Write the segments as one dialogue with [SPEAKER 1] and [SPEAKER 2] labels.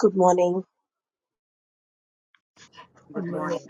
[SPEAKER 1] Good morning.
[SPEAKER 2] Good
[SPEAKER 3] ஆமா.
[SPEAKER 2] Morning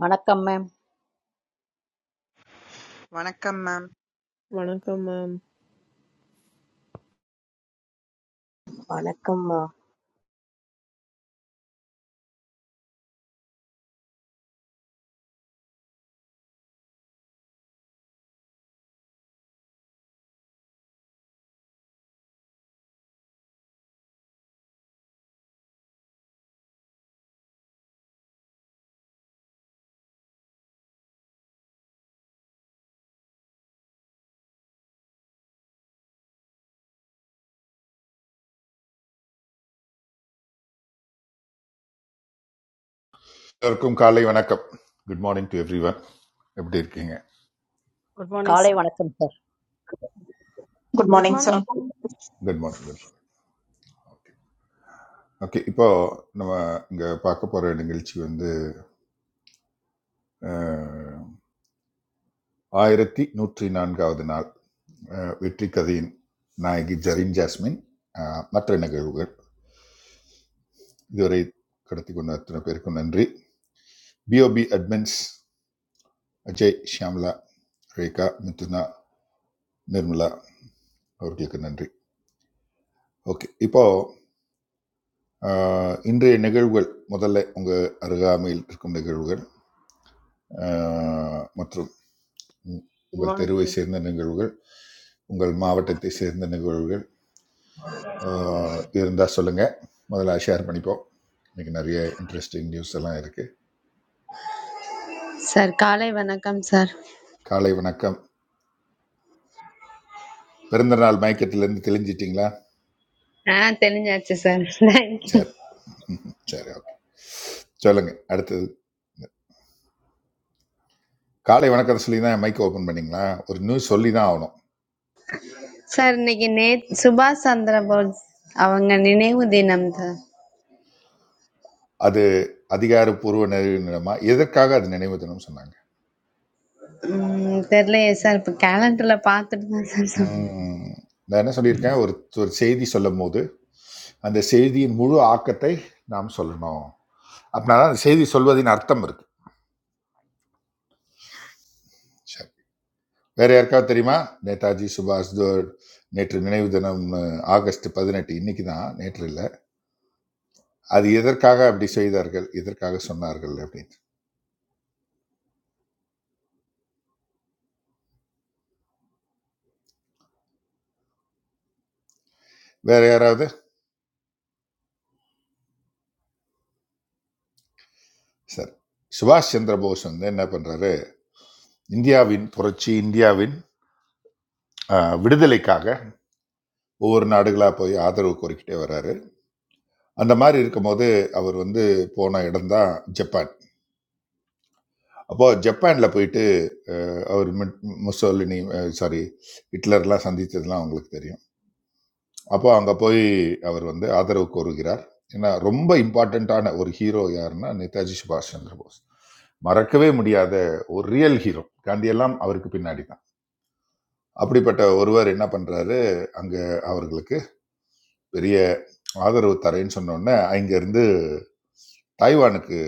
[SPEAKER 4] வணக்கம் ma'am
[SPEAKER 2] வணக்கம் மேம்
[SPEAKER 3] வணக்கம் மேம்
[SPEAKER 1] Anakam.
[SPEAKER 5] எல்லோருக்கும் காலை வணக்கம் good morning to everyone எப்படி இருக்கீங்க
[SPEAKER 6] Good morning, sir.
[SPEAKER 4] காலை வணக்கம் sir
[SPEAKER 7] Good
[SPEAKER 8] Good
[SPEAKER 7] morning, sir.
[SPEAKER 8] morning.
[SPEAKER 5] Good morning good morning okay okay இப்போ நம்ம இங்கே பார்க்க போகிற நிகழ்ச்சி வந்து அஹ், ஆயிரத்தி நூற்றி நான்காவது நாள் அஹ், வெற்றி கதையின் நாயகி ஜரீன் ஜாஸ்மின் அஹ், மற்ற நிகழ்வுகள் இதுவரை கடத்தி கொண்ட அத்தனை பேருக்கும் நன்றி பிஓபி அட்மின்ஸ் அஜய் ஷியாம்லா ரேகா மிதுனா நிர்மலா அவர்களுக்கு நன்றி ஓகே இப்போ ஆஹ் இன்றைய நிகழ்வுகள் முதல்ல உங்கள் அருகாமையில் இருக்கும் நிகழ்வுகள் ஆஹ் மற்றும் உ-
[SPEAKER 9] Good
[SPEAKER 5] உங்கள்
[SPEAKER 9] morning.
[SPEAKER 5] தெருவை சேர்ந்த நிகழ்வுகள் உங்கள் மாவட்டத்தை சேர்ந்த நிகழ்வுகள் இருந்தால் சொல்லுங்கள் முதல்ல ஷேர் பண்ணிப்போம் இன்னைக்கு நிறைய இன்ட்ரெஸ்டிங் நியூஸ் எல்லாம் இருக்குது
[SPEAKER 10] Sir, kalaibana kam sir.
[SPEAKER 5] காலை வணக்கம் பிறந்த நாள் மயக்கத்திலேருந்து தெளிஞ்சிட்டிங்களா
[SPEAKER 10] Ah, telne jaacche sir. Thank you.
[SPEAKER 5] சரி ம்ஹும். சரி ஓகே சொல்லுங்கள் அடுத்தது காலை வணக்கத்தை சொல்லி தான் மைக் ஓப்பன் பண்ணீங்களா ஒரு நியூஸ் சொல்லி தான் ஆகணும்
[SPEAKER 10] Sir, neki net subah sandra bol. Avengar ne nehu dinam tha.
[SPEAKER 5] அது அதிகாரப்பூர்வ நினைவு தினமா எதற்காக அது நினைவு தினம் சொன்னாங்க
[SPEAKER 10] Hmm, telle sir calendarla paatre na sir samne.
[SPEAKER 5] ம். நான் என்ன சொல்லியிருக்கேன், ஒரு ஒரு செய்தி சொல்லும்போது, அந்த செய்தியின் முழு ஆக்கத்தை நாம் சொல்லணும். அப்படின்னா தான் அந்த செய்தி சொல்வதின் அர்த்தம் இருக்கு. சரி. வேற யாருக்காவது தெரியுமா? நேதாஜி சுபாஷ் த நேற்று நினைவு தினம் அஹ், ஆகஸ்ட் 18 இன்னைக்கு தான், நேற்று இல்ல. அது எதற்காக அப்படி செய்தார்கள்? எதற்காக சொன்னார்கள்? அப்படின்னு. வேற யாராவது? சரி. சுபாஷ் சந்திர போஸ் வந்து என்ன பண்றாரு? இந்தியாவின் புரட்சி, இந்தியாவின் அ விடுதலைக்காக ஒவ்வொரு நாடுகளா போய் ஆதரவு கோரிக்கிட்டே வர்றாரு. அந்த மாதிரி இருக்கும்போது அவர் வந்து போன இடம் தான் ஜப்பான் அப்போது ஜப்பானில் போயிட்டு அஹ், அவர் மிட் முசோலினி சாரி ஹிட்லர்லாம் சந்தித்ததுலாம் அவங்களுக்கு தெரியும் அப்போ அங்கே போய் அவர் வந்து ஆதரவு கோருகிறார் ஏன்னா ரொம்ப இம்பார்ட்டண்ட்டான ஒரு ஹீரோ யாருன்னா நேதாஜி சுபாஷ் சந்திர போஸ் மறக்கவே முடியாத ஒரு ரியல் ஹீரோ காந்தியெல்லாம் அவருக்கு பின்னாடி தான் அப்படிப்பட்ட ஒருவர் என்ன பண்ணுறாரு அங்கே அவர்களுக்கு பெரிய ஆதரவு தரேன்னு சொன்னோடனே அங்கேருந்து தாய்வானுக்கு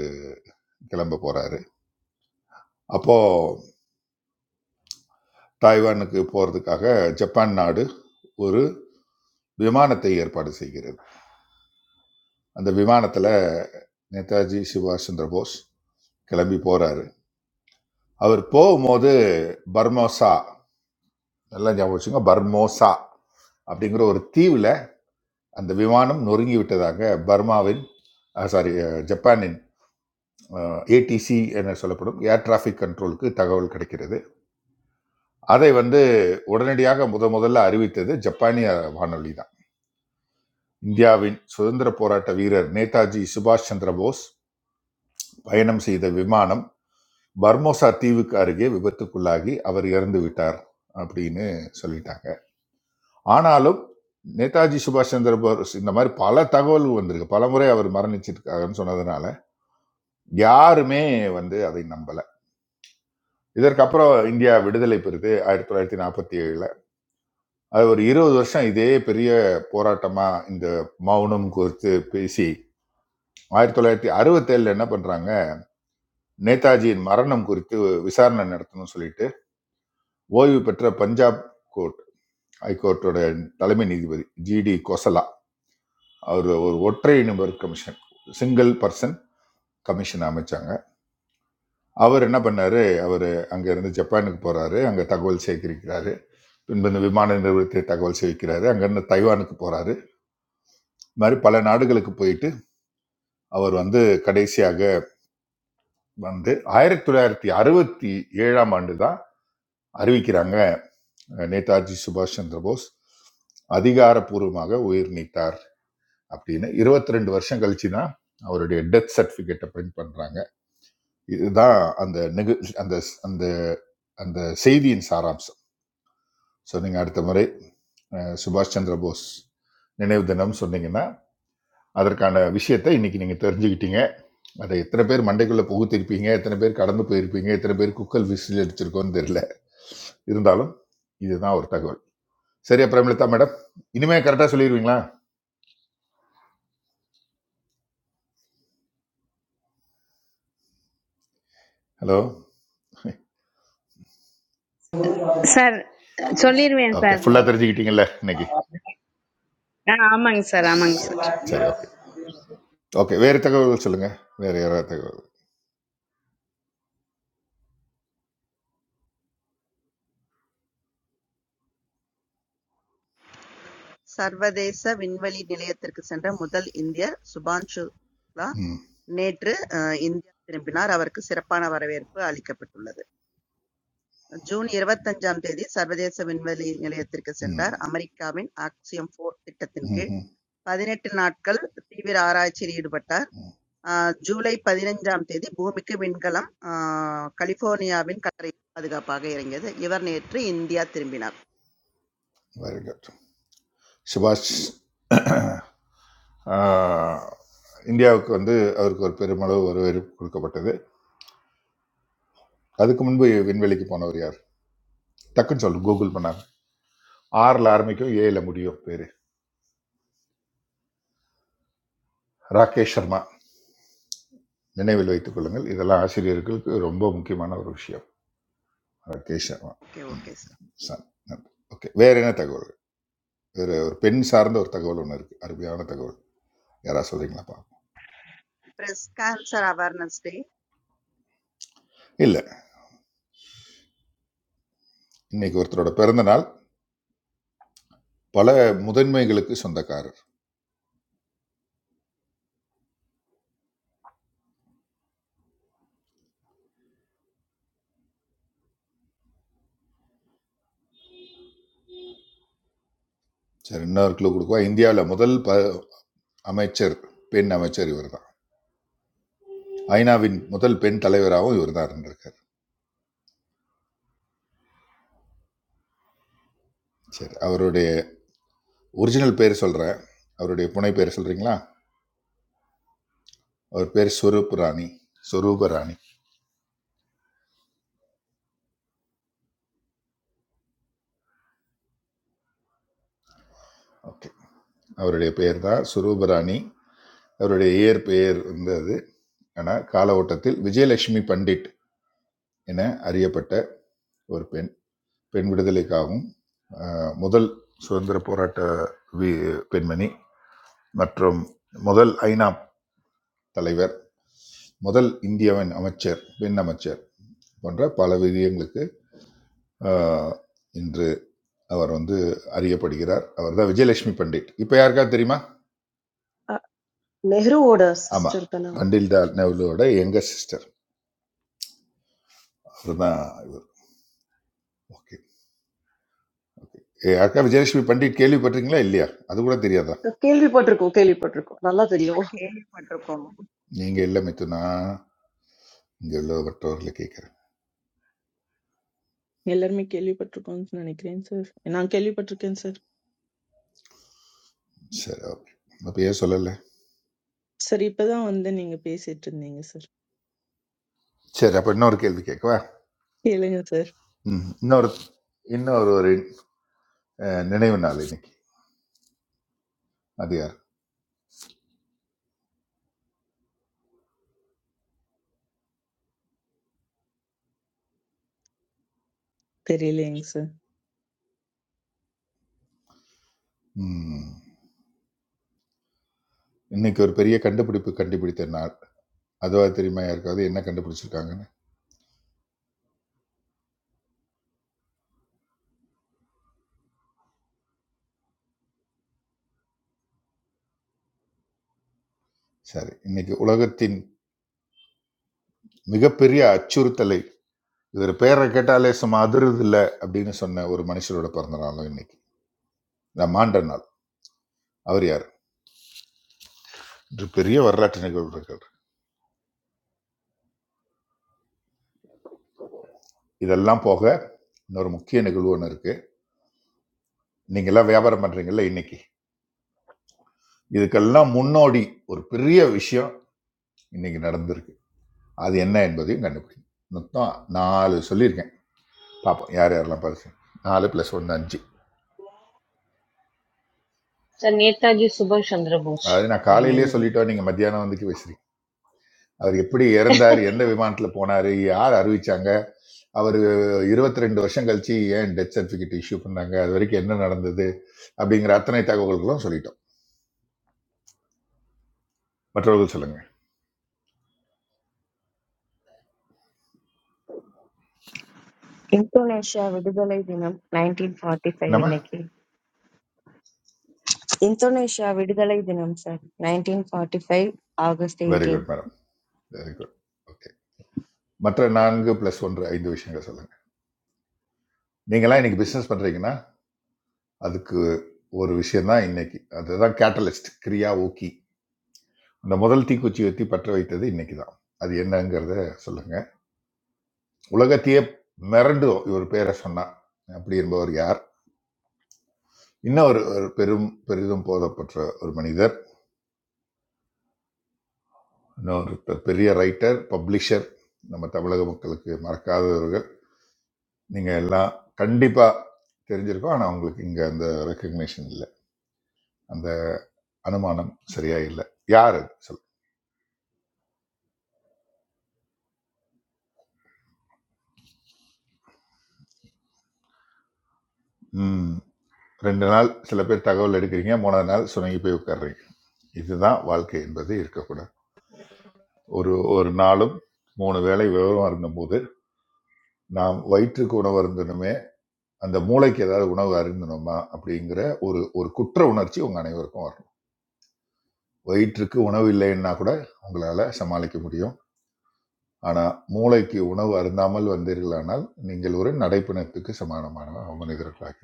[SPEAKER 5] கிளம்ப போறாரு அப்போ டாய்வானுக்கு போகிறதுக்காக ஜப்பான் நாடு ஒரு விமானத்தை ஏற்பாடு செய்கிறது அந்த விமானத்தில் நேதாஜி சுபாஷ் சந்திர போஸ் கிளம்பி போகிறாரு அவர் போகும்போது பர்மோசா நல்லா ஞாபகம் வச்சுங்க பர்மோசா அப்படிங்கிற ஒரு தீவில் அந்த விமானம் நொறுங்கி விட்டதாக பர்மாவின் சாரி ஜப்பானின் ஏடிசி என சொல்லப்படும் ஏர் டிராஃபிக் கண்ட்ரோலுக்கு தகவல் கிடைக்கிறது அதை வந்து உடனடியாக முத முதல்ல அறிவித்தது ஜப்பானிய வானொலி தான் இந்தியாவின் சுதந்திர போராட்ட வீரர் நேதாஜி சுபாஷ் சந்திர போஸ் பயணம் செய்த விமானம் பர்மோசா தீவுக்கு அருகே விபத்துக்குள்ளாகி அவர் இறந்து விட்டார் அப்படின்னு சொல்லிட்டாங்க ஆனாலும் நேதாஜி சுபாஷ் சந்திர போஸ் இந்த மாதிரி பல தகவல்கள் வந்திருக்கு பல முறை அவர் மரணிச்சிருக்காங்கன்னு சொன்னதுனால யாருமே வந்து அதை நம்பல இதற்கப்புறம் இந்தியா விடுதலை பெறுது ஆயிரத்தி தொள்ளாயிரத்தி நாற்பத்தி ஏழுல அது ஒரு இருபது வருஷம் இதே பெரிய போராட்டமா இந்த மௌனம் குறித்து பேசி ஆயிரத்தி தொள்ளாயிரத்தி அறுபத்தேழுல என்ன பண்றாங்க நேதாஜியின் மரணம் குறித்து விசாரணை நடத்தணும்னு சொல்லிட்டு ஓய்வு பெற்ற பஞ்சாப் கோர்ட் ஹைகோர்ட்டோட தலைமை நீதிபதி ஜிடி கோசலா அவர் ஒரு ஒற்றை நிபர் கமிஷன் சிங்கிள் பர்சன் கமிஷன் அமைச்சாங்க அவர் என்ன பண்ணாரு அவர் அங்க இருந்து ஜப்பானுக்கு போறாரு அங்க தகவல் சேகரிக்கிறாரு பின்பு இந்த விமான நிறுவனத்தை தகவல் சேகரிக்கிறாரு அங்கிருந்து தைவானுக்கு போறாரு இந்த மாதிரி பல நாடுகளுக்கு போயிட்டு அவர் வந்து கடைசியாக வந்து ஆயிரத்தி தொள்ளாயிரத்தி அறுபத்தி ஏழாம் ஆண்டு தான் அறிவிக்கிறாங்க நேதாஜி சுபாஷ் சந்திர போஸ் அதிகாரப்பூர்வமாக உயிர் நீத்தார் அப்படின்னு இருபத்தி ரெண்டு வருஷம் கழிச்சு தான் அவருடைய டெத் சர்டிஃபிகேட்டை பிரிண்ட் பண்றாங்க இதுதான் அந்த நிகு அந்த அந்த அந்த செய்தியின் சாராம்சம் ஸோ நீங்கள் அடுத்த முறை அஹ், சுபாஷ் சந்திர போஸ் நினைவு தினம் சொன்னீங்கன்னா அதற்கான விஷயத்தை இன்னைக்கு நீங்கள் தெரிஞ்சுக்கிட்டீங்க அதை எத்தனை பேர் மண்டைக்குள்ளே புகுத்திருப்பீங்க எத்தனை பேர் கடந்து போயிருப்பீங்க எத்தனை பேர் குக்கல் விசில் அடிச்சிருக்கோன்னு தெரியல இருந்தாலும் இதுதான் ஒரு தகவல் சரியா பிரேமலதா மேடம் இனிமே கரெக்டாக சொல்லிடுவீங்களா hello
[SPEAKER 10] Sir, choliir mein
[SPEAKER 5] okay
[SPEAKER 10] sir.
[SPEAKER 5] ஃபுல்லாக தெரிஞ்சுக்கிட்டீங்கல்ல இன்னைக்கு
[SPEAKER 10] Ah, amang sir, amang
[SPEAKER 5] சரி
[SPEAKER 10] sir.
[SPEAKER 5] சரி ஓகே ஓகே வேறு தகவல்கள் சொல்லுங்கள் வேறு யாராவது தகவல்
[SPEAKER 2] சர்வதேச விண்வெளி நிலையத்திற்கு சென்ற முதல் இந்தியர் சுபான் சுக்லா
[SPEAKER 5] ம்
[SPEAKER 2] நேற்று அஹ், இந்தியா திரும்பினார் அவருக்கு சிறப்பான வரவேற்பு அளிக்கப்பட்டுள்ளது ஜூன் இருபத்தஞ்சாம் தேதி சர்வதேச விண்வெளி நிலையத்திற்கு
[SPEAKER 5] ம்
[SPEAKER 2] சென்றார் அமெரிக்காவின் ஆக்சியம் போர் திட்டத்தின்
[SPEAKER 5] ம்
[SPEAKER 2] கீழ்
[SPEAKER 5] ம்
[SPEAKER 2] பதினெட்டு நாட்கள் தீவிர ஆராய்ச்சியில் ஈடுபட்டார் அஹ், ஜூலை பதினைஞ்சாம் தேதி பூமிக்கு விண்கலம் அஹ், கலிபோர்னியாவின் கரை பாதுகாப்பாக இறங்கியது இவர் நேற்று இந்தியா திரும்பினார்
[SPEAKER 5] வெரி குட் சுபாஷ் ஆஹ், இந்தியாவுக்கு வந்து அவருக்கு ஒரு பெருமளவு வரவேற்பு கொடுக்கப்பட்டது அதுக்கு முன்பு விண்வெளிக்கு போனவர் யார் டக்குன்னு சொல்லு கூகுள் பண்ணாங்க ஆறில் ஆரம்பிக்கும் ஏல முடியும் பேர் ராகேஷ் சர்மா நினைவில் வைத்துக் கொள்ளுங்கள் இதெல்லாம் ஆசிரியர்களுக்கு ரொம்ப முக்கியமான ஒரு விஷயம் ராகேஷ் ஆமா.
[SPEAKER 2] ஓகே
[SPEAKER 5] ம்.
[SPEAKER 2] Okay
[SPEAKER 5] Sun. நன்றி. ஓகே வேற என்ன தகவல் வேற ஒரு பெண் சார்ந்த ஒரு தகவல் ஒன்று இருக்கு அருமையான தகவல் யாரா சொல்றீங்களாப்பா
[SPEAKER 2] பிரஸ்ட் கேன்சர் அவேர்னஸ் டே
[SPEAKER 5] இல்ல இன்னைக்கு ஒருத்தரோட பிறந்த நாள் பல முதன்மைகளுக்கு சொந்தக்காரர் சரி இன்னொரு கிலோ கொடுக்குவா இந்தியாவில் முதல் ப அமைச்சர் பெண் அமைச்சர் இவர் தான் ஐநாவின் முதல் பெண் தலைவராகவும் இவர் தான் இருந்திருக்கார் சரி அவருடைய ஒரிஜினல் பேர் சொல்றேன் அவருடைய புனை பேர் சொல்றீங்களா அவர் பேர் ஸ்வரூப் ராணி ஸ்வரூப ராணி ஓகே அவருடைய பேர் தான் ஸ்வரூப ராணி அவருடைய இயற்பெயர் பெயர் இருந்தது ஆனால் கால ஓட்டத்தில் விஜயலட்சுமி பண்டிட் என அறியப்பட்ட ஒரு பெண் பெண் விடுதலைக்காகவும் அஹ், முதல் சுதந்திர போராட்ட வி- பெண்மணி மற்றும் முதல் ஐநா தலைவர் முதல் இந்தியாவின் அமைச்சர் பெண் அமைச்சர் போன்ற பல விஜயங்களுக்கு அஹ், இன்று அவர் வந்து அறியப்படுகிறார் அவர் தான் விஜயலட்சுமி பண்டிட் இப்போ யாருக்காவது தெரியுமா
[SPEAKER 1] Nehruoda sister
[SPEAKER 5] ஆமாம்
[SPEAKER 1] kana.
[SPEAKER 5] பண்டில் டால் நெவ்லோட எங்க சிஸ்டர் அதுதான் இவர் ஓகே ஏ அக்கா விஜயலட்சுமி பண்டிட் கேள்விப்பட்டிருக்கீங்களா இல்லையா அது கூட தெரியாதா
[SPEAKER 1] Kelly pottuko. Kelly pottuko. Nalla thiriyu.
[SPEAKER 2] நான் கேள்விப்பட்டிருக்கோம்
[SPEAKER 5] நீங்கள் இல்லை மித்துனா இங்கே உள்ள மற்றவர்களை கேட்குறேன்
[SPEAKER 11] எல்லாருமே கேள்விப்பட்டிருக்கோம்னு நினைக்கிறேன் சார். நான் கேள்விப்பட்டிருக்கேன் சார்.
[SPEAKER 5] சரி ஓகே அப்போ ஏன் சொல்லலை
[SPEAKER 11] சார் இப்பதான் வந்து நீங்க பேசிட்டு இருந்தீங்க சார்.
[SPEAKER 5] சரி அப்போ இன்னொரு கேள்வி கேட்கவா
[SPEAKER 11] கேளுங்க சார்.
[SPEAKER 5] ம் இன்னொரு இன்னொரு ஒரு அஹ், நினைவு நாள் இன்னைக்கு அது யார்
[SPEAKER 11] தெரியலைங்க சார்.
[SPEAKER 5] ம் இன்னைக்கு ஒரு பெரிய கண்டுபிடிப்பு கண்டுபிடித்த நாள் அதுவா தெரியுமா யாருக்காவது என்ன கண்டுபிடிச்சிருக்காங்கன்னு சரி இன்னைக்கு உலகத்தின் மிகப்பெரிய அச்சுறுத்தலை இவர் பேரை கேட்டாலே சும்மா அதிருது இல்லை அப்படின்னு சொன்ன ஒரு மனுஷரோட பிறந்த நாளும் இன்னைக்கு நான் மாண்ட நாள் அவர் யார் இது பெரிய வரலாற்று நிகழ்வு இருக்கு இதெல்லாம் போக இன்னொரு முக்கிய நிகழ்வு ஒன்று இருக்கு நீங்கெல்லாம் வியாபாரம் பண்றீங்கல்ல இன்னைக்கு இதுக்கெல்லாம் முன்னோடி ஒரு பெரிய விஷயம் இன்னைக்கு நடந்திருக்கு அது என்ன என்பதையும் கண்டுபிடிங்க மொத்தம் நாலு சொல்லியிருக்கேன் பார்ப்போம் யார் யாரெல்லாம் பார்த்து நாலு ப்ளஸ் ஒன்று அஞ்சு
[SPEAKER 12] Sir Netaji Subhash Chandra Bose.
[SPEAKER 5] அதாவது நான் காலையிலேயே சொல்லிட்டோம் நீங்கள் மத்தியானம் வந்துக்கு பேசுறீங்க அவர் எப்படி இறந்தார் எந்த விமானத்தில் போனார் யார் அறிவிச்சாங்க அவர் இருபத்தி ரெண்டு வருஷம் கழிச்சு ஏன் டெத் சர்டிஃபிகேட் இஷ்யூ பண்ணாங்க அது வரைக்கும் என்ன நடந்தது அப்படிங்கிற அத்தனை தகவல்களும் சொல்லிட்டோம் மற்றவர்கள் சொல்லுங்க
[SPEAKER 13] Indonesia was declared independent in
[SPEAKER 5] என்னம்மா
[SPEAKER 13] 1945. Indonesia was declared independent on 1945 August
[SPEAKER 5] very
[SPEAKER 13] 18.
[SPEAKER 5] Good madam very good okay மற்ற நான்கு ப்ளஸ் ஒன்று ஐந்து விஷயங்கள் சொல்லுங்க நீங்களாம் இன்னைக்கு பிஸ்னஸ் பண்ணுறீங்கன்னா அதுக்கு ஒரு விஷயம் தான் இன்னைக்கு அதுதான் கேட்டலிஸ்ட் கிரியா ஊக்கி அந்த முதல் தீக்குச்சி வெத்தி பற்ற வைத்தது இன்னைக்கு தான் அது என்னங்கிறத சொல்லுங்க உலகத்தையே மிரண்டும் இவர் பேரை சொன்னா அப்படி என்பவர் யார் இன்னும் ஒரு ஒரு பெரும் பெரிதும் போதப்பட்ட ஒரு மனிதர் இன்னொரு பெரிய ரைட்டர் பப்ளிஷர் நம்ம தமிழக மக்களுக்கு மறக்காதவர்கள் நீங்கள் எல்லாம் கண்டிப்பாக தெரிஞ்சிருக்கும் ஆனால் உங்களுக்கு இங்கே அந்த ரெக்கக்னேஷன் இல்லை அந்த அனுமானம் சரியா இல்லை யார் அது சொல் ம் ரெண்டு நாள் சில பேர் தகவல் எடுக்கிறீங்க மூணாவது நாள் சுணங்கி போய் உட்கார்றீங்க இதுதான் வாழ்க்கை என்பது இருக்கக்கூடாது ஒரு ஒரு நாளும் மூணு வேளை விவரம் அருந்தும்போது நாம் வயிற்றுக்கு உணவு அருந்தணுமே அந்த மூளைக்கு ஏதாவது உணவு அருந்தணுமா அப்படிங்கிற ஒரு ஒரு குற்ற உணர்ச்சி உங்கள் அனைவருக்கும் வரணும் வயிற்றுக்கு உணவு இல்லைன்னா கூட உங்களால் சமாளிக்க முடியும் ஆனால் மூளைக்கு உணவு அருந்தாமல் வந்தீர்களானால் நீங்கள் ஒரு நடைப்பிணத்துக்கு சமானமான மனிதர்களாக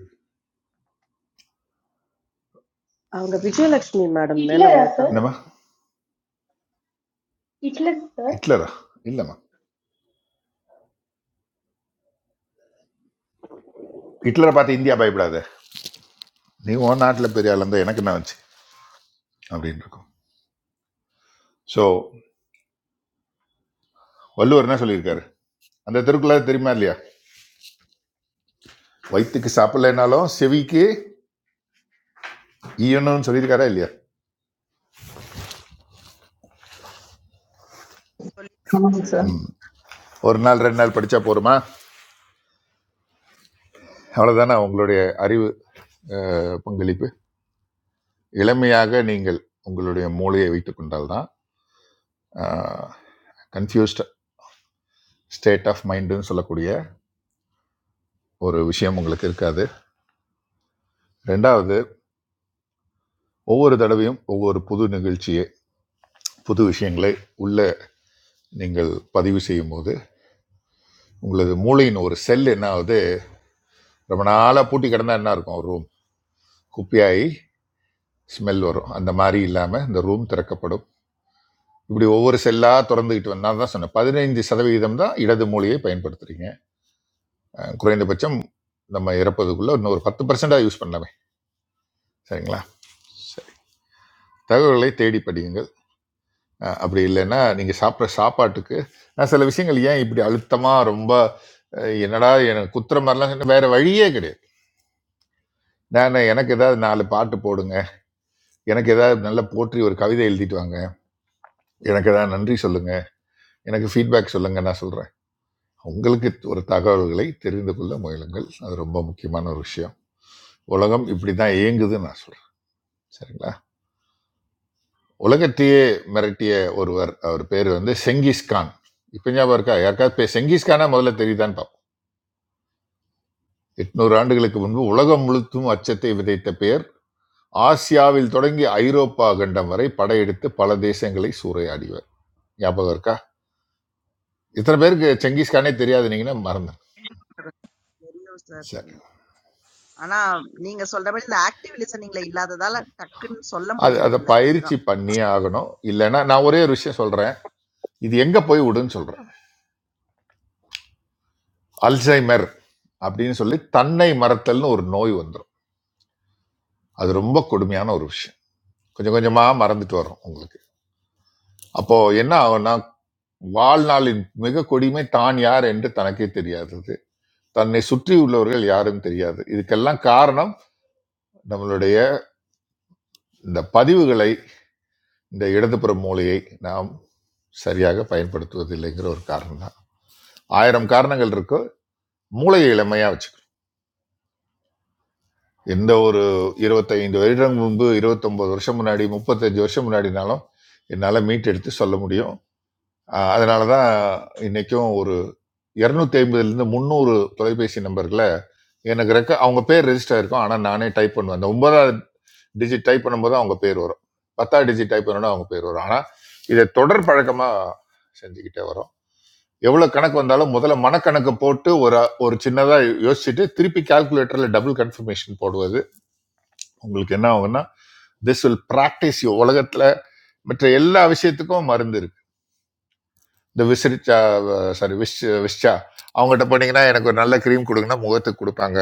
[SPEAKER 1] Aanga Vijayalakshmi madam nella
[SPEAKER 14] Hitler, sir,
[SPEAKER 1] mangalanga.
[SPEAKER 5] என்னம்மா
[SPEAKER 14] Hitler, sir!
[SPEAKER 5] ஹிட்லரா இல்லைம்மா ஹிட்லரை பார்த்து இந்தியா பயப்படாத நீ உன் நாட்டில் பெரிய ஆள் இருந்தால் எனக்கு என்ன வச்சு அப்படின்னு இருக்கும் ஸோ வள்ளுவர் என்ன சொல்லியிருக்காரு அந்த திருக்குறள் தெரியுமா இல்லையா வயிற்றுக்கு சாப்பிடலைனாலும் செவிக்கு ஈயணும்னு சொல்லியிருக்காரா இல்லையா
[SPEAKER 7] Good
[SPEAKER 2] சொல்லியிருக்கேன்
[SPEAKER 7] Morning,
[SPEAKER 2] சார்
[SPEAKER 7] sir.
[SPEAKER 5] ஒரு நாள் ரெண்டு நாள் படித்தா போருமா அவ்வளோதானே உங்களுடைய அறிவு அஹ், பங்களிப்பு இளமையாக நீங்கள் உங்களுடைய மூளையை வைத்துக் கொண்டால்தான் கன்ஃபியூஸ்ட் ஸ்டேட் ஆஃப் மைண்டுன்னு சொல்லக்கூடிய ஒரு விஷயம் உங்களுக்கு இருக்காது ரெண்டாவது ஒவ்வொரு தடவையும் ஒவ்வொரு புது நிகழ்ச்சியை புது விஷயங்களை உள்ள நீங்கள் பதிவு செய்யும் போது உங்களது மூளையின் ஒரு செல் என்ன ஆகுது ரொம்ப நாளாக பூட்டி கிடந்தா என்ன இருக்கும் ரூம் குப்பையாகி ஸ்மெல் வரும் அந்த மாதிரி இல்லாமல் இந்த ரூம் திறக்கப்படும் இப்படி ஒவ்வொரு செல்லாக திறந்துக்கிட்டு வந்தால் தான் சொன்னேன் பதினைந்து சதவிகிதம் தான் இடது மூலையை பயன்படுத்துகிறீங்க அஹ் குறைந்தபட்சம் நம்ம இறப்பதுக்குள்ள இன்னும் ஒரு பத்து பர்சண்டாக யூஸ் பண்ணலாமே சரிங்களா சரி தகவல்களை தேடி படியுங்கள் அஹ் அப்படி இல்லைன்னா நீங்கள் சாப்பிட்ற சாப்பாட்டுக்கு நான் சில விஷயங்கள் ஏன் இப்படி அழுத்தமாக ரொம்ப அஹ் என்னடா எனக்கு குத்துற மாதிரிலாம் சொன்னா வேற வழியே கிடையாது நான் எனக்கு ஏதாவது நாலு பாட்டு போடுங்க எனக்கு ஏதாவது நல்ல போற்றி ஒரு கவிதை எழுதிட்டு வாங்க எனக்கு ஏதாவது நன்றி சொல்லுங்க எனக்கு ஃபீட்பேக் சொல்லுங்க நான் சொல்கிறேன் உங்களுக்கு ஒரு தகவல்களை தெரிந்து கொள்ள முயலுங்கள் அது ரொம்ப முக்கியமான ஒரு விஷயம் உலகம் இப்படி தான் இயங்குதுன்னு நான் சொல்கிறேன் சரிங்களா உலகத்தையே மிரட்டிய ஒருவர் அவர் பேர் வந்து செங்கிஸ்கான் இப்போ ஞாபகம் இருக்கா யாருக்காவது பே- செங்கிஸ்கானா முதல்ல தெரியுதான்னு பார்ப்போம் எட்நூறு ஆண்டுகளுக்கு முன்பு உலகம் முழுத்தும் அச்சத்தை விதைத்த பெயர் ஆசியாவில் தொடங்கி ஐரோப்பா கண்டம் வரை படையெடுத்து பல தேசங்களை சூறையாடிவர் ஞாபகம் இருக்கா இத்தனை பேருக்கு செங்கிஸ்கானே தெரியாதுனீங்கன்னா மறந்து
[SPEAKER 2] தெரியும் சார்
[SPEAKER 5] சரி
[SPEAKER 2] தெரியும் ஆனா நீங்க சொல்றபடி இந்த ஆக்டிவ் லிசனிங்ல இல்லாததால டக்குன்னு சொல்ல
[SPEAKER 5] அது அதை
[SPEAKER 2] முடியறது இல்ல
[SPEAKER 5] பயிற்சி
[SPEAKER 2] இதுதான்
[SPEAKER 5] பண்ணியே ஆகணும் இல்லைன்னா நான் ஒரே ஒரு விஷயம் சொல்றேன் இது எங்க போய் விடுன்னு சொல்றேன் அல்சைமர் அப்படின்னு சொல்லி தன்னை மறத்தல்னு ஒரு நோய் வந்துடும் அது ரொம்ப கொடுமையான ஒரு விஷயம் கொஞ்சம் கொஞ்சமா மறந்துட்டு வரும் உங்களுக்கு அப்போ என்ன ஆகும்னா வாழ்நாளின் மிக கொடுமை தான் யார் என்று தனக்கே தெரியாதது தன்னை சுற்றி உள்ளவர்கள் யாரும் தெரியாது இதுக்கெல்லாம் காரணம் நம்மளுடைய இந்த பதிவுகளை இந்த இடதுபுற மூலையை நாம் சரியாக பயன்படுத்துவதில்லைங்கிற ஒரு காரணம் தான் ஆயிரம் காரணங்கள் இருக்கு மூளையை இளமையா வச்சுக்கணும் எந்த ஒரு இருபத்தைந்து வருடம் முன்பு 29 வருஷம் முன்னாடி முப்பத்தஞ்சு வருஷம் முன்னாடினாலும் என்னால் மீட் எடுத்து சொல்ல முடியும் ஆஹ் அதனால தான் இன்னைக்கும் ஒரு இரநூத்தி ஐம்பதுலேருந்து முந்நூறு தொலைபேசி நம்பர்களை எனக்கு ரெக்க அவங்க பேர் ரெஜிஸ்டர் ஆயிருக்கும் ஆனால் நானே டைப் பண்ணுவேன் அந்த ஒன்பதாவது டிஜிட் டைப் பண்ணும்போது அவங்க பேர் வரும் பத்தாவது டிஜிட் டைப் பண்ணோன்னா அவங்க பேர் வரும் ஆனால் இதை தொடர் பழக்கமாக செஞ்சுக்கிட்டே வரோம் எவ்வளோ கணக்கு வந்தாலும் முதல்ல மனக்கணக்கு போட்டு ஒரு ஒரு சின்னதாக யோசிச்சுட்டு திருப்பி கால்குலேட்டரில் டபுள் கன்ஃபர்மேஷன் போடுவது உங்களுக்கு என்ன ஆகும்னா திஸ் வில் ப்ராக்டிஸ் யூ உலகத்தில் மற்ற எல்லா விஷயத்துக்கும் மருந்து இருக்கு இந்த விசிறிச்சா சாரி விஷ் விஷா அவங்ககிட்ட போனீங்கன்னா எனக்கு ஒரு நல்ல க்ரீம் கொடுங்கன்னா முகத்துக்கு கொடுப்பாங்க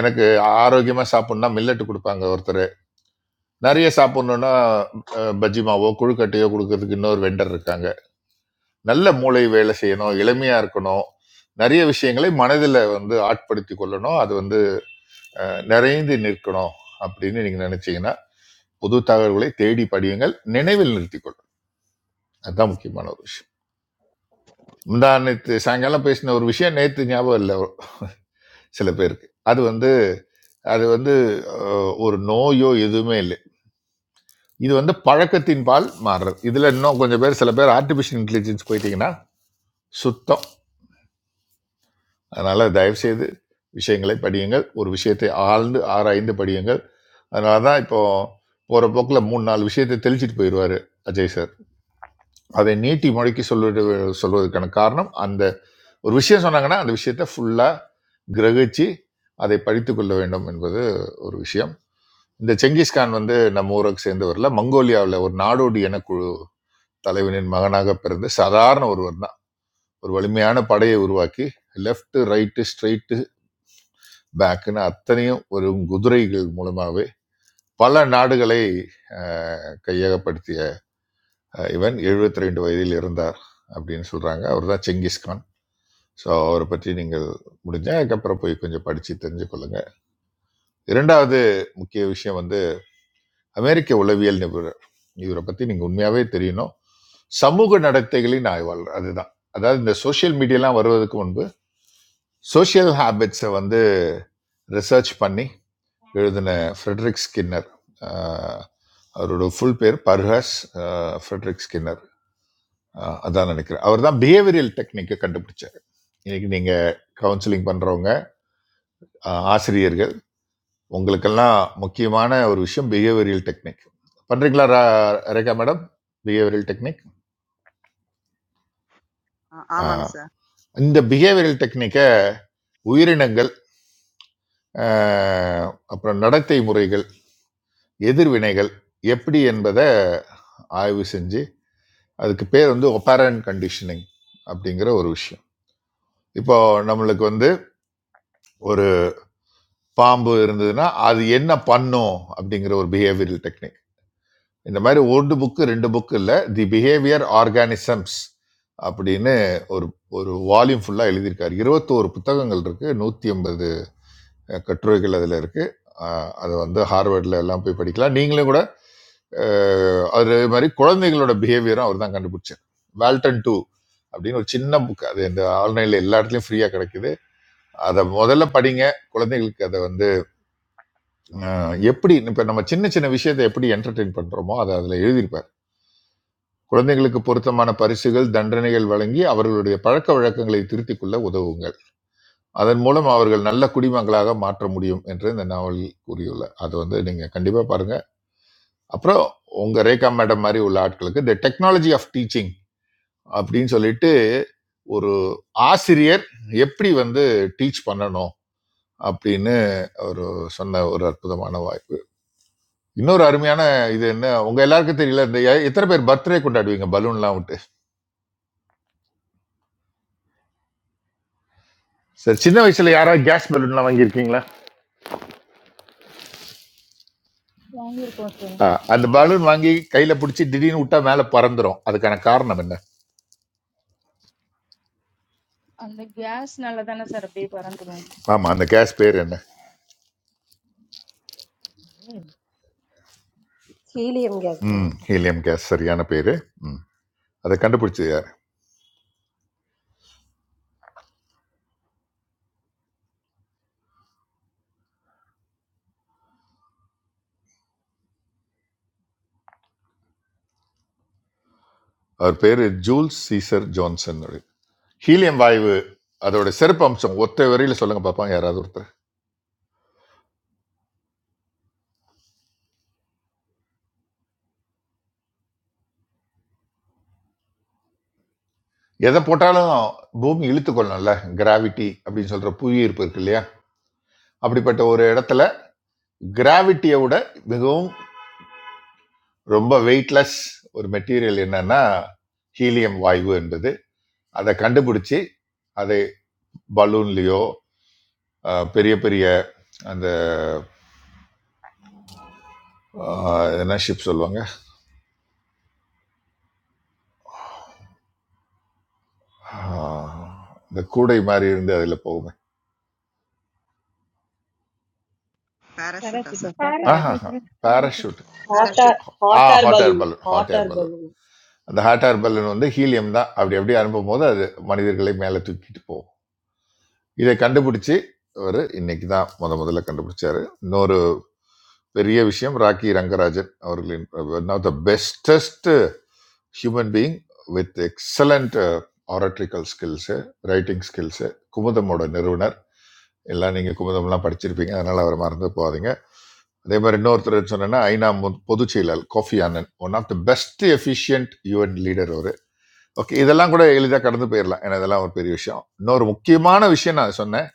[SPEAKER 5] எனக்கு ஆரோக்கியமாக சாப்பிட்ணுன்னா மில்லட் கொடுப்பாங்க ஒருத்தர் நிறைய சாப்பிடணும்னா அஹ், பஜ்ஜி மாவோ கொழுக்கட்டையோ கொடுக்கறதுக்கு இன்னொரு வெண்டர் இருக்காங்க நல்ல மூளை வேலை செய்யணும் இளமையா இருக்கணும் நிறைய விஷயங்களை மனதில் வந்து ஆட்படுத்தி கொள்ளணும் அது வந்து நிறைந்து நிற்கணும் அப்படின்னு நீங்க நினைச்சீங்கன்னா புது தகவல்களை தேடி படியுங்கள் நினைவில் நிறுத்திக் கொள்ளும் அதுதான் முக்கியமான ஒரு விஷயம் முந்தா நேற்று சாயங்காலம் பேசின ஒரு விஷயம் நேற்று ஞாபகம் இல்லை சில பேருக்கு அது வந்து அது வந்து அஹ், ஒரு நோயோ எதுவுமே இல்லை இது வந்து பழக்கத்தின் பால் மாறுறது இதுல இன்னும் கொஞ்சம் பேர் சில பேர் ஆர்டிபிஷியல் இன்டெலிஜென்ஸ் போயிட்டீங்கன்னா சுத்தம் அதனால தயவு செய்து விஷயங்களை படியுங்கள் ஒரு விஷயத்தை ஆழ்ந்து ஆராய்ந்து படியுங்கள் அதனால தான் இப்போ போற போக்கில் மூணு நாலு விஷயத்தை தெளிச்சிட்டு போயிடுவாரு அஜய் சார் அதை நீட்டி மொழிக்கு சொல்வது சொல்வதற்கான காரணம் அந்த ஒரு விஷயம் சொன்னாங்கன்னா அந்த விஷயத்தை ஃபுல்லா கிரகிச்சு அதை படித்து கொள்ள வேண்டும் என்பது ஒரு விஷயம் இந்த செங்கிஸ்கான் வந்து நம்ம ஊருக்கு சேர்ந்தவரில் மங்கோலியாவில் ஒரு நாடோடி இனக்குழு தலைவனின் மகனாக பிறந்து சாதாரண ஒருவர் தான் ஒரு வலிமையான படையை உருவாக்கி லெஃப்ட் ரைட்டு ஸ்ட்ரெயிட் பேக்குன்னு அத்தனையும் ஒரு குதிரைகள் மூலமாகவே பல நாடுகளை அஹ், கையகப்படுத்திய அஹ், இவன் 72 ரெண்டு வயதில் இருந்தார் அப்படின்னு சொல்றாங்க அவர் தான் செங்கிஸ்கான் ஸோ அவரை பற்றி நீங்கள் முடிஞ்சா அதுக்கப்புறம் போய் கொஞ்சம் படித்து தெரிஞ்சுக்கொள்ளுங்க இரண்டாவது முக்கிய விஷயம் வந்து அமெரிக்க உளவியல் நிபுணர் இவரை பற்றி நீங்கள் உண்மையாகவே தெரியணும் சமூக நடத்தைகளின் ஆய்வாளர் அதுதான் அதாவது இந்த சோஷியல் மீடியாலாம் வருவதற்கு முன்பு சோஷியல் ஹாபிட்ஸை வந்து ரிசர்ச் பண்ணி எழுதின ஃப்ரெட்ரிக் ஸ்கின்னர் ஆஹ் அவரோட ஃபுல் பேர் பர்ஹஸ் ஆஹ் ஃப்ரெட்ரிக் ஸ்கின்னர் ஆஹ் அதான் நினைக்கிறேன் அவர் தான் பிஹேவியரியல் டெக்னிக்கை கண்டுபிடிச்சார் இன்னைக்கு நீங்கள் கவுன்சிலிங் பண்ணுறவங்க ஆசிரியர்கள் உங்களுக்கெல்லாம் முக்கியமான ஒரு விஷயம் பிஹேவியரியல் டெக்னிக் பண்ணுறீங்களா ரா- ரேகா மேடம் பிஹேவியரல் டெக்னிக்
[SPEAKER 2] ஆ- ஆமாங்க சார்
[SPEAKER 5] இந்த பிஹேவியரல் டெக்னிக்கை உயிரினங்கள் ஆஹ் அப்புறம் நடத்தை முறைகள் எதிர்வினைகள் எப்படி என்பதை ஆய்வு செஞ்சு அதுக்கு பேர் வந்து ஒப்பாரன் கண்டிஷனிங் அப்படிங்கிற ஒரு விஷயம் இப்போ நம்மளுக்கு வந்து ஒரு பாம்பு இருந்ததுன்னா அது என்ன பண்ணும் அப்படிங்கிற ஒரு பிஹேவியரல் டெக்னிக் இந்த மாதிரி ஒரு புக்கு ரெண்டு புக்கு இல்லை தி பிஹேவியர் ஆர்கானிசம்ஸ் அப்படின்னு ஒரு ஒரு வால்யூம் ஃபுல்லாக எழுதியிருக்காரு இருபத்தோரு புத்தகங்கள் இருக்கு நூற்றி ஐம்பது கட்டுரைகள் அதில் இருக்கு ஆஹ் அது வந்து ஹார்வர்டில் எல்லாம் போய் படிக்கலாம் நீங்களும் கூட அஹ் அது மாதிரி குழந்தைகளோட பிஹேவியரும் அவர் தான் கண்டுபிடிச்சார் வேல்டன் டூ அப்படின்னு ஒரு சின்ன புக் அது இந்த ஆன்லைன்ல எல்லா இடத்துலயும் ஃப்ரீயா கிடைக்குது அதை முதல்ல படிங்க குழந்தைகளுக்கு அதை வந்து அஹ், எப்படி இப்ப நம்ம சின்ன சின்ன விஷயத்தை எப்படி என்டர்டெயின் பண்றோமோ அதை அதுல எழுதியிருப்பார் குழந்தைகளுக்கு பொருத்தமான பரிசுகள் தண்டனைகள் வழங்கி அவர்களுடைய பழக்க வழக்கங்களை திருத்திக் கொள்ள உதவுங்கள் அதன் மூலம் அவர்கள் நல்ல குடிமங்களாக மாற்ற முடியும் என்று இந்த நாவலில் கூறியுள்ளார் அதை வந்து நீங்க கண்டிப்பா பாருங்க அப்புறம் உங்க ரேகா மேடம் மாதிரி உள்ள ஆட்களுக்கு த டெக்னாலஜி ஆஃப் டீச்சிங் அப்படின்னு சொல்லிட்டு ஒரு ஆசிரியர் எப்படி வந்து டீச் பண்ணணும் அப்படின்னு ஒரு சொன்ன ஒரு அற்புதமான வாய்ப்பு இன்னொரு அருமையான இது என்ன உங்க எல்லாருக்கும் தெரியல இந்த எ- எத்தனை பேர் பர்த்டே கொண்டாடுவீங்க பலூன்லாம் விட்டு சரி சின்ன வயசுல யாராவது கேஸ் பலூன்லாம் வாங்கியிருக்கீங்களா
[SPEAKER 15] Angir koshne.
[SPEAKER 5] ஆ, அந்த
[SPEAKER 2] இங்க
[SPEAKER 5] பலூன்
[SPEAKER 2] இருக்கும்
[SPEAKER 5] வாங்கி கையில பிடிச்சி திடீர்னு விட்டா மேல பறந்துரும் அதுக்கான காரணம் என்ன
[SPEAKER 15] An de gas naalada na sir, bhi paran thum.
[SPEAKER 5] ஆமா அந்த கேஸ் பேர் என்ன
[SPEAKER 16] Helium gas mask.
[SPEAKER 5] ம் ஹீலியம் கேஸ் சரியான பேரு ம் அதை கண்டுபிடிச்சது யார் அவர் பேரு ஜூல்ஸ் சீசர் ஜான்சன் ஹீலியம் வாயு அதோட சிறப்பு அம்சம் ஒத்த வரையில சொல்லுங்க பார்ப்போம் யாராவது ஒருத்தர் எதை போட்டாலும் பூமி இழுத்துக்கொள்ளணும்ல கிராவிட்டி அப்படின்னு சொல்ற புவி ஈர்ப்பு இருக்கு இல்லையா அப்படிப்பட்ட ஒரு இடத்துல கிராவிட்டியை விட மிகவும் ரொம்ப வெயிட்லெஸ் ஒரு மெட்டீரியல் என்னன்னா ஹீலியம் வாயு என்பது அதை கண்டுபிடிச்சி அதை பலூன்லயோ அஹ், பெரிய பெரிய அந்த அஹ், என்ன ஷிப் சொல்லுவாங்க அஹ், இந்த கூடை மாதிரி இருந்து அதில் போகுமே
[SPEAKER 15] Para
[SPEAKER 2] பேராஷூட்டா
[SPEAKER 15] sir,
[SPEAKER 2] sir
[SPEAKER 15] sir
[SPEAKER 17] Parish
[SPEAKER 15] para
[SPEAKER 5] ஆஹா
[SPEAKER 15] sir.
[SPEAKER 17] business, parish
[SPEAKER 5] parachute
[SPEAKER 1] Hot air,
[SPEAKER 2] parachute
[SPEAKER 5] ஆ
[SPEAKER 1] hot air
[SPEAKER 5] hot air
[SPEAKER 1] balloon,
[SPEAKER 5] balloon
[SPEAKER 1] hot
[SPEAKER 5] hot air
[SPEAKER 1] air
[SPEAKER 5] balloon
[SPEAKER 1] balloon.
[SPEAKER 5] அந்த ஹாட் ஏர் பலூன் வந்து ஹீலியம் தான் அப்படி அப்படியே அனுப்பும் போது அது மனிதர்களை மேலே தூக்கிட்டு போகும் இதை கண்டுபிடிச்சி அவர் இன்னைக்கு தான் முத முதல்ல கண்டுபிடிச்சாரு இன்னொரு பெரிய விஷயம் ராக்கி ரங்கராஜன் அவர்களின் one of the bestest human being with excellent oratorical skills writing skills குமுதமோட நிறுவனர் எல்லாம் நீங்கள் குமுதம்லாம் படிச்சிருப்பீங்க அதனால் அவரை மறந்து போகாதீங்க அதே மாதிரி இன்னொருத்தர் சொன்னேன்னா ஐநா மு- பொதுச் செயலர் Kofi Annan one of the best efficient UN leader அவர் ஓகே இதெல்லாம் கூட எளிதாக கடந்து போயிடலாம் ஏன்னா இதெல்லாம் ஒரு பெரிய விஷயம் இன்னொரு முக்கியமான விஷயம் நான் சொன்னேன்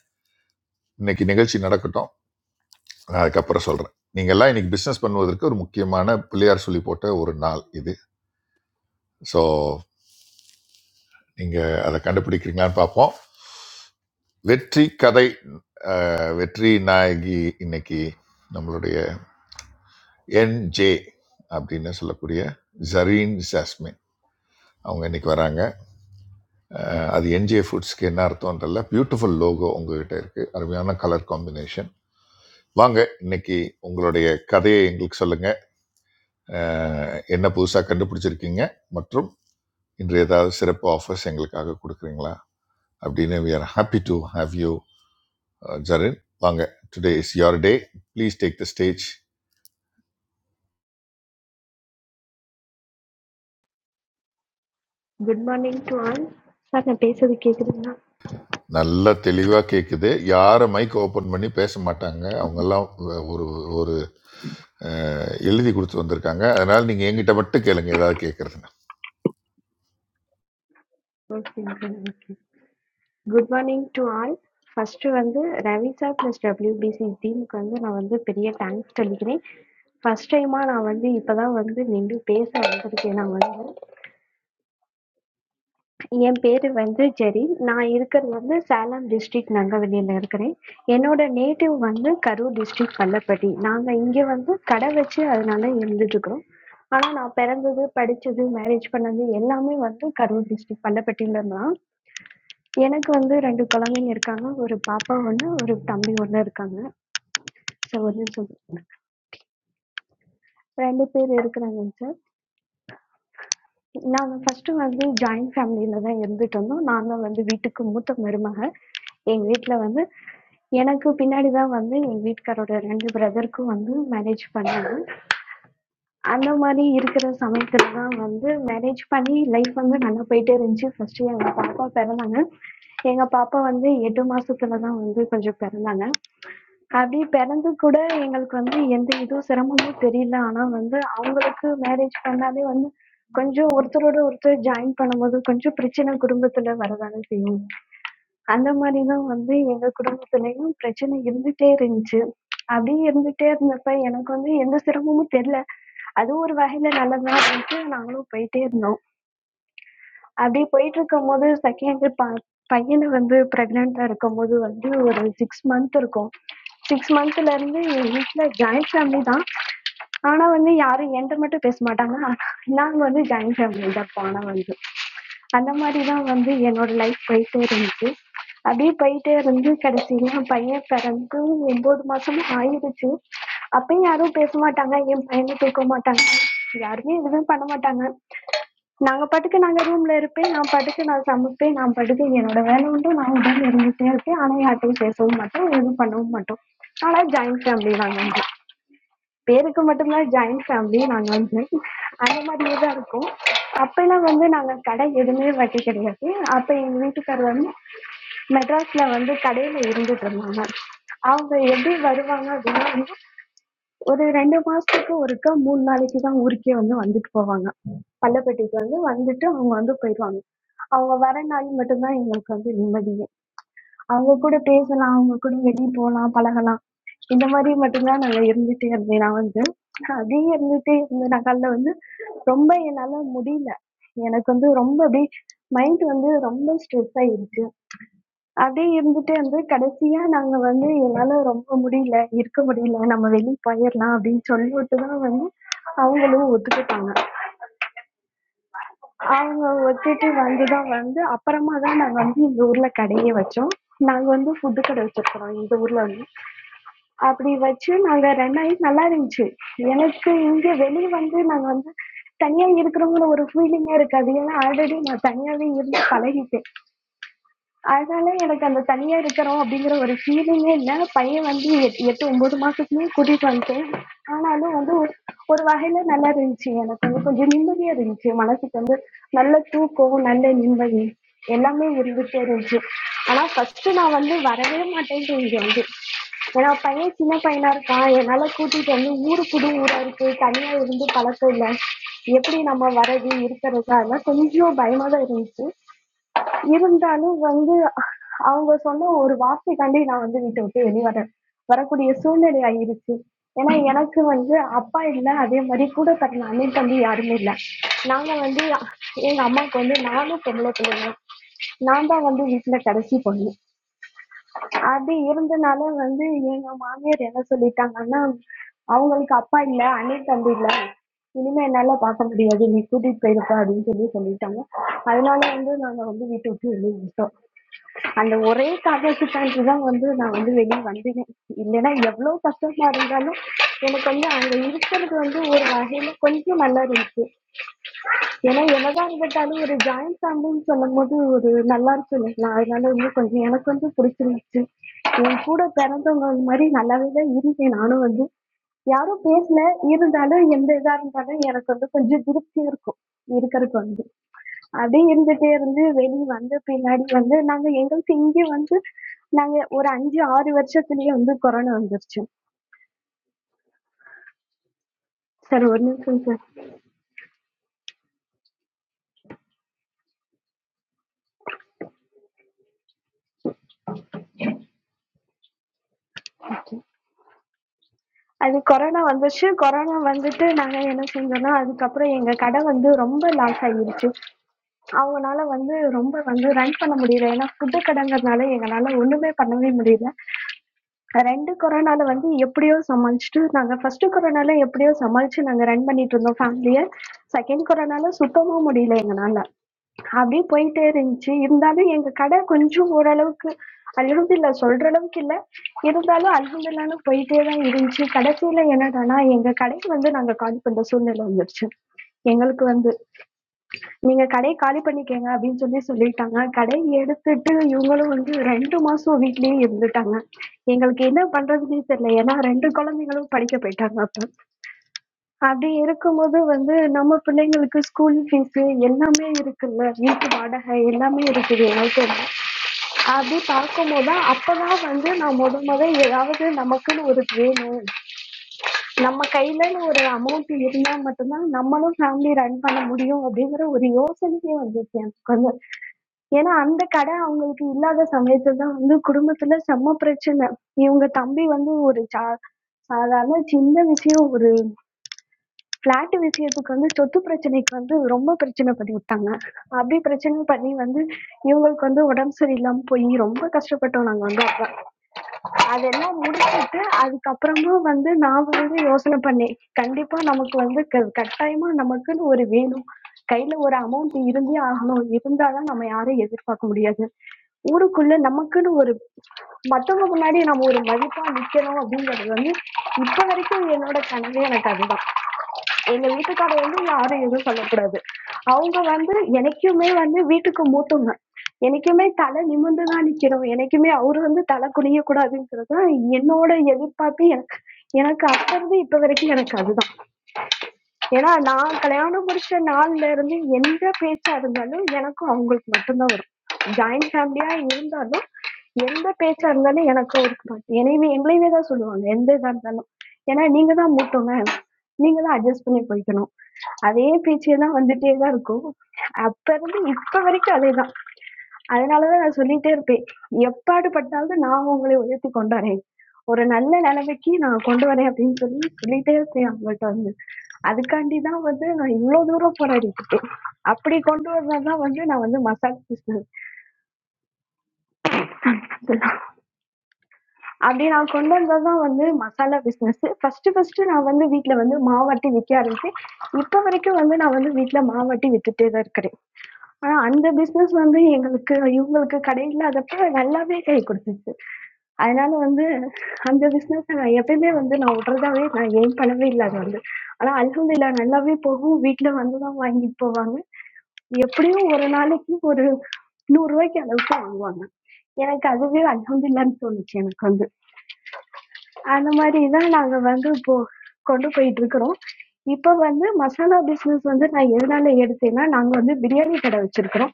[SPEAKER 5] இன்னைக்கு நிகழ்ச்சி நடக்கட்டும் நான் அதுக்கப்புறம் சொல்கிறேன் நீங்கள் எல்லாம் இன்னைக்கு பிஸ்னஸ் பண்ணுவதற்கு ஒரு முக்கியமான பிள்ளையார் சொல்லி போட்ட ஒரு நாள் இது ஸோ நீங்கள் அதை கண்டுபிடிக்கிறீங்களான்னு பார்ப்போம் வெற்றி கதை அஹ், வெற்றி நாயகி இன்னைக்கு நம்மளுடைய என்ஜே அப்படின்னு சொல்லக்கூடிய ஜரீன் ஜாஸ்மின் அவங்க இன்னைக்கு வராங்க அஹ் அது என்ஜே ஃபுட்ஸ்க்கு என்ன அர்த்தம்ன்றல பியூட்டிஃபுல் லோகோ உங்ககிட்ட இருக்கு அருமையான கலர் காம்பினேஷன் வாங்க இன்னைக்கு உங்களுடைய கதையை எங்களுக்கு சொல்லுங்க அஹ் என்ன புதுசாக கண்டுபிடிச்சிருக்கீங்க மற்றும் இன்று ஏதாவது சிறப்பு ஆஃபர்ஸ் எங்களுக்காக கொடுக்குறீங்களா அப்படின்னு we are happy to have you Zarin வாங்க today is your day please take the stage
[SPEAKER 18] good morning to all sir நான் பேசுறது கேக்குதுங்களா
[SPEAKER 5] நல்லா தெளிவாக கேட்குது யாரை மைக் ஓப்பன் பண்ணி பேச மாட்டாங்க அவங்கெல்லாம் ஒரு ஒரு அஹ், எழுதி கொடுத்து வந்திருக்காங்க அதனால் நீங்கள் எங்கிட்ட மட்டும் கேளுங்க ஏதாவது கேட்குறதுன்னு
[SPEAKER 18] ஓகேங்க okay good morning to all first வந்து ரவி சார் பிளஸ் டபிள்யூபிசி டீமுக்கு வந்து நான் வந்து பெரிய தேங்க்ஸ் சொல்லிக்கிறேன் ஃபர்ஸ்ட் டைமா நான் வந்து இப்பதான் வந்து நின்று பேச வந்திருக்கேன் நான் வந்து என் பேரு வந்து ஜெரி. நான் இருக்கிறது வந்து சேலம் டிஸ்ட்ரிக்ட் நங்கவள்ளியில இருக்கிறேன். என்னோட நேட்டிவ் வந்து கரூர் டிஸ்ட்ரிக்ட் பள்ளப்பட்டி. நாங்க இங்க வந்து கடை வச்சு அதனால இருந்துட்டு இருக்கிறோம். ஆனா நான் பிறந்தது, படிச்சது, மேரேஜ் பண்ணது எல்லாமே வந்து கரூர் டிஸ்ட்ரிக்ட் பள்ளப்பட்டியில தான். எனக்கு வந்து 2 குழந்தைங்க இருக்காங்க. 1 பாப்பா 1, 1 தம்பி 1 இருக்காங்க. சார் 1 நிமிஷம். 2 பேர் இருக்கிறாங்கங்க சார். நாங்க ஃபர்ஸ்ட் வந்து ஜாயிண்ட் ஃபேமிலில தான் இருந்துட்டு இருந்தோம். நான் தான் வந்து வீட்டுக்கு மூத்த மருமக. எங்க வீட்ல வந்து எனக்கு பின்னாடி தான் வந்து எங்க வீட்டுக்காரோட 2 பிரதர்க்கும் வந்து மேரேஜ் பண்ணாங்க. அந்த மாதிரி இருக்கிற சமயத்துல தான் வந்து மேரேஜ் பண்ணி லைஃப் வந்து நல்லா போயிட்டே இருந்துச்சு. ஃபர்ஸ்ட்டு எங்க பாப்பா பிறந்தாங்க. எங்க பாப்பா வந்து 8 மாசத்துல தான் வந்து கொஞ்சம் பிறந்தாங்க. அப்படி பிறந்து கூட எங்களுக்கு வந்து எந்த இதுவும் சிரமமும் தெரியல. ஆனா வந்து அவங்களுக்கு மேரேஜ் பண்ணாலே வந்து கொஞ்சம் ஒருத்தரோட ஒருத்தர் ஜாயின் பண்ணும்போது கொஞ்சம் பிரச்சனை குடும்பத்துல வரதானே செய்யும். அந்த மாதிரி தான் வந்து எங்க குடும்பத்திலயும் பிரச்சனை இருந்துட்டே இருந்துச்சு. அப்படியே இருந்துட்டே இருந்தப்ப எனக்கு வந்து எந்த சிரமமும் தெரியல. அது ஒரு வகையில நல்லது தான் அப்படின்ட்டு நாங்களும் போயிட்டே இருந்தோம். அப்படியே போயிட்டுருக்கும்போது செகண்டு ப பையனை வந்து ப்ரெக்னெண்ட்டாக இருக்கும்போது வந்து ஒரு சிக்ஸ் மந்த் இருக்கும் சிக்ஸ் மந்த்துலேருந்து எங்கள் வீட்டில் ஜாயிண்ட் ஃபேமிலி தான் ஆனால் வந்து யாரும் என்கிட்ட மட்டும் பேச மாட்டாங்க நாங்கள் வந்து ஜாயிண்ட் ஃபேமிலி தான் ஆனால் வந்து அந்த மாதிரி தான் வந்து என்னோட லைஃப் போயிட்டே இருந்துச்சு அப்படியே போயிட்டே இருந்து கடைசியில் பையன் பிறந்து ஒம்பது மாதமும் ஆயிடுச்சு அப்பயும் யாரும் பேச மாட்டாங்க என் பையனை தூக்க மாட்டாங்க யாருமே எதுவுமே பண்ண மாட்டாங்க. நாங்க பாட்டுக்கு நாங்க ரூம்ல இருப்பேன். நான் பாட்டுக்கு நான் சமைப்பேன். நான் பாட்டுக்கு என்னோட வேலை உண்டு. நான் உண்டு இருந்துட்டே இருப்பேன். ஆனா யார்கிட்டயும் பேசவும் மாட்டோம். எதுவும் பண்ணவும் மாட்டோம். ஆனா ஜாயிண்ட் ஃபேமிலி நாங்க வந்து. பேருக்கு மட்டும்தான் ஜாயிண்ட் ஃபேமிலி நாங்க வந்து. அந்த மாதிரியே தான் இருக்கோம். அப்பெல்லாம் வந்து நாங்க கடை எதுவுமே வைக்க கிடையாது. அப்ப எங்க வீட்டுக்காரர் வந்து மெட்ராஸ்ல வந்து கடையில இருந்துட்டு இருந்தாங்க. அவங்க எப்படி வருவாங்க அப்படின்னா வந்து ஒரு 2 மாசத்துக்கு ஒருக்கா 3 நாளைக்கு தான் ஊருக்கே வந்து வந்துட்டு போவாங்க. பள்ளப்பட்டிக்கு வந்து வந்துட்டு அவங்க வந்து போயிருவாங்க. அவங்க வர நாள் மட்டும் தான் எங்களுக்கு வந்து நிம்மதியே. அவங்க கூட பேசலாம், அவங்க கூட வெளிய போலாம், பழகலாம். இந்த மாரி மட்டும் தான் நாங்க இருந்துட்டே இருந்தேன் நான் வந்து. அங்கேயே இருந்துட்டே இருந்த நாட்கள்ல வந்து ரொம்ப என்னால முடியல. எனக்கு வந்து ரொம்ப அப்படியே மைண்ட் வந்து ரொம்ப ஸ்ட்ரெஸ் ஆயிடுச்சு. அப்படியே இருந்துட்டு வந்து கடைசியா நாங்க வந்து என்னால ரொம்ப முடியல, இருக்க முடியல. நம்ம வெளிய போயிரலாம் அப்படின்னு சொல்லிட்டு தான் வந்து அவங்களும் ஒத்துக்கிட்டாங்க. அவங்க ஒத்துட்டு வந்துதான் வந்து அப்புறமா தான் நாங்க வந்து இந்த ஊர்ல கடையே வச்சோம். நாங்க வந்து ஃபுட் கடை வச்சிருக்கிறோம் இந்த ஊர்ல வந்து. அப்படி வச்சு நாங்க ரன் ஆயி நல்லா இருந்துச்சு. எனக்கு இங்க வெளிய வந்து நாங்க வந்து தனியா இருக்கிறோங்கிற ஒரு ஃபீலிங்கே இருக்காது. ஏன்னா ஆல்ரெடி நான் தனியாவே இருந்து பழகிட்டேன். அதனால எனக்கு அந்த தனியா இருக்கிறோம் அப்படிங்கிற ஒரு ஃபீலிங்கே இல்லை பையன் வந்து எட் எட்டு ஒன்பது மாசத்துலயே கூட்டிட்டு வந்துட்டேன் ஆனாலும் வந்து ஒரு ஒரு வகையில நல்லா இருந்துச்சு எனக்கு வந்து கொஞ்சம் நிம்மதியா இருந்துச்சு மனசுக்கு வந்து நல்ல தூக்கம் நல்ல நிம்மதி எல்லாமே இருந்துட்டே இருந்துச்சு ஆனா ஃபர்ஸ்ட் நான் வந்து வரவே மாட்டேன்ட்டு இங்க வந்து ஏன்னா பையன் சின்ன பையனா இருக்கான் என்னால கூட்டிட்டு வந்து ஊரு புது ஊரா இருக்கு தனியா இருந்து பழக்கம் இல்லை எப்படி நம்ம வர்றது இருக்கிறது அதெல்லாம் கொஞ்சம் பயமா தான் இருந்துச்சு இருந்தாலும் வந்து அவங்க சொன்ன ஒரு வார்த்தைக்காண்டி நான் வந்து வீட்ட விட்டு வெளிய வரேன். வரக்கூடிய சூழ்நிலை ஆயிருச்சு. ஏன்னா, எனக்கு வந்து அப்பா இல்ல. அதே மாரி கூட பிறந்த அண்ணன், தம்பி யாருமே இல்ல. நாங்க வந்து எங்க அம்மாவுக்கு வந்து நானும் பொம்பள பிள்ளை தான். நான் தான் வந்து வீட்ல கடைசி பொண்ணு. அது இருந்தனால வந்து எங்க மாமியார் என்ன சொல்லிட்டாங்கன்னா அவங்களுக்கு அப்பா இல்ல அண்ணன் தம்பி இல்ல இனிமே என்னால பார்க்க முடியாது நீ கூட்டிட்டு போயிருப்பா அப்படின்னு சொல்லி சொல்லிட்டாங்க அதனால வந்து நாங்க வந்து வீட்டை விட்டு வெளியே வந்துட்டோம் அந்த ஒரே காரணத்துக்காண்டி தான் வந்து நான் வந்து வெளியே வந்தேன் இல்லைன்னா எவ்வளவு கஷ்டமா இருந்தாலும் எனக்கு வந்து அங்க இருக்கிறது வந்து ஒரு வகையில கொஞ்சம் நல்லா இருந்துச்சு ஏன்னா என்னதான் இருந்தாலும் ஒரு ஜாயிண்ட் ஃபேமிலின்னு சொல்லும்போது ஒரு நல்லா இருக்கும் இல்லைங்களா அதனால இன்னும் கொஞ்சம் எனக்கு வந்து பிடிச்சிருந்துச்சு என் கூட பிறந்தவங்க அந்த மாதிரி நல்லாவே தான் இருந்தேன் நானும் வந்து யாரும் பேசல இருந்தாலும் எந்த இதா இருந்தாலும் எனக்கு வந்து கொஞ்சம் திருப்தியா இருக்கும் இருக்கிறதுக்கு வந்து அப்படியே இருந்துட்டே இருந்து வெளியே வந்த பின்னாடி வந்து நாங்க எங்களுக்கு இங்கே வந்து நாங்க ஒரு அஞ்சு ஆறு வருஷத்துலயே வந்து கொரோனா வந்துருச்சு சார் ஒரு நிமிஷம் சார் அது கொரோனா வந்துச்சு கொரோனா வந்துட்டு நாங்க என்ன செஞ்சோம்னா அதுக்கப்புறம் எங்க கடை வந்து ரொம்ப லாஸ் ஆயிருச்சு அவங்கனால வந்து ரொம்ப வந்து ரன் பண்ண முடியல ஏன்னா ஃபுட்டு கடைங்கிறதுனால எங்களால ஒண்ணுமே பண்ணவே முடியல ரெண்டு கொரோனால வந்து எப்படியோ சமாளிச்சுட்டு நாங்க ஃபர்ஸ்ட் கொரோனால எப்படியோ சமாளிச்சு நாங்க ரன் பண்ணிட்டு இருந்தோம் ஃபேமிலிய செகண்ட் கொரோனால சுத்தமா முடியல எங்கனால அப்படியே போயிட்டே இருந்துச்சு. இருந்தாலும் எங்க கடை கொஞ்சம் ஓரளவுக்கு அல்ஹம்துலில்லாஹ் சொல்ற அளவுக்கு இல்ல. இருந்தாலும் அல்ஹம்துலில்லாஹ்ன்னு போயிட்டே தான் இருந்துச்சு. கடைசியில என்னடான்னா, எங்க கடைக்கு வந்து நாங்க காலி பண்ற சூழ்நிலை வந்துருச்சு. எங்களுக்கு வந்து. "நீங்க கடைய காலி பண்ணிக்கங்க" அப்படின்னு சொல்லி சொல்லிட்டாங்க. கடைய எடுத்துட்டு இவங்களும் வந்து 2 மாசம் வீட்லயே இருந்துட்டாங்க. எங்களுக்கு என்ன பண்றதுன்னே தெரியல. ஏன்னா 2 குழந்தைங்களும் படிக்க போயிட்டாங்க அப்ப. அப்படி இருக்கும்போது வந்து நம்ம பிள்ளைங்களுக்கு ஸ்கூல் ஃபீஸு எல்லாமே இருக்குல்ல. வீட்டு வாடகை எல்லாமே இருக்குது எங்களுக்குன்னு. அப்படி பார்க்கும்போது அப்பதான் வந்து நான் மொத மொத ஏதாவது நமக்குன்னு ஒரு வேணும். நம்ம கையிலன்னு ஒரு அமௌண்ட் இருந்தா மட்டும் தான் நம்மளும் ஃபேமிலி ரன் பண்ண முடியும் அப்படிங்கிற ஒரு யோசனையே வந்துச்சு எனக்கு வந்து. ஏன்னா அந்த கடை அவங்களுக்கு இல்லாத சமயத்துல தான் வந்து குடும்பத்துல செம்ம பிரச்சனை. இவங்க தம்பி வந்து ஒரு சா சாதாரண சின்ன விஷயம். ஒரு ஃபிளாட் விஷயத்துக்கு வந்து சொத்து பிரச்சனைக்கு வந்து ரொம்ப பிரச்சனை பண்ணி விட்டாங்க அப்படி பிரச்சனை பண்ணி வந்து இவங்களுக்கு வந்து உடம்பு சரியில்லாம போய் ரொம்ப கஷ்டப்பட்டோம் நாங்க வந்து அப்ப அதெல்லாம் முடிச்சிட்டு அதுக்கப்புறமா வந்து நான் வந்து யோசனை பண்ணேன் கண்டிப்பா நமக்கு வந்து க- கட்டாயமா நமக்குன்னு ஒரு வேணும் கையில ஒரு அமௌண்ட் இருந்தே ஆகணும் இருந்தாதான் நம்ம யாரையும் எதிர்பார்க்க முடியாது ஊருக்குள்ள நமக்குன்னு ஒரு மத்தவங்க முன்னாடி நம்ம ஒரு மதிப்பா நிக்கணும் அப்படிங்கிறது வந்து இப்ப வரைக்கும் என்னோட கனவே எனக்கு அதுதான் எங்க வீட்டுக்காரர் வந்து யாரும் எதுவும் சொல்லக்கூடாது. அவங்க வந்து என்னைக்குமே வந்து வீட்டுக்கு மூத்தவங்க. என்னைக்குமே தலை நிமிர்ந்து தான் நிக்கணும். என்னைக்குமே அவரு வந்து தலை குனியக் கூடாதுங்கிறது தான் என்னோட எதிர்பார்ப்பு எனக்கு எனக்கு அப்ப இருந்து இப்ப வரைக்கும் எனக்கு அதுதான். ஏன்னா நான் கல்யாணம் முடிச்ச நாள்ல இருந்து எந்த பேச்சா இருந்தாலும் எனக்கும் அவங்களுக்கு மட்டும்தான் வரும். ஜாயிண்ட் ஃபேமிலியா இருந்தாலும் எந்த பேச்சா இருந்தாலும் எனக்கும் இருக்கும். என்னையவே எங்களையவே தான் சொல்லுவாங்க எந்த இதா இருந்தாலும். ஏன்னா நீங்க தான் மூத்தவங்க. நீங்க தான் அட்ஜஸ்ட் பண்ணி போய்க்கணும். அதே பேச்சே தான் வந்துட்டே தான் இருக்கும். அப்ப இருந்து இப்ப வரைக்கும் அதேதான். அதனால தான் நான் சொல்லிட்டே இருப்பேன். எப்பாடு பட்டாவது நான் உங்களை உயர்த்தி கொண்டு வரேன். ஒரு நல்ல நிலைமைக்கு நான் கொண்டு வரேன் அப்படின்னு சொல்லி சொல்லிட்டே இருப்பேன் அவங்கள்ட்ட வந்து. அதுக்காண்டி தான் வந்து நான் இவ்ளோ தூரம் போராடிட்டு இருக்கேன். அப்படி கொண்டு வந்தது தான் வந்து நான் வந்து மசாலா பிசினஸ். அப்படி நான் கொண்டு வந்தது தான் வந்து மசாலா பிசினஸ். ஃபர்ஸ்ட் ஃபர்ஸ்ட் நான் வந்து வீட்ல வந்து மாவாட்டி விக்க ஆரம்பிச்சேன். இப்ப வரைக்கும் வந்து நான் வந்து வீட்ல மாவாட்டி வித்துட்டே தான் இருக்கிறேன். ஆனா, அந்த பிசினஸ் வந்து எங்களுக்கு இவங்களுக்கு கடை இல்லாதப்ப நல்லாவே கை குடுத்துச்சு. அதனால வந்து அந்த பிசினஸ நான் எப்பயுமே வந்து நான் விடுறதாவே நான் எய்ம் பண்ணவே இல்ல அது வந்து. ஆனா அல்ஹம்துலில்லாஹ் நல்லாவே போகும். வீட்ல வந்து தான் வாங்கிட்டு போவாங்க. எப்படியும் ஒரு நாளைக்கு ஒரு ரூ. 100 அளவுக்கு வாங்குவாங்க. எனக்கு அதுவே அல்ஹம்துலில்லாஹ்ன்னு தோணுச்சு எனக்கு வந்து. அந்த மாதிரி தான் நாங்க வந்து இப்போ கொண்டு போயிட்டு இருக்கிறோம் இப்போ வந்து மசாலா பிஸ்னஸ் வந்து நான் எதனால எடுத்தேன்னா நாங்க வந்து பிரியாணி கடை வச்சிருக்கிறோம்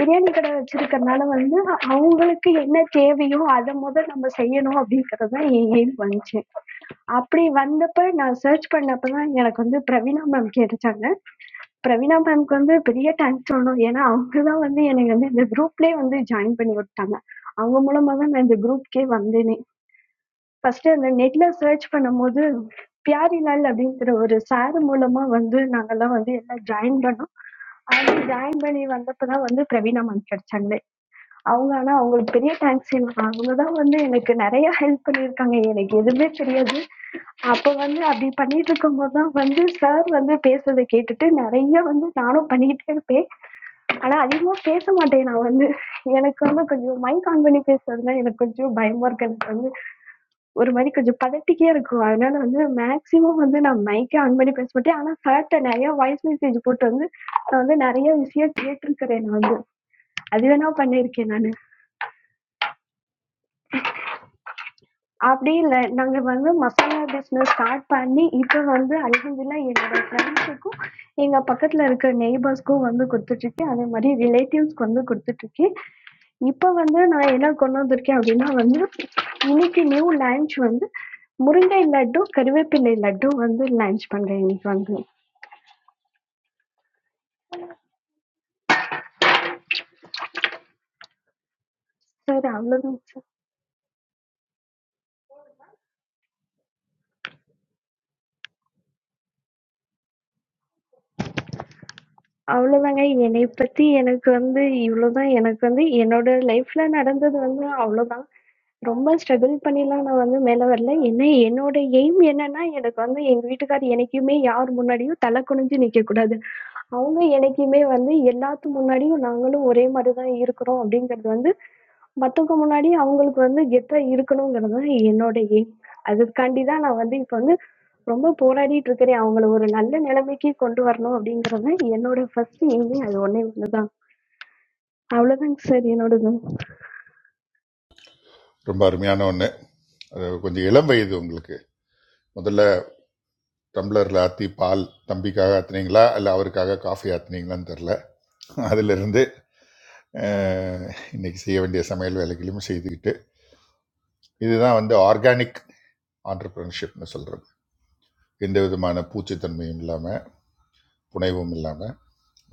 [SPEAKER 18] பிரியாணி கடை வச்சிருக்கறனால வந்து அவங்களுக்கு என்ன தேவையோ அதை முதல் நம்ம செய்யணும் அப்படிங்கிறது தான் என் எய்ம் வந்துச்சு அப்படி வந்தப்ப நான் சர்ச் பண்ணப்ப தான் எனக்கு வந்து பிரவீனா மேம் கேட்டுச்சாங்க பிரவீனா மேம்க்கு வந்து பெரிய தேங்க்ஸ் சொல்லணும் ஏன்னா அவங்க தான் வந்து என்னை வந்து இந்த குரூப்லேயே வந்து ஜாயின் பண்ணி விட்டாங்க அவங்க மூலமா தான் நான் இந்த குரூப்க்கே வந்தேனே ஃபர்ஸ்ட் அந்த நெட்ல சர்ச் பண்ணும்போது பியாரிலால் அப்படிங்கிற ஒரு சார் மூலமா வந்து நாங்கெல்லாம் வந்து எல்லாம் ஜாயின் பண்ணோம் அவங்க ஜாயின் பண்ணி வந்தப்பதான் வந்து பிரவீனா மேம் கிடைச்சாங்களே அவங்க ஆனா அவங்களுக்கு பெரிய தேங்க்ஸ் அவங்க தான் வந்து எனக்கு நிறைய ஹெல்ப் பண்ணியிருக்காங்க எனக்கு எதுவுமே தெரியாது அப்போ வந்து அப்படி பண்ணிட்டு இருக்கும்போது தான் வந்து சார் வந்து பேசுறதை கேட்டுட்டு நிறைய வந்து நானும் பண்ணிக்கிட்டே இருப்பேன் ஆனா அதிகமா பேச மாட்டேன் நான் வந்து எனக்கு வந்து கொஞ்சம் மைக் ஆன் பண்ணி பேசுறதுனா எனக்கு கொஞ்சம் பயமா இருக்கு எனக்கு வந்து ஒரு மாரி கொஞ்சம் பதட்டிக்கியா இருக்கும். அதனால வந்து மேக்ஸிமம் வந்து நான் மைக்கே ஆன் பண்ணி பேச மாட்டேன். ஆனா, சார்ட்ட நெறைய வாய்ஸ் மெசேஜ் போட்டு வந்து, நான் வந்து நெறைய விஷயம் கேட்டுருக்கிறேன் நான் வந்து. அது வேணா பண்ணியிருக்கேன் நானு. அப்படி இல்ல. நாங்க வந்து மசாலா பிசினஸ் ஸ்டார்ட் பண்ணி, இப்ப வந்து அல்ஹம்துலில்லாஹ் என்னோட ஃபிரெண்ட்ஸுக்கும், எங்க பக்கத்துல இருக்க நெய்பர்ஸ்க்கும் வந்து குடுத்துட்டுருக்கு. அதே மாரி ரிலேட்டிவ்ஸ்க்கு வந்து குடுத்துட்டுருக்கு. இப்ப வந்து நான் என்ன கொண்டு வந்திருக்கேன் அப்படின்னா வந்து, இன்னைக்கு நியூ லான்ச் வந்து முருங்கை லட்டு, கருவேப்பிலை லட்டு வந்து லான்ச் பண்றேன் இன்னைக்கு வந்து. சார் அவ்வளோதாங்க சார். அவ்வளோதாங்க. என்னைய பத்தி எனக்கு வந்து இவ்வளோதான். எனக்கு வந்து என்னோட லைஃப்ல நடந்தது வந்து அவ்வளோதான். ரொம்ப ஸ்ட்ரகுள் பண்ணிலாம் நான் வந்து மேல வரல. என்ன என்னோட எய்ம் என்னன்னா, எனக்கு வந்து எங்க வீட்டுக்கார் என்னைக்குமே யார் முன்னாடியும் தலை குனிஞ்சு நிக்கக்கூடாது. அவங்க என்னைக்குமே வந்து எல்லாத்து முன்னாடியும் நாங்களும் ஒரே மாரி தான் இருக்கிறோம் அப்படிங்கிறது வந்து, மத்தவங்க முன்னாடி அவங்களுக்கு வந்து கெத்தா இருக்கணுங்கிறது தான் என்னோட எய்ம். அதுக்காண்டி தான் நான் வந்து இப்ப வந்து ரொம்ப போராடிட்டு இருக்கிறேன். அவங்கள ஒரு நல்ல நிலைமைக்கு கொண்டு வரணும் அப்படிங்கிறது என்னோட ஃபர்ஸ்ட் எய்மே அது ஒண்ணே ஒண்ணு தான். அவ்வளோதாங்க சார் என்னோடது.
[SPEAKER 5] ரொம்ப அருமையான ஒன்று அது கொஞ்சம் இளம் வயது உங்களுக்கு முதல்ல டம்ளரில் ஆற்றி பால் தம்பிக்காக ஆத்துனீங்களா இல்லை அவருக்காக காஃபி ஆத்துனீங்களான்னு தெரில அதிலிருந்து அஹ், இன்னைக்கு செய்ய வேண்டிய சமையல் வேலைகளையும் செய்துக்கிட்டு இதுதான் வந்து ஆர்கானிக் ஆண்டர்பிரினர்ஷிப்னு சொல்கிறது எந்த விதமான பூச்சித்தன்மையும் இல்லாமல் புனைவும் இல்லாமல்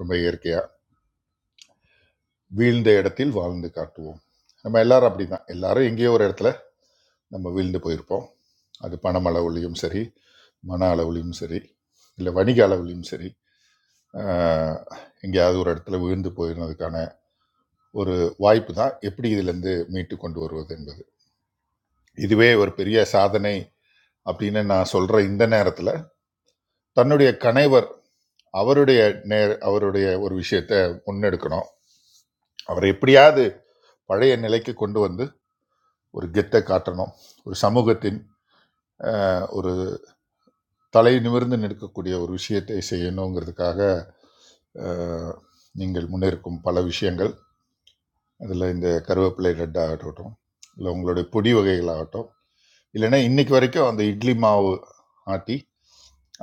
[SPEAKER 5] ரொம்ப இயற்கையாக வீழ்ந்த இடத்தில் வாழ்ந்து காட்டுவோம் நம்ம எல்லாரும் அப்படிதான் எல்லாரும் எங்கேயோ ஒரு இடத்துல நம்ம வீழ்ந்து போயிருப்போம் அது பணம் அளவுலையும் சரி மன அளவுலையும் சரி இல்லை வணிக அளவுலையும் சரி ஆஹ், எங்கேயாவது ஒரு இடத்துல விழுந்து போயிருந்ததுக்கான ஒரு வாய்ப்பு தான் எப்படி இதிலிருந்து மீட்டு கொண்டு வருவது என்பது இதுவே ஒரு பெரிய சாதனை அப்படின்னு நான் சொல்ற இந்த நேரத்தில் தன்னுடைய கணைவர் அவருடைய நேர் அவருடைய ஒரு விஷயத்தை முன்னெடுக்கணும் அவர் எப்படியாவது பழைய நிலைக்கு கொண்டு வந்து ஒரு கெத்தை காட்டணும் ஒரு சமூகத்தின் அஹ், ஒரு தலை நிமிர்ந்து நிற்கக்கூடிய ஒரு விஷயத்தை செய்யணுங்கிறதுக்காக அஹ், நீங்கள் முன்னிருக்கும் பல விஷயங்கள் அதில் இந்த கருவேப்பிலை ரெட் ஆகட்டும் இல்லை உங்களுடைய பொடி வகைகள் ஆகட்டும் இல்லைன்னா இன்னைக்கு வரைக்கும் அந்த இட்லி மாவு ஆட்டி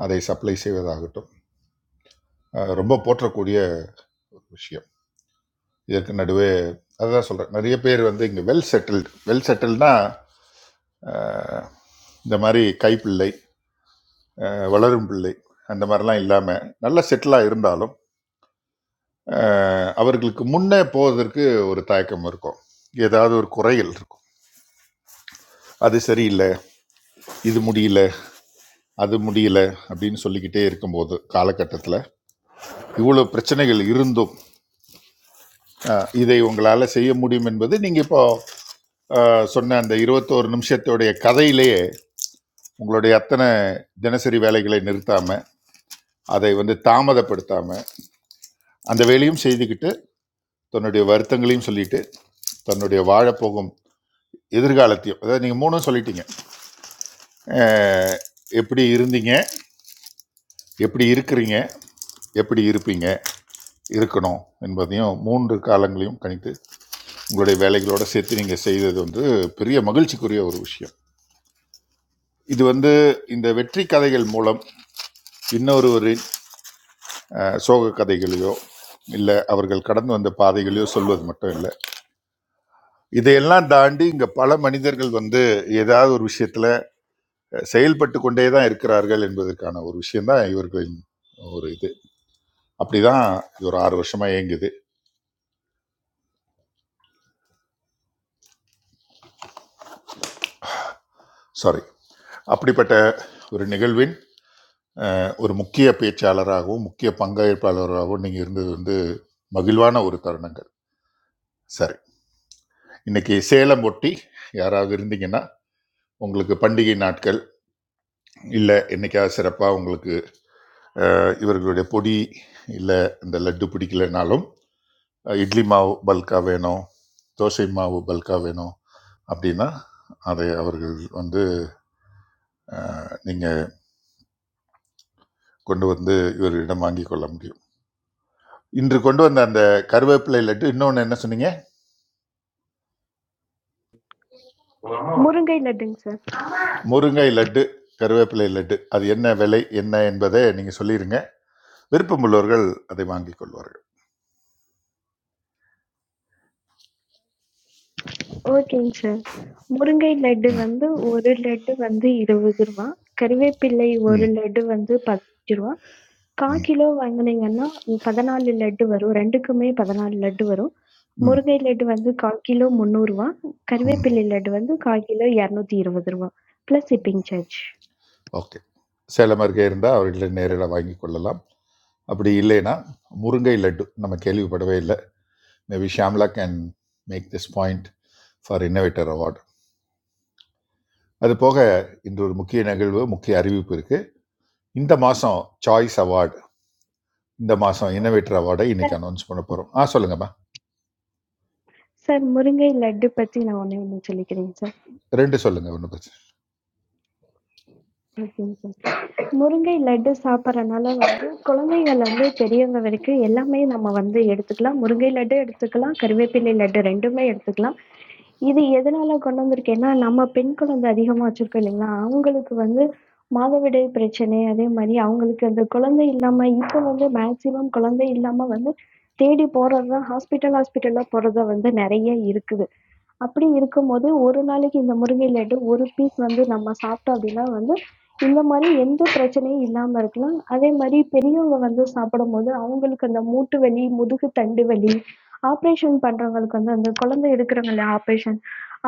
[SPEAKER 5] அதை சப்ளை செய்வதாகட்டும் அஹ், ரொம்ப போற்றக்கூடிய ஒரு விஷயம் இதற்கு நடுவே அதுதான் சொல்கிறேன் நிறைய பேர் வந்து இங்கே வெல் செட்டில்டு வெல் செட்டில்னா இந்த மாதிரி கைப்பிள்ளை அஹ், வளரும் பிள்ளை அந்த மாதிரிலாம் இல்லாமல் நல்லா செட்டிலாக இருந்தாலும் அஹ், அவர்களுக்கு முன்னே போவதற்கு ஒரு தயக்கம் இருக்கும் ஏதாவது ஒரு குறைகள் இருக்கும் அது சரியில்லை இது முடியல அது முடியல அப்படின்னு சொல்லிக்கிட்டே இருக்கும்போது காலகட்டத்தில் இவ்வளோ பிரச்சனைகள் இருந்தும் அஹ், இதை உங்களால் செய்ய முடியும் என்பது நீங்கள் இப்போ அஹ், சொன்ன அந்த இருபத்தோரு நிமிஷத்துடைய கதையிலேயே உங்களுடைய அத்தனை தினசரி வேலைகளை நிறுத்தாமல் அதை வந்து தாமதப்படுத்தாமல் அந்த வேலையும் செய்துக்கிட்டு தன்னுடைய வருத்தங்களையும் சொல்லிட்டு தன்னுடைய வாழப்போகும் எதிர்காலத்தையும் அதாவது நீங்கள் மூணும் சொல்லிட்டீங்க அஹ், எப்படி இருந்தீங்க எப்படி இருக்கிறீங்க எப்படி இருப்பீங்க இருக்கணும் என்பதையும் மூன்று காலங்களையும் கணித்து உங்களுடைய வேலைகளோட சேர்த்து நீங்கள் செய்தது வந்து பெரிய மகிழ்ச்சிக்குரிய ஒரு விஷயம் இது வந்து இந்த வெற்றி கதைகள் மூலம் இன்னொருவரின் அஹ், சோக கதைகளையோ இல்லை அவர்கள் கடந்து வந்த பாதைகளையோ சொல்வது மட்டும் இல்லை இதையெல்லாம் தாண்டி இங்கே பல மனிதர்கள் வந்து ஏதாவது ஒரு விஷயத்தில் செயல்பட்டு கொண்டே தான் இருக்கிறார்கள் என்பதற்கான ஒரு விஷயம்தான் இவர்களின் ஒரு இது அப்படிதான் இது ஒரு ஆறு வருஷமா இயங்குது சாரி அப்படிப்பட்ட ஒரு நிகழ்வின் ஒரு முக்கிய பேச்சாளராகவும் முக்கிய பங்கேற்பாளராகவும் நீங்க இருந்தது வந்து மகிழ்வான ஒரு தருணங்கள் சரி இன்னைக்கு சேலம் ஒட்டி யாராவது இருந்தீங்கன்னா உங்களுக்கு பண்டிகை நாட்கள் இல்லை என்னைக்காவது சிறப்பாக உங்களுக்கு அஹ், இவர்களுடைய பொடி இல்லை இந்த லட்டு பிடிக்கலைனாலும் இட்லி மாவு பல்காக வேணும் தோசை மாவு பல்காக வேணும் அப்படின்னா அதை அவர்கள் வந்து நீங்கள் கொண்டு வந்து இவரிடம் வாங்கி கொள்ள முடியும் இன்று கொண்டு வந்த அந்த கருவேப்பிலை லட்டு இன்னொன்று என்ன சொன்னீங்க
[SPEAKER 18] முருங்கை லட்டுங்க சார்.
[SPEAKER 5] முருங்கை லட்டு கருவேப்பிலை லட்டு அது என்ன விலை என்ன என்பதை நீங்கள் சொல்லிடுங்க விருப்பமுள்ளவர்கள் அதை வாங்கி கொள்வார்கள்
[SPEAKER 18] ஓகேங்க சார். முருங்கை லட்டு வந்து ஒரு லட்டு வந்து ரூ. 20. கறிவேப்பிலை ஒரு
[SPEAKER 5] ம்
[SPEAKER 18] லட்டு வந்து ரூ. 15. கா
[SPEAKER 5] ம்
[SPEAKER 18] கிலோ வாங்குனீங்கன்னா 14 லட்டு வரும். 2க்குமே 14 லட்டு வரும்.
[SPEAKER 5] ம்
[SPEAKER 18] முருங்கை லட்டு வந்து கா கிலோ ரூ. 300.
[SPEAKER 5] ம்
[SPEAKER 18] கறிவேப்பிலை லட்டு வந்து கா கிலோ ரூ. 220 plus shipping charge.
[SPEAKER 5] Okay. Salem அருகே இருந்தா அவர்கள நேரில வாங்கிக் கொள்ளலாம். அப்படி இல்லைனா, முருங்கை லட்டு நம்ம கேள்விப்படவே இல்ல. Maybe Shyamala can make this point for innovator award. அது போக இன்று ஒரு முக்கிய நிகழ்வு, முக்கிய அறிவிப்பு இருக்கு. இந்த மாசம் சாய்ஸ் அவார்ட், இந்த மாசம் இன்னோவேட்டர் அவார்டை
[SPEAKER 18] சார்
[SPEAKER 5] இன்னைக்கு அனௌன்ஸ் பண்ண போறோம். ஆ சொல்லுங்கம்மா.
[SPEAKER 18] சார் முருங்கை லட்டு பத்தி நான் ஒண்ணே ஒண்ணு சொல்லிக்கிறேங்க சார்.
[SPEAKER 5] 2 சொல்லுங்க. ஒண்ணும் பிரச்சனை இல்ல.
[SPEAKER 18] ஓகேங்க சிஸ்டர். முருங்கை லட்டு சாப்பிடுறனால வந்து குழந்தைங்கள்லேருந்து பெரியவங்க வரைக்கும் எல்லாமே நம்ம வந்து எடுத்துக்கலாம். முருங்கை லட்டு எடுத்துக்கலாம், கறிவேப்பிலை லட்டு 2மே எடுத்துக்கலாம். இது எதனால கொண்டு வந்திருக்கேன்னா, நம்ம பெண் குழந்தை அதிகமா வச்சிருக்கோம் இல்லைங்களா? அவங்களுக்கு வந்து மாதவிடாய் பிரச்சனை, அதே மாரி அவங்களுக்கு அந்த குழந்தை இல்லாம இப்போ வந்து மேக்ஸிமம் குழந்தை இல்லாம வந்து தேடி போறது தான் ஹாஸ்பிட்டல், ஹாஸ்பிட்டலா போறது தான் வந்து நெறைய இருக்குது. அப்படி இருக்கும்போது, ஒரு நாளைக்கு இந்த முருங்கை லட்டு ஒரு பீஸ் வந்து நம்ம சாப்பிட்டோம் அப்படின்னா வந்து, இந்த மாரி எந்த பிரச்சனையும் இல்லாம இருக்கலாம். அதே மாரி பெரியவங்க வந்து சாப்பிடும்போது, அவங்களுக்கு அந்த மூட்டு வலி, முதுகு தண்டு வலி, ஆப்ரேஷன் பண்றவங்களுக்கு வந்து அந்த குழந்தை எடுக்குறாங்க இல்லையா ஆப்ரேஷன்,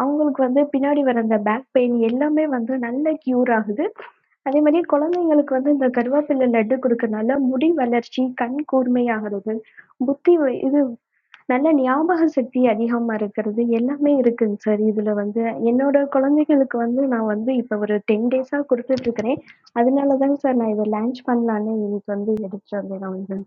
[SPEAKER 18] அவங்களுக்கு வந்து பின்னாடி வர அந்த பேக் பெயின் எல்லாமே வந்து நல்ல க்யூர் ஆகுது. அதே மாரி குழந்தைங்களுக்கு வந்து இந்த கருவேப்பிலை லட்டு குடுக்கறனால முடி வளர்ச்சி, கண் கூர்மையாகிறது, புத்தி வ- இது நல்ல ஞாபக சக்தி அதிகமா இருக்கிறது. எல்லாமே இருக்குங்க சார். இதுல வந்து என்னோட குழந்தைகளுக்கு வந்து நான் வந்து இப்ப ஒரு 10 டேஸா குடுத்துட்டு இருக்கிறேன். அதனால தாங்க சார் நான் இத லான்ச் பண்ணலான்னு இன்னைக்கு வந்து எடுத்துட்டு வந்தேன் நான் வந்து.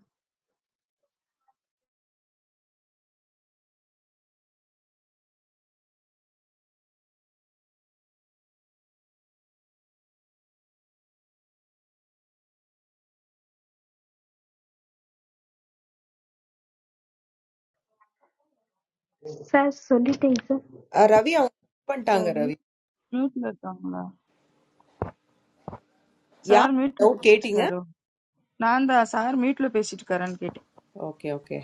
[SPEAKER 18] சார் சொல்லிட்டேங்க சார்.
[SPEAKER 3] அஹ் ரவி அவங்க cut பண்ணிட்டாங்க
[SPEAKER 15] Sir,
[SPEAKER 3] Ravi
[SPEAKER 15] meet lagang la.
[SPEAKER 3] யார்
[SPEAKER 15] Sir, meet lo
[SPEAKER 3] doubt
[SPEAKER 15] peshit
[SPEAKER 3] கேட்டீங்க
[SPEAKER 15] karo. Nanda, sir, meet lo peshit karan kete.
[SPEAKER 3] Okay okay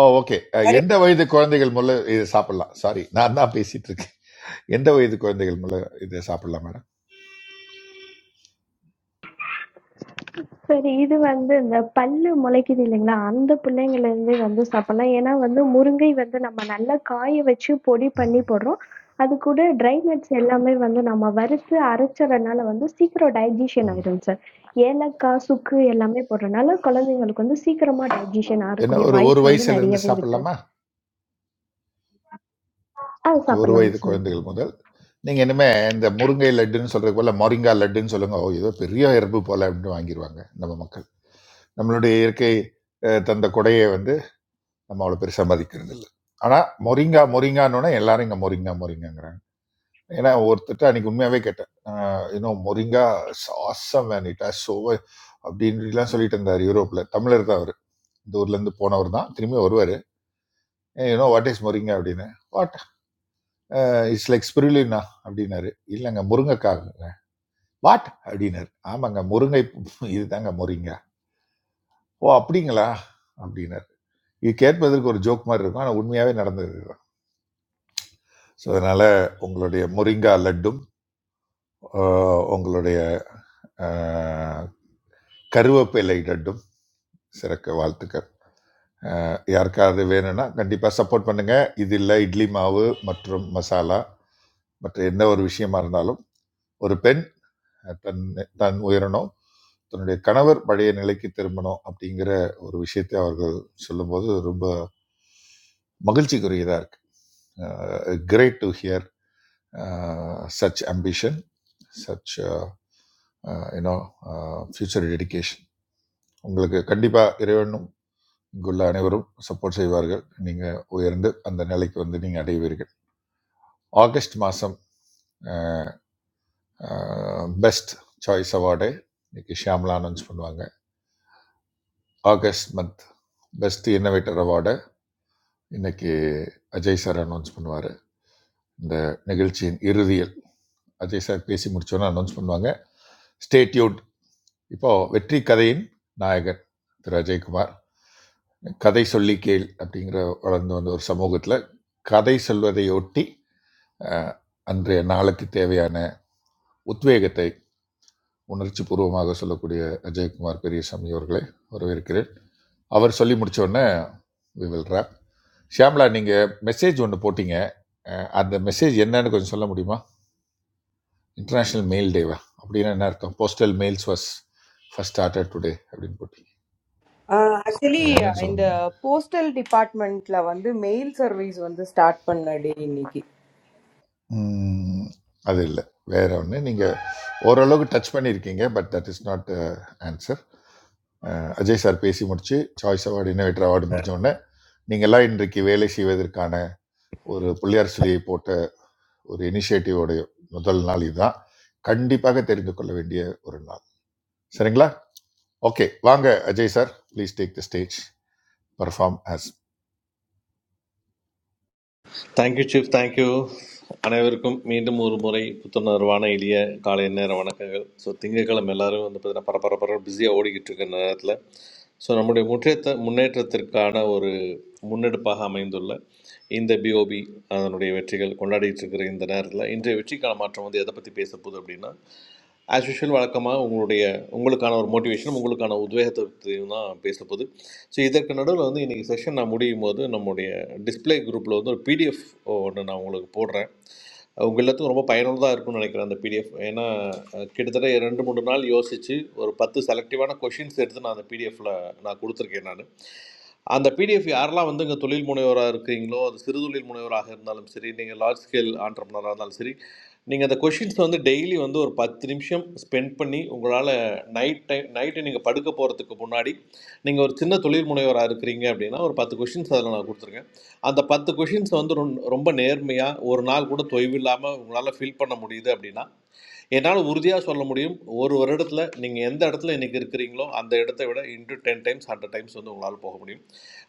[SPEAKER 5] oh okay. அ எந்த வயது குழந்தைகள் முதல்ல இத சாப்பிடலாம்? சாரி. நான் தான் பேசிட்டு இருக்கேன். எந்த வயது குழந்தைகள் முதல்ல இத சாப்பிடலாம் மேடம்?
[SPEAKER 18] சரி இது வந்து இந்த பல்லு முளைக்குது இல்லைங்களா அந்த பிள்ளைங்கள்ல இருந்தே வந்து சாப்பிடலாம் ஏன்னா வந்து முருங்கை வந்து நம்ம நல்லா காய வச்சு பொடி பண்ணி போடுறோம் அது கூட dry nuts எல்லாமே வந்து நம்ம வறுத்து அரைச்சதுனால வந்து சீக்கிரம் digestion
[SPEAKER 5] ம்.
[SPEAKER 18] ஆயிடும் sir ஏலக்காய் சுக்கு எல்லாமே போடுறதுனால குழந்தைங்களுக்கு வந்து சீக்கிரமா digestion
[SPEAKER 5] என்ன
[SPEAKER 18] ஆகக்கூடிய
[SPEAKER 5] ஒரு ஒரு
[SPEAKER 18] வாய்ப்பு வந்து
[SPEAKER 5] வயசுல இருந்து
[SPEAKER 18] நிறையவே இருக்கு
[SPEAKER 5] சாப்பிடலாமா
[SPEAKER 18] அது
[SPEAKER 5] ஓகே ஒரு
[SPEAKER 18] சாப்பிடலாங்க
[SPEAKER 5] வயது
[SPEAKER 18] sir
[SPEAKER 5] குழந்தைகள் முதல் நீங்க இனிமே இந்த முருங்கை லட்டுன்னு சொல்றது போல மொரிங்கா லட்டுன்னு சொல்லுங்க ஓ ஏதோ பெரிய எறும்பு போல அப்படின்னு வாங்கிடுவாங்க நம்ம மக்கள் நம்மளுடைய இயற்கை அஹ், தந்த கொடையை வந்து நம்ம அவ்வளோ பெருசாக மதிக்கிறது இல்லை ஆனால் மொரிங்கா மொரிங்கான்னு எல்லாரும் இங்கே மொரிங்கா மொரிங்காங்கிறாங்க ஏன்னா ஒருத்தட்ட அன்னைக்கு உண்மையாவே கேட்டேன் இன்னும் மொரிங்கா சாசம் வேணிட்டா சோவை அப்படின்லாம் சொல்லிட்டு இருந்தார் யூரோப்ல தமிழர் தான் அவர் இந்த ஊர்ல இருந்து போனவர் தான் திரும்பி வருவார் யூனோ வாட் இஸ் மொரிங்கா அப்படின்னு வாட் இட்ஸ் லைக் ஸ்பிருலினா அப்படின்னாரு இல்லைங்க முருங்கைக்காக வாட் அப்படின்னாரு ஆமாங்க முருங்கை இதுதாங்க முருங்கை ஓ அப்படிங்களா அப்படின்னாரு இது கேட்பதற்கு ஒரு ஜோக் மாதிரி இருக்கும் ஆனால் உண்மையாகவே நடந்தது ஸோ அதனால உங்களுடைய முருங்கா லட்டும் ஆஹ், உங்களுடைய ஆஹ், கருவேப்பிலை லட்டும் சிறக்க வாழ்த்துக்கள் ஆஹ், யாருக்காவது வேணும்னா கண்டிப்பாக சப்போர்ட் பண்ணுங்க இது இல்லை இட்லி மாவு மற்றும் மசாலா மற்ற எந்த ஒரு விஷயமா இருந்தாலும் ஒரு பெண் தன் தன் உயரணும் தன்னுடைய கணவர் பழைய நிலைக்கு திரும்பணும் அப்படிங்கிற ஒரு விஷயத்தை அவர்கள் சொல்லும்போது ரொம்ப மகிழ்ச்சிக்குரியதாக இருக்கு great to hear such ambition such you know future dedication உங்களுக்கு கண்டிப்பாக இறைவனும் இங்குள்ள அனைவரும் சப்போர்ட் செய்வார்கள் நீங்கள் உயர்ந்து அந்த நிலைக்கு வந்து நீங்கள் அடைவீர்கள் ஆகஸ்ட் மாதம் பெஸ்ட் சாய்ஸ் அவார்டு இன்னைக்கு ஷியாம்லா அனௌன்ஸ் பண்ணுவாங்க August month best innovator award இன்னைக்கு அஜய் சார் அனௌன்ஸ் பண்ணுவார் இந்த நிகழ்ச்சியின் இறுதியில் அஜய் சார் பேசி முடிச்சோன்னு அனௌன்ஸ் பண்ணுவாங்க ஸ்டேட்யூட் இப்போ வெற்றி கதையின் நாயகன் திரு அஜய்குமார் கதை சொல்லி கேள் அப்படிங்கிற வளர்ந்து வந்த ஒரு சமூகத்தில் கதை சொல்வதையொட்டி அஹ், அன்றைய நாளுக்கு தேவையான உத்வேகத்தை உணர்ச்சி பூர்வமாக சொல்லக்கூடிய அஜயகுமார் பெரியசாமி அவர்களை வரவேற்கிறேன் அவர் சொல்லி முடிச்ச உடனே வி வில் ரேப் ஷியாம்லா நீங்கள் மெசேஜ் ஒன்று போட்டீங்க அஹ், அந்த மெசேஜ் என்னன்னு கொஞ்சம் சொல்ல முடியுமா இன்டர்நேஷ்னல் மெயில் டேவா அப்படின்னா என்ன அர்த்தம் postal mails was first started today அப்படின்னு போட்டீங்க
[SPEAKER 3] ஆக்சுவலி
[SPEAKER 5] அது என்னன்னு சொல்ல
[SPEAKER 3] இந்த
[SPEAKER 5] முடியுமா
[SPEAKER 3] போஸ்டல் டிபார்ட்மெண்ட்ல வந்து மெயில் சர்வீஸ் வந்து ஸ்டார்ட் பண்ண டே இன்னைக்கு
[SPEAKER 5] ம், அது இல்லை வேற ஒன்று நீங்கள் ஓரளவுக்கு டச் பண்ணியிருக்கீங்க but that is not answer Ajay sir பேசி முடிச்சு சாய்ஸ் அவார்டு இன்னோவேட்டர் அவார்டு முடிச்ச உடனே நீங்களாம் இன்றைக்கு வேலை செய்வதற்கான ஒரு பிள்ளையார் சிலையை போட்ட ஒரு இனிஷியேட்டிவோடைய முதல் நாள் இதுதான் கண்டிப்பாக தெரிந்து கொள்ள வேண்டிய ஒரு நாள் சரிங்களா ஓகே வாங்க Ajay sir please take the stage perform as
[SPEAKER 19] thank you chief, thank you. அனைவருக்கும் மீண்டும் ஒரு முறை புத்துணர்வான எளிய காலை நேர வணக்கங்கள். ஸோ திங்கட்கிழமை எல்லோரும் வந்து பார்த்திங்கன்னா பரபர பரவ பிஸியாக ஓடிக்கிட்டு இருக்கிற நேரத்தில் ஸோ நம்முடைய முற்றேற்ற முன்னேற்றத்திற்கான ஒரு முன்னெடுப்பாக அமைந்துள்ள இந்த பிஓபி அதனுடைய வெற்றிகள் கொண்டாடிட்டு இருக்கிற இந்த நேரத்தில் இன்றைய வெற்றிக்கான மாற்றம் வந்து எதை பற்றி பேச போகுது அப்படின்னா, ஆஸ் யூஷுவல் வழக்கமாக உங்களுடைய உங்களுக்கான ஒரு மோட்டிவேஷனும் உங்களுக்கான உத்வேகத்தையும் தான் பேச போகுது ஸோ இதற்கு நடுவில் வந்து இன்றைக்கி செஷன் நான் முடியும் போது நம்முடைய டிஸ்ப்ளே குரூப்பில் வந்து ஒரு பிடிஎஃப் ஒன்று நான் உங்களுக்கு போடுறேன் உங்கள் எல்லாத்துக்கும் ரொம்ப பயனுள்ளதாக இருக்கும்னு நினைக்கிறேன் அந்த பிடிஎஃப் ஏன்னா அஹ், கிட்டத்தட்ட ரெண்டு மூணு நாள் யோசித்து ஒரு பத்து செலக்டிவான கொஷின்ஸ் எடுத்து நான் அந்த பிடிஎஃபில் நான் கொடுத்துருக்கேன் நான் அந்த பிடிஎஃப் யாரெல்லாம் வந்து இங்கே தொழில் முனைவராக இருக்கிறீங்களோ அது சிறு தொழில் முனைவராக இருந்தாலும் சரி நீங்கள் லார்ஜ் ஸ்கேல் ஆண்டர்பனராக இருந்தாலும் சரி நீங்கள் அந்த கொஷின்ஸ் வந்து டெய்லி வந்து ஒரு பத்து நிமிஷம் ஸ்பெண்ட் பண்ணி உங்களால் நைட் டைம் நைட்டு நீங்கள் படுக்க போகிறதுக்கு முன்னாடி நீங்கள் ஒரு சின்ன தொழில் முனைவராக இருக்கிறீங்க அப்படின்னா ஒரு பத்து கொஷின்ஸ் அதில் நான் கொடுத்துருக்கேன் அந்த பத்து கொஷின்ஸ் வந்து ரொம்- ரொம்ப நேர்மையாக ஒரு நாள் கூட தொய்வில்லாமல் உங்களால் ஃபில் பண்ண முடியுது அப்படின்னா என்னால் உறுதியாக சொல்ல முடியும் ஒரு வருடத்தில் நீங்கள் எந்த இடத்துல இன்றைக்கி இருக்கிறீங்களோ அந்த இடத்த விட into ten times hundred times வந்து உங்களால் போக முடியும்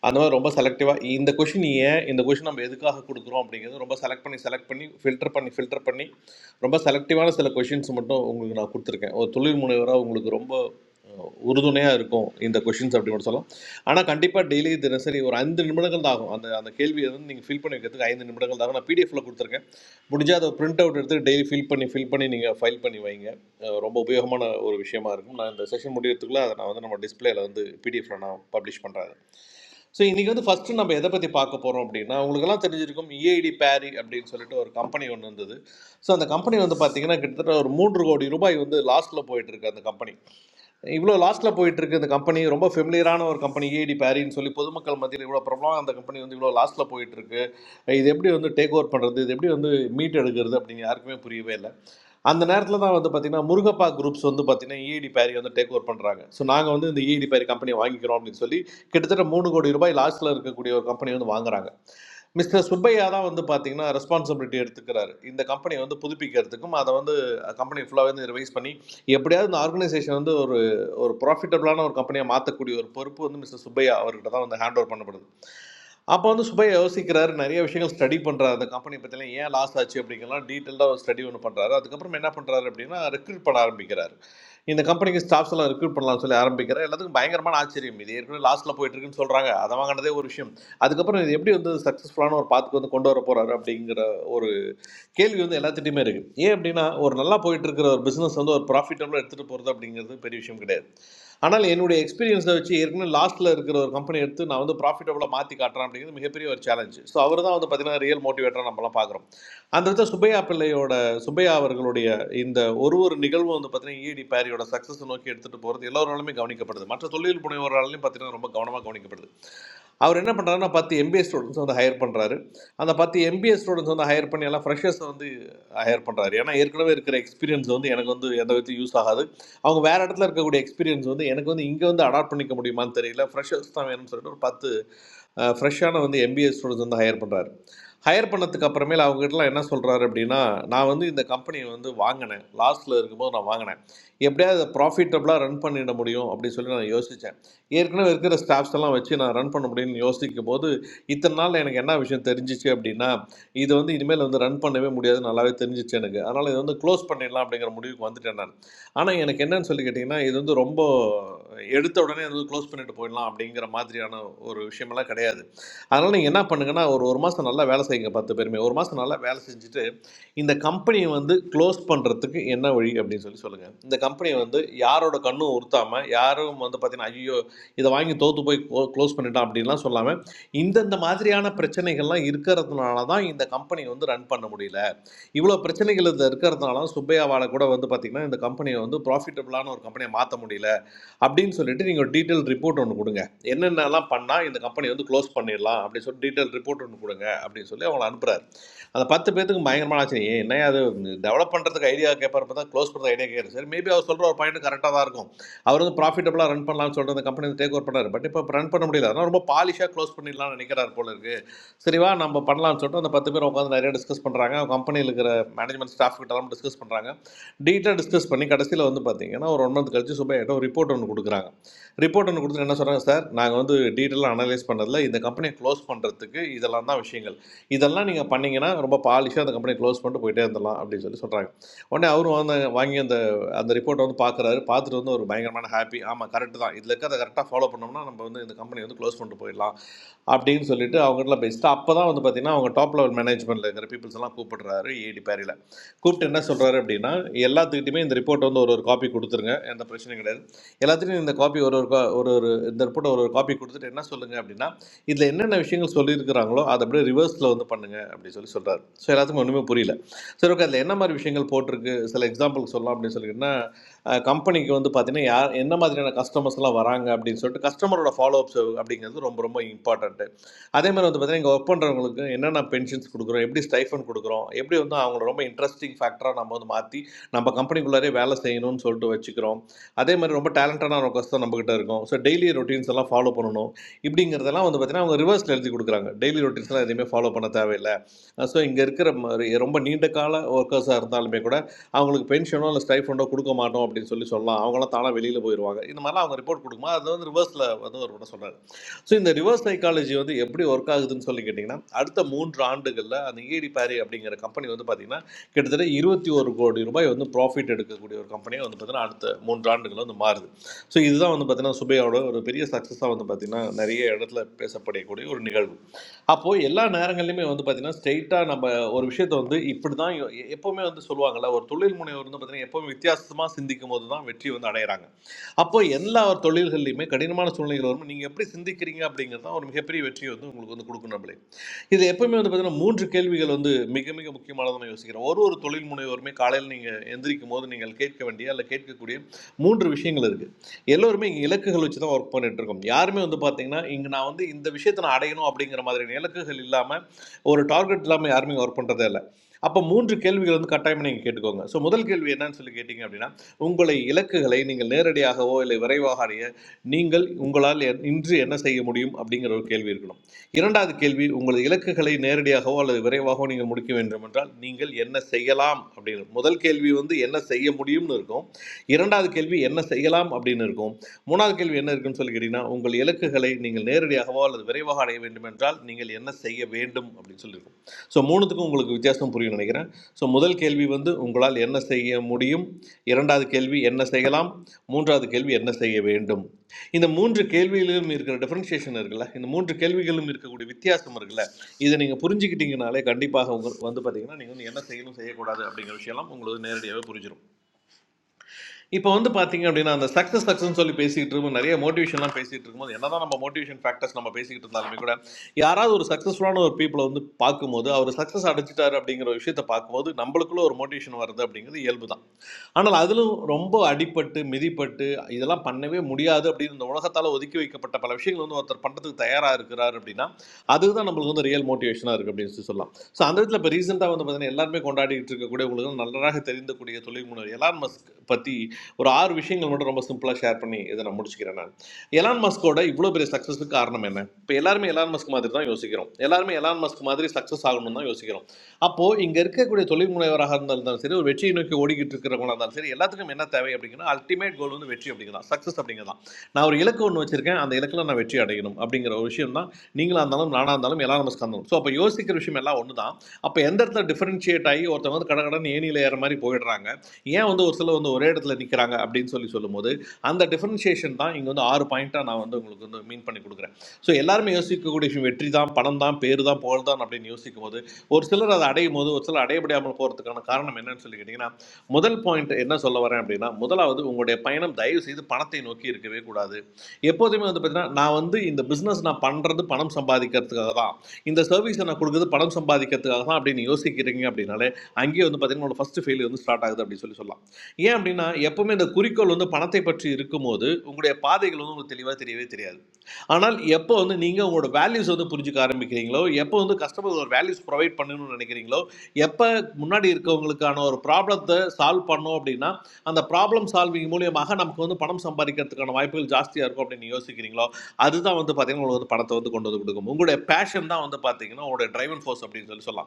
[SPEAKER 19] அந்த மாதிரி ரொம்ப செலக்டிவாக இந்த கொஷின் ஏன் இந்த கொஷின் நம்ம எதுக்காக கொடுக்குறோம் அப்படிங்கிறது ரொம்ப செலக்ட் பண்ணி செலக்ட் பண்ணி ஃபில்டர் பண்ணி ஃபில்டர் பண்ணி ரொம்ப செலக்டிவான சில கொஷின்ஸ் மட்டும் உங்களுக்கு நான் கொடுத்துருக்கேன் ஒரு தொழில் முனைவராக உங்களுக்கு ரொம்ப உறுதுணையாக இருக்கும் இந்த கொஷின்ஸ் அப்படி சொல்லலாம் ஆனால் கண்டிப்பாக டெய்லி தினசரி ஒரு ஐந்து நிமிடங்கள் தான் ஆகும் அந்த அந்த கேள்வியை வந்து நீங்கள் ஃபில் பண்ணி வைக்கிறதுக்கு ஐந்து நிமிடங்கள் தான் ஆகும் நான் பிடிஎஃப்ல கொடுத்துருக்கேன் முடிஞ்சால் அதை பிரிண்ட் அவுட் எடுத்து டெய்லி ஃபில் பண்ணி ஃபில் பண்ணி நீங்கள் ஃபைல் பண்ணி வைங்க அஹ் ரொம்ப உபயோகமான ஒரு விஷயமா இருக்கும் நான் இந்த செஷன் முடியறதுக்குள்ள அதை நான் வந்து நம்ம டிஸ்பிளேல வந்து பிடிஎஃப்ல நான் பப்ளிஷ் பண்ணுறேன் ஸோ இன்னைக்கு வந்து ஃபர்ஸ்ட் நம்ம எதை பற்றி பார்க்க போகிறோம் அப்படின்னா உங்களுக்கெல்லாம் தெரிஞ்சிருக்கும் இஏடி பேரி அப்படின்னு சொல்லிட்டு ஒரு கம்பெனி ஒன்று இருந்தது ஸோ அந்த கம்பெனி வந்து பார்த்தீங்கன்னா கிட்டத்தட்ட ஒரு மூன்று கோடி ரூபாய் வந்து லாஸ்ட்ல போயிட்டு அந்த கம்பெனி இவ்வளோ லாஸ்ட்டில் போயிட்டுருக்கு இந்த கம்பெனி. ரொம்ப ஃபெமிலியரான ஒரு கம்பெனி ஏடி பேரின்னு சொல்லி பொதுமக்கள் மத்தியில் இவ்வளோ பிரபலம் அந்த கம்பெனி வந்து இவ்வளோ லாஸ்ட்டில் போயிட்டுருக்கு. இது எப்படி வந்து டேக் ஓவர் பண்ணுறது, இது எப்படி வந்து மீட் எடுக்கிறது அப்படின்னு யாருக்குமே புரியவே இல்லை. அந்த நேரத்தில் தான் வந்து பார்த்திங்கன்னா முருகப்பா குரூப்ஸ் வந்து பார்த்திங்கன்னா ஈடி பேரி வந்து டேக் ஓவர் பண்ணுறாங்க. ஸோ நாங்கள் வந்து இந்த ஈடி பேரி கம்பெனியை வாங்கிக்கிறோம் அப்படின்னு சொல்லி கிட்டத்தட்ட மூணு கோடி ரூபாய் லாஸ்ட்டில் இருக்கக்கூடிய ஒரு கம்பெனி வந்து வாங்குறாங்க. Mr. Subbaiah, that is the responsibility of the company. When the new people come, that company will arrange the employees. If the organization is a profitable company, the handover will be done. After that, Subbaiah will start handling the handover. After that, Subbaiah will start studying the company. What is the last job of the company? What is the detail study of the company? What is the recruitment of the company? The company's staff will recruit the new employees. All the bank employees are from the last generation. They are from the last generation. அதுக்கப்புறம் இது எப்படி வந்து சக்ஸஸ்ஃபுல்லான ஒரு பாத்துக்கு வந்து கொண்டு வர போறாரு அப்படிங்கிற ஒரு கேள்வி வந்து எல்லாத்திட்டையுமே இருக்கு ஏன் அப்படின்னா ஒரு நல்லா போயிட்டு இருக்கிற ஒரு பிசினஸ் வந்து ஒரு ப்ராஃபிட்டபிளாக எடுத்துட்டு போறது அப்படிங்கிறது பெரிய விஷயம் கிடையாது ஆனால் என்னுடைய எக்ஸ்பீரியன்ஸை வச்சு ஏற்கனவே லாஸ்ட்டில் இருக்கிற ஒரு கம்பெனி எடுத்து நான் வந்து ப்ராஃபிட்டபுளாக மாற்றி காட்டுறேன் அப்படிங்கிறது மிகப்பெரிய ஒரு சேலஞ்ச் ஸோ அவர் தான் வந்து பார்த்தீங்கன்னா ரியல் மோட்டிவேட்டராக நம்மலாம் பார்க்குறோம் அந்த விதத்தில் சுப்பையா பிள்ளையோட சுப்பையா அவர்களுடைய இந்த ஒரு ஒரு நிகழ்வும் வந்து பார்த்தீங்கன்னா இடி பாரியோட சக்ஸஸ் நோக்கி எடுத்துகிட்டு போகிறது எல்லோராலுமே கவனிக்கப்படுது மற்ற தொழில் புனைவோராலையும் பார்த்தீங்கன்னா ரொம்ப கவனமாக கவனிக்கப்படுது அவர் என்ன பண்ணுறாருன்னா பத்து எம்பிஏ ஸ்டூடெண்ட்ஸ் வந்து ஹையர் பண்ணுறாரு அந்த பத்து எம்பிஏ ஸ்டூடெண்ட்ஸ் வந்து ஹையர் பண்ணி எல்லாம் ஃப்ரெஷர்ஸ் வந்து ஹையர் பண்ணுறாரு ஏன்னா ஏற்கனவே இருக்கிற எக்ஸ்பீரியன்ஸ் வந்து எனக்கு வந்து எந்த விதத்தையும் யூஸ் ஆகாது அவங்க வேறு இடத்துல இருக்கக்கூடிய எக்ஸ்பீரியன்ஸ் வந்து எனக்கு வந்து இங்கே வந்து அடாப்ட் பண்ணிக்க முடியுமான்னு தெரியல ஃப்ரெஷர்ஸ் தான் வேணும்னு சொல்லிட்டு ஒரு பத்து ஃப்ரெஷ்ஷான வந்து எம்பிஏ ஸ்டூடெண்ட்ஸ் வந்து ஹையர் பண்ணுறாரு ஹையர் பண்ணதுக்கு அப்புறமேல அவங்ககிட்டலாம் என்ன சொல்கிறாரு அப்படின்னா நான் வந்து இந்த கம்பெனியை வந்து வாங்கினேன் லாஸ்ட்டில் இருக்கும்போது நான் வாங்கினேன் எப்படியாவது அதை ப்ராஃபிட்டபுளாக ரன் பண்ணிட முடியும் அப்படின்னு சொல்லி நான் யோசித்தேன் ஏற்கனவே இருக்கிற ஸ்டாஃப்ஸ் எல்லாம் வச்சு நான் ரன் பண்ண முடியும்னு யோசிக்கும் போது இத்தனை நாள் எனக்கு என்ன விஷயம் தெரிஞ்சிச்சு அப்படின்னா இது வந்து இனிமேல் வந்து ரன் பண்ணவே முடியாது நல்லாவே தெரிஞ்சிச்சு எனக்கு அதனால் இதை வந்து க்ளோஸ் பண்ணிடலாம் அப்படிங்கிற முடிவுக்கு வந்துட்டேன் நான் ஆனால் எனக்கு என்னன்னு சொல்லி கேட்டிங்கன்னா இது வந்து ரொம்ப எடுத்த உடனே வந்து க்ளோஸ் பண்ணிட்டு போயிடலாம் அப்படிங்கிற மாதிரியான ஒரு விஷயமெல்லாம் கிடையாது அதனால் நீங்கள் என்ன பண்ணுங்கன்னா ஒரு ஒரு மாதம் நல்லா வேலை செய்யுங்க பத்து பேருமே ஒரு மாதம் நல்லா வேலை செஞ்சுட்டு இந்த கம்பெனியை வந்து க்ளோஸ் பண்ணுறதுக்கு என்ன வழி அப்படின்னு சொல்லி சொல்லுங்கள் இந்த கம்பெனியை வந்து யாரோட கண்ணும் உறுத்தாமல் யாரும் வந்து பார்த்தீங்கன்னா ஐயோ இதை வாங்கி தோற்று போய் க்ளோஸ் பண்ணிட்டான் அப்படின்லாம் சொல்லாமல் இந்தந்த மாதிரியான பிரச்சனைகள்லாம் இருக்கிறதுனால தான் இந்த கம்பெனி வந்து ரன் பண்ண முடியல இவ்வளோ பிரச்சனைகள் இது இருக்கிறதுனால சுப்பையாவால் கூட வந்து பார்த்திங்கன்னா இந்த கம்பெனியை வந்து ப்ராஃபிட்டபிளான ஒரு கம்பெனியை மாற்ற முடியல அப்படின்னு சொல்லிட்டு நீங்கள் ஒரு டீட்டெயில் ரிப்போர்ட் ஒன்று கொடுங்க என்னென்னலாம் பண்ணால் இந்த கம்பெனி வந்து க்ளோஸ் பண்ணிடலாம் அப்படின்னு சொல்லி டீட்டெயில் ரிப்போர்ட் ஒன்று கொடுங்க அப்படின்னு சொல்லி அவங்கள அனுப்புறாரு அந்த பத்து பேத்துக்கு பயங்கரமான ஆச்சரியம் ஏன் என்ன அது டெவலப் பண்ணுறதுக்கு ஐடியா கேட்பார் பார்த்தா க்ளோஸ் பண்ணுறது ஐடியா கேட்குறது சரி மேபி அவர் சொல்கிற ஒரு பாயிண்ட் கரெக்டாக தான் இருக்கும் அவர் வந்து ப்ராஃபிட்டபுளாக ரன் பண்ணலாம்னு சொல்லிட்டு அந்த கம்பெனி டேக் ஓவர் பண்ணார் பட் இப்போ ரன் பண்ண முடியல அதனால் ரொம்ப பாலிஷாக க்ளோஸ் பண்ணிடலாம்னு நினைக்கிறார் போல இருக்கு சரிவா நம்ம பண்ணலாம்னு சொல்லிட்டு அந்த பத்து பேர் உட்காந்து நிறைய டிஸ்கஸ் பண்ணுறாங்க கம்பெனியில் இருக்கிற மேனேஜ்மெண்ட் ஸ்டாஃப் கிட்டலாம் டிஸ்கஸ் பண்ணுறாங்க டீட்டெயில் டிஸ்கஸ் பண்ணி கடைசியில் வந்து பார்த்தீங்கன்னா ஒரு ஒன் மந்த் கழிச்சு சுபையாட்ட ஒரு ரிப்போர்ட் ஒன்று கொடுக்குறாங்க ரிப்போர்ட் ஒன்று கொடுத்து என்ன சொல்கிறாங்க சார் நாங்கள் வந்து டீட்டெயிலாக அனலைஸ் பண்ணதில் இந்த கம்பெனியை க்ளோஸ் பண்ணுறதுக்கு இதெல்லாம் தான் விஷயங்கள் இதெல்லாம் நீங்கள் பண்ணீங்கன்னா ரொம்ப பாலிஷாக அந்த கம்பெனியை க்ளோஸ் பண்ணிட்டு போயிட்டே இருந்தலாம் அப்படின்னு சொல்லி சொல்கிறாங்க உடனே அவரும் வந்து வாங்கி அந்த அந்த ரிப்போர்ட்டை வந்து பார்க்குறாரு பார்த்துட்டு வந்து ஒரு பயங்கரமான ஹாப்பி ஆமாம் கரெக்ட் தான் இதில் இருக்கிறத கரெக்டாக ஃபாலோ பண்ணோம்னா நம்ம வந்து இந்த கம்பெனி வந்து க்ளோஸ் பண்ணிட்டு போயிடலாம் அப்படின்னு சொல்லிட்டு அவங்ககிட்ட பேசிட்டு அப்போ தான் வந்து பார்த்தீங்கன்னா அவங்க டாப் லெவல் மேனேஜ்மெண்ட்டில் இருக்கிற பீப்புள்ஸ் எல்லாம் கூப்பிடுறாரு ஏடி பேரி கூப்பிட்டு என்ன சொல்கிறாரு அப்படின்னா எல்லாத்துக்கிட்டையுமே இந்த ரிப்போர்ட் வந்து ஒரு ஒரு காப்பி கொடுத்துருங்க எந்த பிரச்சனையும் கிடையாது எல்லாத்துலேயும் இந்த காப்பி ஒரு ஒரு co- ஒரு ஒரு இந்த ரிப்போர்ட் ஒரு ஒரு காப்பி கொடுத்துட்டு என்ன சொல்லுங்கள் அப்படின்னா இதில் என்னென்ன விஷயங்கள் சொல்லியிருக்கிறாங்களோ அதை அப்படியே ரிவர்ஸில் வந்து பண்ணுங்க அப்படின்னு சொல்லி சொல்கிறாரு ஸோ எல்லாத்துக்கும் ஒன்றுமே புரியல சரி ஓகே அதில் என்ன மாதிரி விஷயங்கள் போட்டிருக்கு சில எக்ஸாம்பிள் சொல்லலாம் அப்படின்னு சொல்லிக்கிட்டா கம்பெனிக்கு வந்து பார்த்தீங்கன்னா யார் என்ன மாதிரியான கஸ்டமர்ஸ்லாம் வராங்க அப்படின்னு சொல்லிட்டு கஸ்டமரோட ஃபாலோ அப்ஸ் அப்படிங்கிறது ரொம்ப ரொம்ப இம்பார்ட்டன்ட் அதே மாதிரி வந்து பார்த்தீங்கன்னா இங்கே ஒர்க் பண்ணுறவங்களுக்கு என்னென்ன பென்ஷன்ஸ் கொடுக்குறோம் எப்படி ஸ்டைஃபன் கொடுக்குறோம் எப்படி வந்து அவங்கள ரொம்ப இன்ட்ரெஸ்டிங் ஃபேக்டராக நம்ம வந்து மாற்றி நம்ம கம்பெனிக்குள்ளாரே வேலை செய்யணும்னு சொல்லிட்டு வச்சுக்கிறோம் அதே மாதிரி ரொம்ப டேலண்டடான ஒரு கஷ்டம் நம்மக்கிட்ட இருக்கும் ஸோ டெய்லி ரொட்டீன்ஸ் எல்லாம் ஃபாலோ பண்ணணும் இப்படிங்கிறதெல்லாம் வந்து பார்த்தீங்கன்னா அவங்க ரிவர்ஸில் எழுதி கொடுக்குறாங்க டெய்லி ரொட்டீன்ஸ்லாம் எதுவுமே ஃபாலோ பண்ண தேவையில்லை ஸோ இங்கே இருக்கிற ரொம்ப நீண்ட கால ஒர்க்கர்ஸாக இருந்தாலுமே கூட அவங்களுக்கு பென்ஷனோ இல்லை ஸ்டைஃபண்டோ கொடுக்க மாட்டோம் அப்படின்னு சொல்லி சொல்லலாம் அவங்களாம் தானாக வெளியில் போயிடுவாங்க இந்த மாதிரிலாம் அவங்க ரிப்போர்ட் கொடுக்குமா அது வந்து ரிவர்ஸில் வந்து ஒரு சொல்கிறார் so in the reverse psychology, what do you have to say about how to do it? The first three rounds are like you say. If you are a company, you have to say that there are 20 or 30 companies that have profited from this company. You have to say that the first three rounds are the worst. So this is what you have to say. It is a very successful thing. There are many people who have to say that they have to spend money. So all these things are to be said. State or something. If you are saying that at this time, you have to say that there are many people who have to say that at this time, the situation is different. அப்போ எல்லா தொழில்கள்லையுமே கடினமான சூழ்நிலைகள் வரும் நீங்கள் எப்படி சிந்திக்கிறீங்க அப்படிங்கிறது தான் ஒரு மிகப்பெரிய வெற்றியை வந்து உங்களுக்கு வந்து கொடுக்கும் நம்மளே இது எப்பவுமே வந்து பார்த்தீங்கன்னா மூன்று கேள்விகள் வந்து மிக மிக முக்கியமானதை நான் யோசிக்கிறேன் ஒரு ஒரு தொழில் முனைவோருமே காலையில் நீங்கள் எந்திரிக்கும் போது நீங்கள் கேட்க வேண்டிய அல்ல கேட்கக்கூடிய மூன்று விஷயங்கள் இருக்குது எல்லோருமே இங்கே இலக்குகள் வச்சு தான் ஒர்க் பண்ணிட்டு இருக்கோம் யாருமே வந்து பார்த்தீங்கன்னா இங்கே நான் வந்து இந்த விஷயத்தை நான் அடையணும் அப்படிங்கிற மாதிரியான இலக்குகள் இல்லாமல் ஒரு டார்கெட் இல்லாமல் யாருமே ஒர்க் பண்ணுறதே இல்லை அப்போ மூன்று கேள்விகள் வந்து கட்டாயமாக நீங்கள் கேட்டுக்கோங்க ஸோ முதல் கேள்வி என்னன்னு சொல்லி கேட்டிங்க அப்படின்னா உங்களை இலக்குகளை நீங்கள் நேரடியாகவோ இல்லை விரைவாக அடைய நீங்கள் உங்களால் இன்று என்ன செய்ய முடியும் அப்படிங்கிற ஒரு கேள்வி இருக்கணும் இரண்டாவது கேள்வி உங்களது இலக்குகளை நேரடியாகவோ அல்லது விரைவாகவோ நீங்கள் முடிக்க வேண்டும் என்றால் நீங்கள் என்ன செய்யலாம் அப்படின்னு முதல் கேள்வி வந்து என்ன செய்ய முடியும்னு இருக்கும் இரண்டாவது கேள்வி என்ன செய்யலாம் அப்படின்னு இருக்கும் மூணாவது கேள்வி என்ன இருக்குன்னு சொல்லி கேட்டிங்கன்னா உங்கள் இலக்குகளை நீங்கள் நேரடியாகவோ அல்லது விரைவாக அடைய வேண்டும் என்றால் நீங்கள் என்ன செய்ய வேண்டும் அப்படின்னு சொல்லியிருக்கும் so, three things. We have to understand. So, first Kelvin band, you guys learn what is medium. Second, Kelvin, what is the idea? Third, Kelvin, what is the idea behind them? In the three Kelvin level, there are differentiations. In the three Kelvin level, there are differentiations. In the three Kelvin level, there are differentiations. In the three Kelvin level, there are differentiations. In the three Kelvin level, there are differentiations. In the three Kelvin level, there are differentiations. இப்போ வந்து பார்த்தீங்க அப்படின்னா அந்த success சக்ஸஸ்ன்னு சொல்லி பேசிக்கிட்டு இருக்கும் நிறைய மோட்டிவேஷன்லாம் பேசிகிட்டு இருக்கும்போது என்னதான் நம்ம மோட்டிவேஷன் ஃபேக்டர்ஸ் நம்ம பேசிக்கிட்டு இருந்தாலுமே கூட யாராவது ஒரு சக்ஸஸ்ஃபுல்லான ஒரு பீப்புளை வந்து பார்க்கும்போது அவர் சக்ஸஸ் அடைஞ்சிட்டாரு அப்படிங்கிற ஒரு விஷயத்தை பார்க்கும்போது நம்மளுக்குள்ள ஒரு மோட்டிவேஷன் வருது அப்படிங்கிறது இயல்பு தான் ஆனால் அதிலும் ரொம்ப அடிபட்டு மிதிப்பட்டு இதெல்லாம் பண்ணவே முடியாது அப்படின்னு இந்த உலகத்தால் ஒதுக்கி வைக்கப்பட்ட பல விஷயங்கள் வந்து ஒருத்தர் பண்ணுறதுக்கு தயாராக இருக்கிறார் அப்படின்னா அதுதான் நம்மளுக்கு வந்து ரியல் மோட்டிவேஷனாக இருக்குது அப்படின்னு சொல்லி சொல்லலாம் ஸோ அந்த விதத்தில் இப்போ ரீசெண்டாக வந்து பார்த்தீங்கன்னா எல்லாருமே கொண்டாடிட்டு இருக்கக்கூடிய உங்களுக்கு நன்றாக தெரிந்தக்கூடிய தொழில் முனைவர் எலான் மஸ்க் பற்றி ஒரு ஆறு விஷயங்கள் மட்டும் ரொம்ப சிம்பிளாக ஷேர் பண்ணி இதை நான் முடிச்சுக்கிறேன் நான் எலான் மஸ்கோட இவ்வளோ பெரிய சக்ஸஸுக்கு காரணம் என்ன இப்போ எல்லாருமே எலான் மஸ்க் மாதிரி தான் யோசிக்கிறோம் எல்லாருமே எலான் மஸ்க் மாதிரி சக்ஸஸ் ஆகணும்னு தான் யோசிக்கிறோம் அப்போது இங்கே இருக்கக்கூடிய தொழில் முனைவராக இருந்தாலும் சரி ஒரு வெற்றியை நோக்கி ஓடிக்கிட்டு இருக்கிறவங்களா இருந்தாலும் சரி எல்லாத்துக்கும் என்ன தேவை அப்படிங்கன்னா அல்டிமேட் கோல் வந்து வெற்றி அப்படிங்கிறதான் சக்ஸஸ் அப்படிங்கிறதான் நான் ஒரு இலக்கு ஒன்று வச்சுருக்கேன் அந்த இலக்கில் நான் வெற்றி அடையணும் அப்படிங்கிற ஒரு விஷயம் தான் நீங்களாக இருந்தாலும் நானாக இருந்தாலும் எலான் மஸ்க் இருந்தாலும் ஸோ அப்போ யோசிக்கிற விஷயம் எல்லாம் ஒன்று தான் அப்போ எந்த இடத்துல டிஃபரன்ஷியேட் ஆகி ஒருத்தவங்க வந்து கடை கடன் ஏனியில் ஏற மாதிரி போயிடுறாங்க ஏன் வந்து ஒரு சிலர் வந்து ஒரே இடத்துல நிற்கிறாங்க அப்படின்னு சொல்லி சொல்லும்போது அந்த டிஃபரன்ஷியேஷன் தான் இங்கே வந்து ஆறு பாயிண்ட்டாக நான் வந்து உங்களுக்கு வந்து மீன் பண்ணி கொடுக்குறேன் ஸோ எல்லாருமே யோசிக்கக்கூடிய விஷயம் வெற்றி தான் பணம் தான் பேர் தான் புகழ் தான் அப்படின்னு யோசிக்கும் போது ஒரு சிலர் அதை அடையும் போது ஒரு சிலர் அடைய முடியாமல் போகிறதுக்கான காரணம் என்னன்னு சொல்லி கேட்டிங்கன்னா முதல் பாயிண்ட் என்ன சொல்ல வரேன் அப்படின்னா முதலாவது உங்களுடைய பயணம் தயவு செய்து பணத்தை நோக்கி இருக்கவே கூடாது எப்போதுமே வந்து பார்த்தீங்கன்னா நான் வந்து இந்த பிஸ்னஸ் நான் பண்ணுறது பணம் சம்பாதிக்கிறதுக்காக தான் இந்த சர்வீஸை நான் கொடுக்குறது பணம் சம்பாதிக்கிறதுக்காக தான் அப்படின்னு யோசிக்கிறீங்க அப்படின்னா அங்கேயே வந்து பார்த்தீங்கன்னா உங்களோட ஃபஸ்ட்டு ஃபெயிலியர் வந்து ஸ்டார்ட் ஆகுது அப்படின்னு சொல்லி சொல்லலாம் ஏன் அப்படின்னா எப்பவுமே இந்த குறிக்கோள் வந்து பணத்தை பற்றி இருக்கும்போது உங்களுடைய பாதைகள் வந்து உங்களுக்கு தெளிவாக தெரியவே தெரியாது ஆனால் எப்போ வந்து நீங்கள் உங்களோட வேல்யூஸ் வந்து புரிஞ்சுக்க ஆரம்பிக்கிறீங்களோ எப்போ வந்து கஸ்டமர் ஒரு வேல்யூஸ் ப்ரொவைட் பண்ணணும்னு நினைக்கிறீங்களோ எப்போ முன்னாடி இருக்கவங்களுக்கான ஒரு ப்ராப்ளத்தை சால்வ் பண்ணோம் அப்படின்னா அந்த ப்ராப்ளம் சால்விங் மூலியமாக நமக்கு வந்து பணம் சம்பாதிக்கிறதுக்கான வாய்ப்புகள் ஜாஸ்தியாக இருக்கும் அப்படின்னு யோசிக்கிறீங்களோ அதுதான் வந்து பார்த்தீங்கன்னா உங்களுக்கு வந்து பணத்தை வந்து கொண்டு வந்து கொடுக்கும் உங்களுடைய பேஷன் தான் வந்து பார்த்தீங்கன்னா உங்களுடைய டிரைவன் ஃபோர்ஸ் அப்படின்னு சொல்லி சொல்லலாம்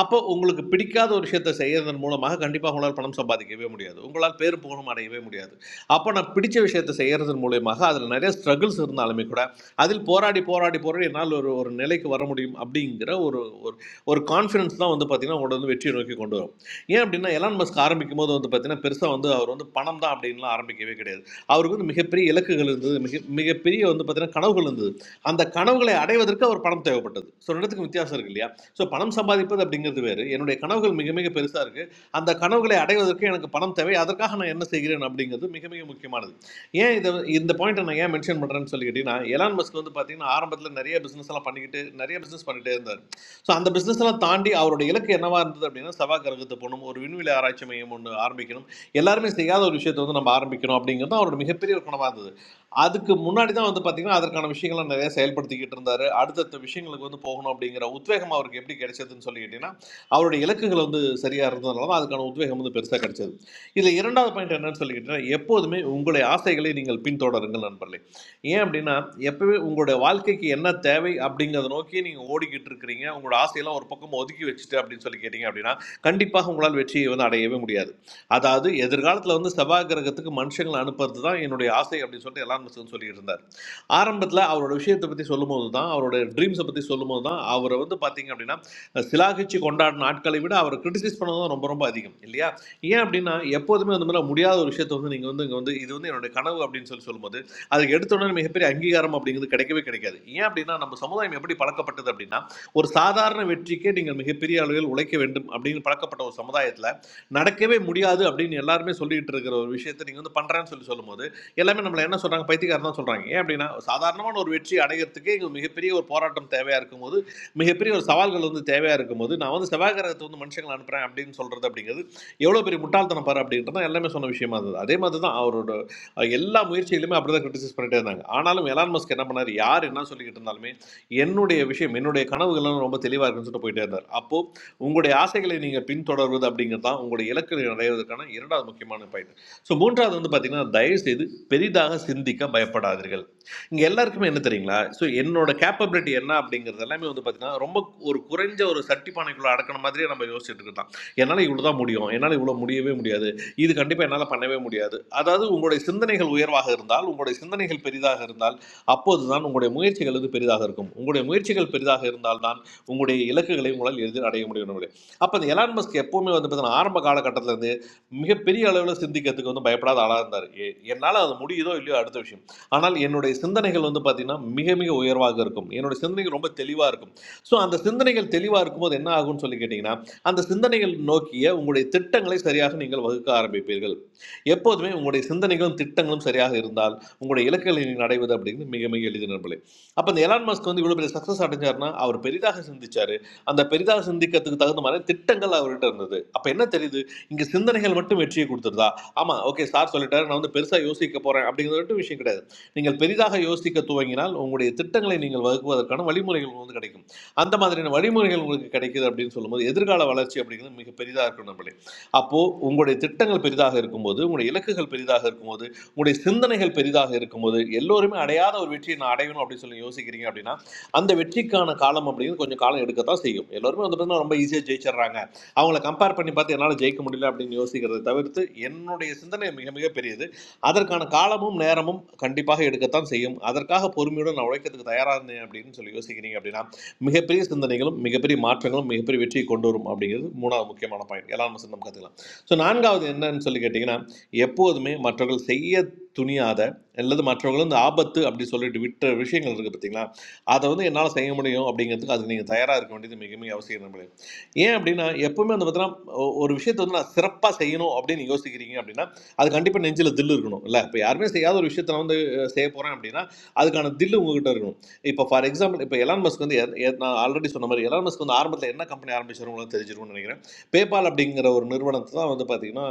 [SPEAKER 19] அப்போ உங்களுக்கு பிடிக்காத ஒரு விஷயத்தை செய்யறதன் மூலமாக கண்டிப்பாக உங்களால் பணம் சம்பாதிக்கவே முடியாது உங்களால் பேர் புகழும் அடையவே முடியாது அப்போ நான் பிடிச்ச விஷயத்தை செய்யறதன் மூலியமாக அதில் நிறைய ஸ்ட்ரகிள்ஸ் இருந்தாலுமே கூட அதில் போராடி போராடி போராடி என்னால் ஒரு ஒரு நிலைக்கு வர முடியும் அப்படிங்கிற ஒரு ஒரு ஒரு கான்ஃபிடன்ஸ் தான் வந்து பார்த்தீங்கன்னா உங்களை வந்து வெற்றியை நோக்கி கொண்டு வரும் ஏன் அப்படின்னா எலான் மஸ்க் ஆரம்பிக்கும் போது வந்து பார்த்தீங்கன்னா பெருசாக வந்து அவர் வந்து பணம் தான் அப்படின்லாம் ஆரம்பிக்கவே கிடையாது அவருக்கு வந்து மிகப்பெரிய இலக்குகள் இருந்தது மிக மிகப்பெரிய வந்து பார்த்தீங்கன்னா கனவுகள் இருந்தது அந்த கனவுகளை அடைவதற்கு அவர் பணம் தேவைப்பட்டது ஸோ ரெண்டுத்துக்கும் வித்தியாசம் இருக்கு இல்லையா so, param samadhi pata drinking to beare. I know the canaukals meke meke perisha are. And the canaukals atake adarke. I know the param tavey adar ka hana. I am saying here, drinking to meke meke important. Why? In the point I mentioned, but I am saying here, na. Everyone must know the point. Na, arm badle nariya business la panihte nariya business panihte andar. So, and the business la tandi aurdi elake. I know what and the drinking. Sava garagat ponom orvini le arachamayamund armikinom. Everyone is saying that orishet. So, na armikinom drinking. That aur meke periyokanavada. அதுக்கு முன்னாடி தான் வந்து பார்த்தீங்கன்னா அதற்கான விஷயங்களை நிறைய செயல்படுத்திக்கிட்டு இருந்தாரு அடுத்தடுத்த விஷயங்களுக்கு வந்து போகணும் அப்படிங்கிற உத்வேகம் அவருக்கு எப்படி கிடைச்சதுன்னு சொல்லி கேட்டிங்கன்னா அவருடைய இலக்குகள் வந்து சரியாக இருந்ததுனால தான் அதுக்கான உத்வேகம் வந்து பெருசாக கிடைச்சது இதில் இரண்டாவது பாயிண்ட் என்னன்னு சொல்லி கேட்டிங்கன்னா எப்போதுமே உங்களுடைய ஆசைகளை நீங்கள் பின்தொடருங்கள் நண்பர்களே ஏன் அப்படின்னா எப்போவே உங்களுடைய வாழ்க்கைக்கு என்ன தேவை அப்படிங்கிறத நோக்கி நீங்கள் ஓடிக்கிட்டு இருக்கிறீங்க உங்களோட ஆசையெல்லாம் ஒரு பக்கம் ஒதுக்கி வச்சுட்டு அப்படின்னு சொல்லி கேட்டிங்க அப்படின்னா கண்டிப்பாக உங்களால் வெற்றியை வந்து அடையவே முடியாது அதாவது எதிர்காலத்தில் வந்து செவ்வாய் கிரகத்துக்கு மனுஷங்களை அனுப்புறது தான் என்னுடைய ஆசை அப்படின்னு சொல்லிட்டு எலான் மஸ்க் வந்து சொல்லிட்டு இருந்தார் ஆரம்பத்தில் அவரோட விஷயத்தை பற்றி சொல்லும்போது தான் அவரோட ட்ரீம்ஸை பற்றி சொல்லும்போது தான் அவரை வந்து பார்த்தீங்க அப்படின்னா சிலாகிச்சு கொண்டாடின ஆட்களை விட அவரை கிரிட்டிசைஸ் பண்ணது தான் ரொம்ப ரொம்ப அதிகம் இல்லையா ஏன் அப்படின்னா எப்போதுமே அந்த மாதிரி முடியாத ஒரு விஷயத்தை வந்து நீங்கள் வந்து இங்கே வந்து இது வந்து என்னுடைய கனவு அப்படின்னு சொல்லி சொல்லும்போது அதுக்கு எடுத்த மிகப்பெரிய அங்கீகாரம் அப்படிங்கிறது கிடைக்கவே கிடைக்காது ஏன் அப்படின்னா நம்ம சமுதாயம் எப்படி பழக்கப்பட்டது அப்படின்னா ஒரு சாதாரண வெற்றிக்கே நீங்கள் மிகப்பெரிய அளவில் உழைக்க வேண்டும் அப்படின்னு பழக்கப்பட்ட ஒரு சமுதாயத்தில் நடக்கவே முடியாது அப்படின்னு எல்லாருமே சொல்லிட்டு இருக்கிற ஒரு விஷயத்தை நீங்கள் வந்து பண்ணுறேன்னு சொல்லி சொல்லும்போது எல்லாமே நம்மளை என்ன சொல்கிறாங்க பைத்தியக்காரன் தான் சொல்கிறாங்க ஏன் அப்படின்னா சாதாரணமான ஒரு வெற்றி அடைகிறதுக்கே இங்கே மிகப்பெரிய ஒரு போராட்டம் தேவையாக இருக்கும்போது மிகப்பெரிய ஒரு சவால்கள் வந்து தேவையாக இருக்கும்போது நான் வந்து செவ்வாய் கிரகத்தை வந்து மனுஷங்களை அனுப்புகிறேன் அப்படின்னு சொல்கிறது அப்படிங்கிறது எவ்வளோ பெரிய முட்டாள்தனம் பாரு அப்படின்றது எல்லாமே சொன்ன விஷயமா இருந்தது அதே மாதிரி தான் அவரோட எல்லா முயற்சியிலுமே அப்படி கிரிட்டிசைஸ் பண்ணிட்டே இருந்தாங்க ஆனாலும் எலான் மஸ்க் என்ன பண்ணார் யார் என்ன சொல்லிக்கிட்டு இருந்தாலுமே என்னுடைய விஷயம் என்னுடைய கனவுகள்லாம் ரொம்ப தெளிவாக இருக்குன்னு சொல்லிட்டு போயிட்டே இருந்தார் அப்போ உங்களுடைய ஆசைகளை நீங்கள் பின்தொடர்வது அப்படிங்கிறது தான் உங்களுடைய இலக்குகளை அடைவதற்கான இரண்டாவது முக்கியமான பயன் ஸோ மூன்றாவது வந்து பார்த்தீங்கன்னா தயவுசெய்து பெரிதாக சிந்திக்க பயப்படாதீர்கள் இங்கே எல்லாருக்குமே என்ன தெரியுங்களா ஸோ என்னோட கேப்பபிலிட்டி என்ன அப்படிங்கிறது எல்லாமே வந்து பார்த்தீங்கன்னா ரொம்ப ஒரு குறைஞ்ச ஒரு சட்டிப்பானைக்குள்ளே அடக்கின மாதிரியே நம்ம யோசிச்சுட்டு இருக்கோம் என்னால் இவ்வளோ தான் முடியும் என்னால் இவ்வளோ முடியவே முடியாது இது கண்டிப்பாக என்னால் பண்ணவே முடியாது அதாவது உங்களுடைய சிந்தனைகள் உயர்வாக இருந்தால் உங்களுடைய சிந்தனைகள் பெரிதாக இருந்தால் அப்போது தான் உங்களுடைய முயற்சிகள் வந்து பெரிதாக இருக்கும் உங்களுடைய முயற்சிகள் பெரிதாக இருந்தால் உங்களுடைய இலக்குகளை உங்களால் எளிதில் அடைய முடியும் நம்மளே அப்போ இந்த எலான் மஸ்க் எப்போவுமே வந்து பார்த்தீங்கன்னா ஆரம்ப காலகட்டத்துல இருந்து மிகப்பெரிய அளவில் சிந்திக்கிறதுக்கு வந்து பயப்படாத ஆளாக இருந்தார் என்னால் அது முடியுதோ இல்லையோ அடுத்த விஷயம் ஆனால் என்னுடைய சிந்தனைகள் வந்து பார்த்திங்கன்னா மிக மிக உயர்வாக இருக்கும் என்னுடைய சிந்தனைகள் ரொம்ப தெளிவாக இருக்கும் ஸோ அந்த சிந்தனைகள் தெளிவாக இருக்கும்போது என்ன ஆகும்னு சொல்லி கேட்டிங்கன்னா அந்த சிந்தனைகள் நோக்கிய உங்களுடைய திட்டங்களை சரியாக நீங்கள் வகுக்க ஆரம்பிப்பீர்கள் எப்போதுமே உங்களுடைய சிந்தனைகளும் திட்டங்களும் சரியாக இருந்தால் உங்களுடைய இலக்குகளை நீங்கள் அடைவது அப்படிங்கிறது மிக மிக எளிது அப்போ இந்த எலான் மஸ்க் வந்து இவ்வளோ பெரிய சக்ஸஸ் அடைஞ்சாருன்னா அவர் பெரிதாக சிந்திச்சாரு அந்த பெரிதாக சிந்திக்கிறதுக்கு தகுந்த மாதிரி திட்டங்கள் அவர்கிட்ட இருந்தது அப்போ என்ன தெரியுது இங்கே சிந்தனைகள் மட்டும் வெற்றியை கொடுத்துருதா ஆமாம் ஓகே சார் சொல்லிட்டாரு நான் வந்து பெருசாக யோசிக்க போகிறேன் அப்படிங்கிறது மட்டும் விஷயம் கிடையாது நீங்கள் பெரிதாக யோசிக்க துவங்கினால் உங்களுடைய திட்டங்களை நீங்கள் வகுக்குவதற்கான வழிமுறைகள் உங்களுக்கு வந்து கிடைக்கும் அந்த மாதிரியான வழிமுறைகள் உங்களுக்கு கிடைக்குது அப்படின்னு சொல்லும்போது எதிர்கால வளர்ச்சி அப்படிங்கிறது மிக பெரிதாக இருக்கும் நம்மளே அப்போது உங்களுடைய திட்டங்கள் பெரிதாக இருக்கும்போது உங்களுடைய இலக்குகள் பெரிதாக இருக்கும்போது உங்களுடைய சிந்தனைகள் பெரிதாக இருக்கும்போது எல்லோருமே அடையாத ஒரு வெற்றியை நான் அடையணும் அப்படின்னு சொல்லி யோசிக்கிறீங்க அப்படின்னா அந்த வெற்றிக்கான காலம் அப்படிங்கிறது கொஞ்சம் காலம் எடுக்கத்தான் செய்யும் எல்லோருமே வந்து பார்த்தீங்கன்னா ரொம்ப ஈஸியாக ஜெயிச்சிடுறாங்க அவங்கள கம்பேர் பண்ணி பார்த்து என்னால் ஜெயிக்க முடியல அப்படின்னு யோசிக்கிறதை தவிர்த்து என்னுடைய சிந்தனை மிக மிக பெரியது அதற்கான காலமும் நேரமும் கண்டிப்பாக எடுக்கத்தான் செய்யும் அதற்காக பொறுமையுடன் நான் உழைக்கிறதுக்கு தயாராக இருந்தேன் அப்படின்னு சொல்லி யோசிக்கிறீங்க அப்படின்னா மிகப்பெரிய சிந்தனைகளும் மிகப்பெரிய மாற்றங்களும் மிகப்பெரிய வெற்றியை கொண்டு வரும் அப்படிங்கிறது மூணாவது முக்கியமான பாயிண்ட் எல்லாம் நம்ம கற்றுக்கலாம் ஸோ நான்காவது என்னன்னு சொல்லி கேட்டிங்கன்னா எப்போதுமே மற்றவர்கள் செய்ய துணியாத அல்லது மற்றவர்கள் இந்த ஆபத்து அப்படி சொல்லிட்டு விட்ட விஷயங்கள் இருக்குது பார்த்தீங்களா அதை வந்து என்னால் செய்ய முடியும் அப்படிங்கிறதுக்கு அதுக்கு நீங்கள் தயாராக இருக்க வேண்டியது மிக மிக அவசியம் நம்மளே ஏன் அப்படின்னா எப்பவுமே வந்து பார்த்தீங்கன்னா ஒ- ஒரு விஷயத்தை வந்து நான் சிறப்பாக செய்யணும் அப்படின்னு யோசிக்கிறீங்க அப்படின்னா அது கண்டிப்பாக நெஞ்சில் தில் இருக்கணும் இல்லை இப்போ யாருமே செய்யாத ஒரு விஷயத்தை நான் வந்து செய்ய போகிறேன் அப்படின்னா அதுக்கான தில் உங்ககிட்ட இருக்கணும் இப்போ ஃபார் எக்ஸாம்பிள் இப்போ எலான் மஸ்க் வந்து நான் ஆல்ரெடி சொன்ன மாதிரி எலான் மஸ்க் வந்து ஆரம்பத்தில் என்ன கம்பெனி ஆரம்பிச்சாரு தெரிஞ்சிருக்கும்னு நினைக்கிறேன் பேபால் அப்படிங்கிற ஒரு நிறுவனத்தை தான் வந்து பார்த்தீங்கன்னா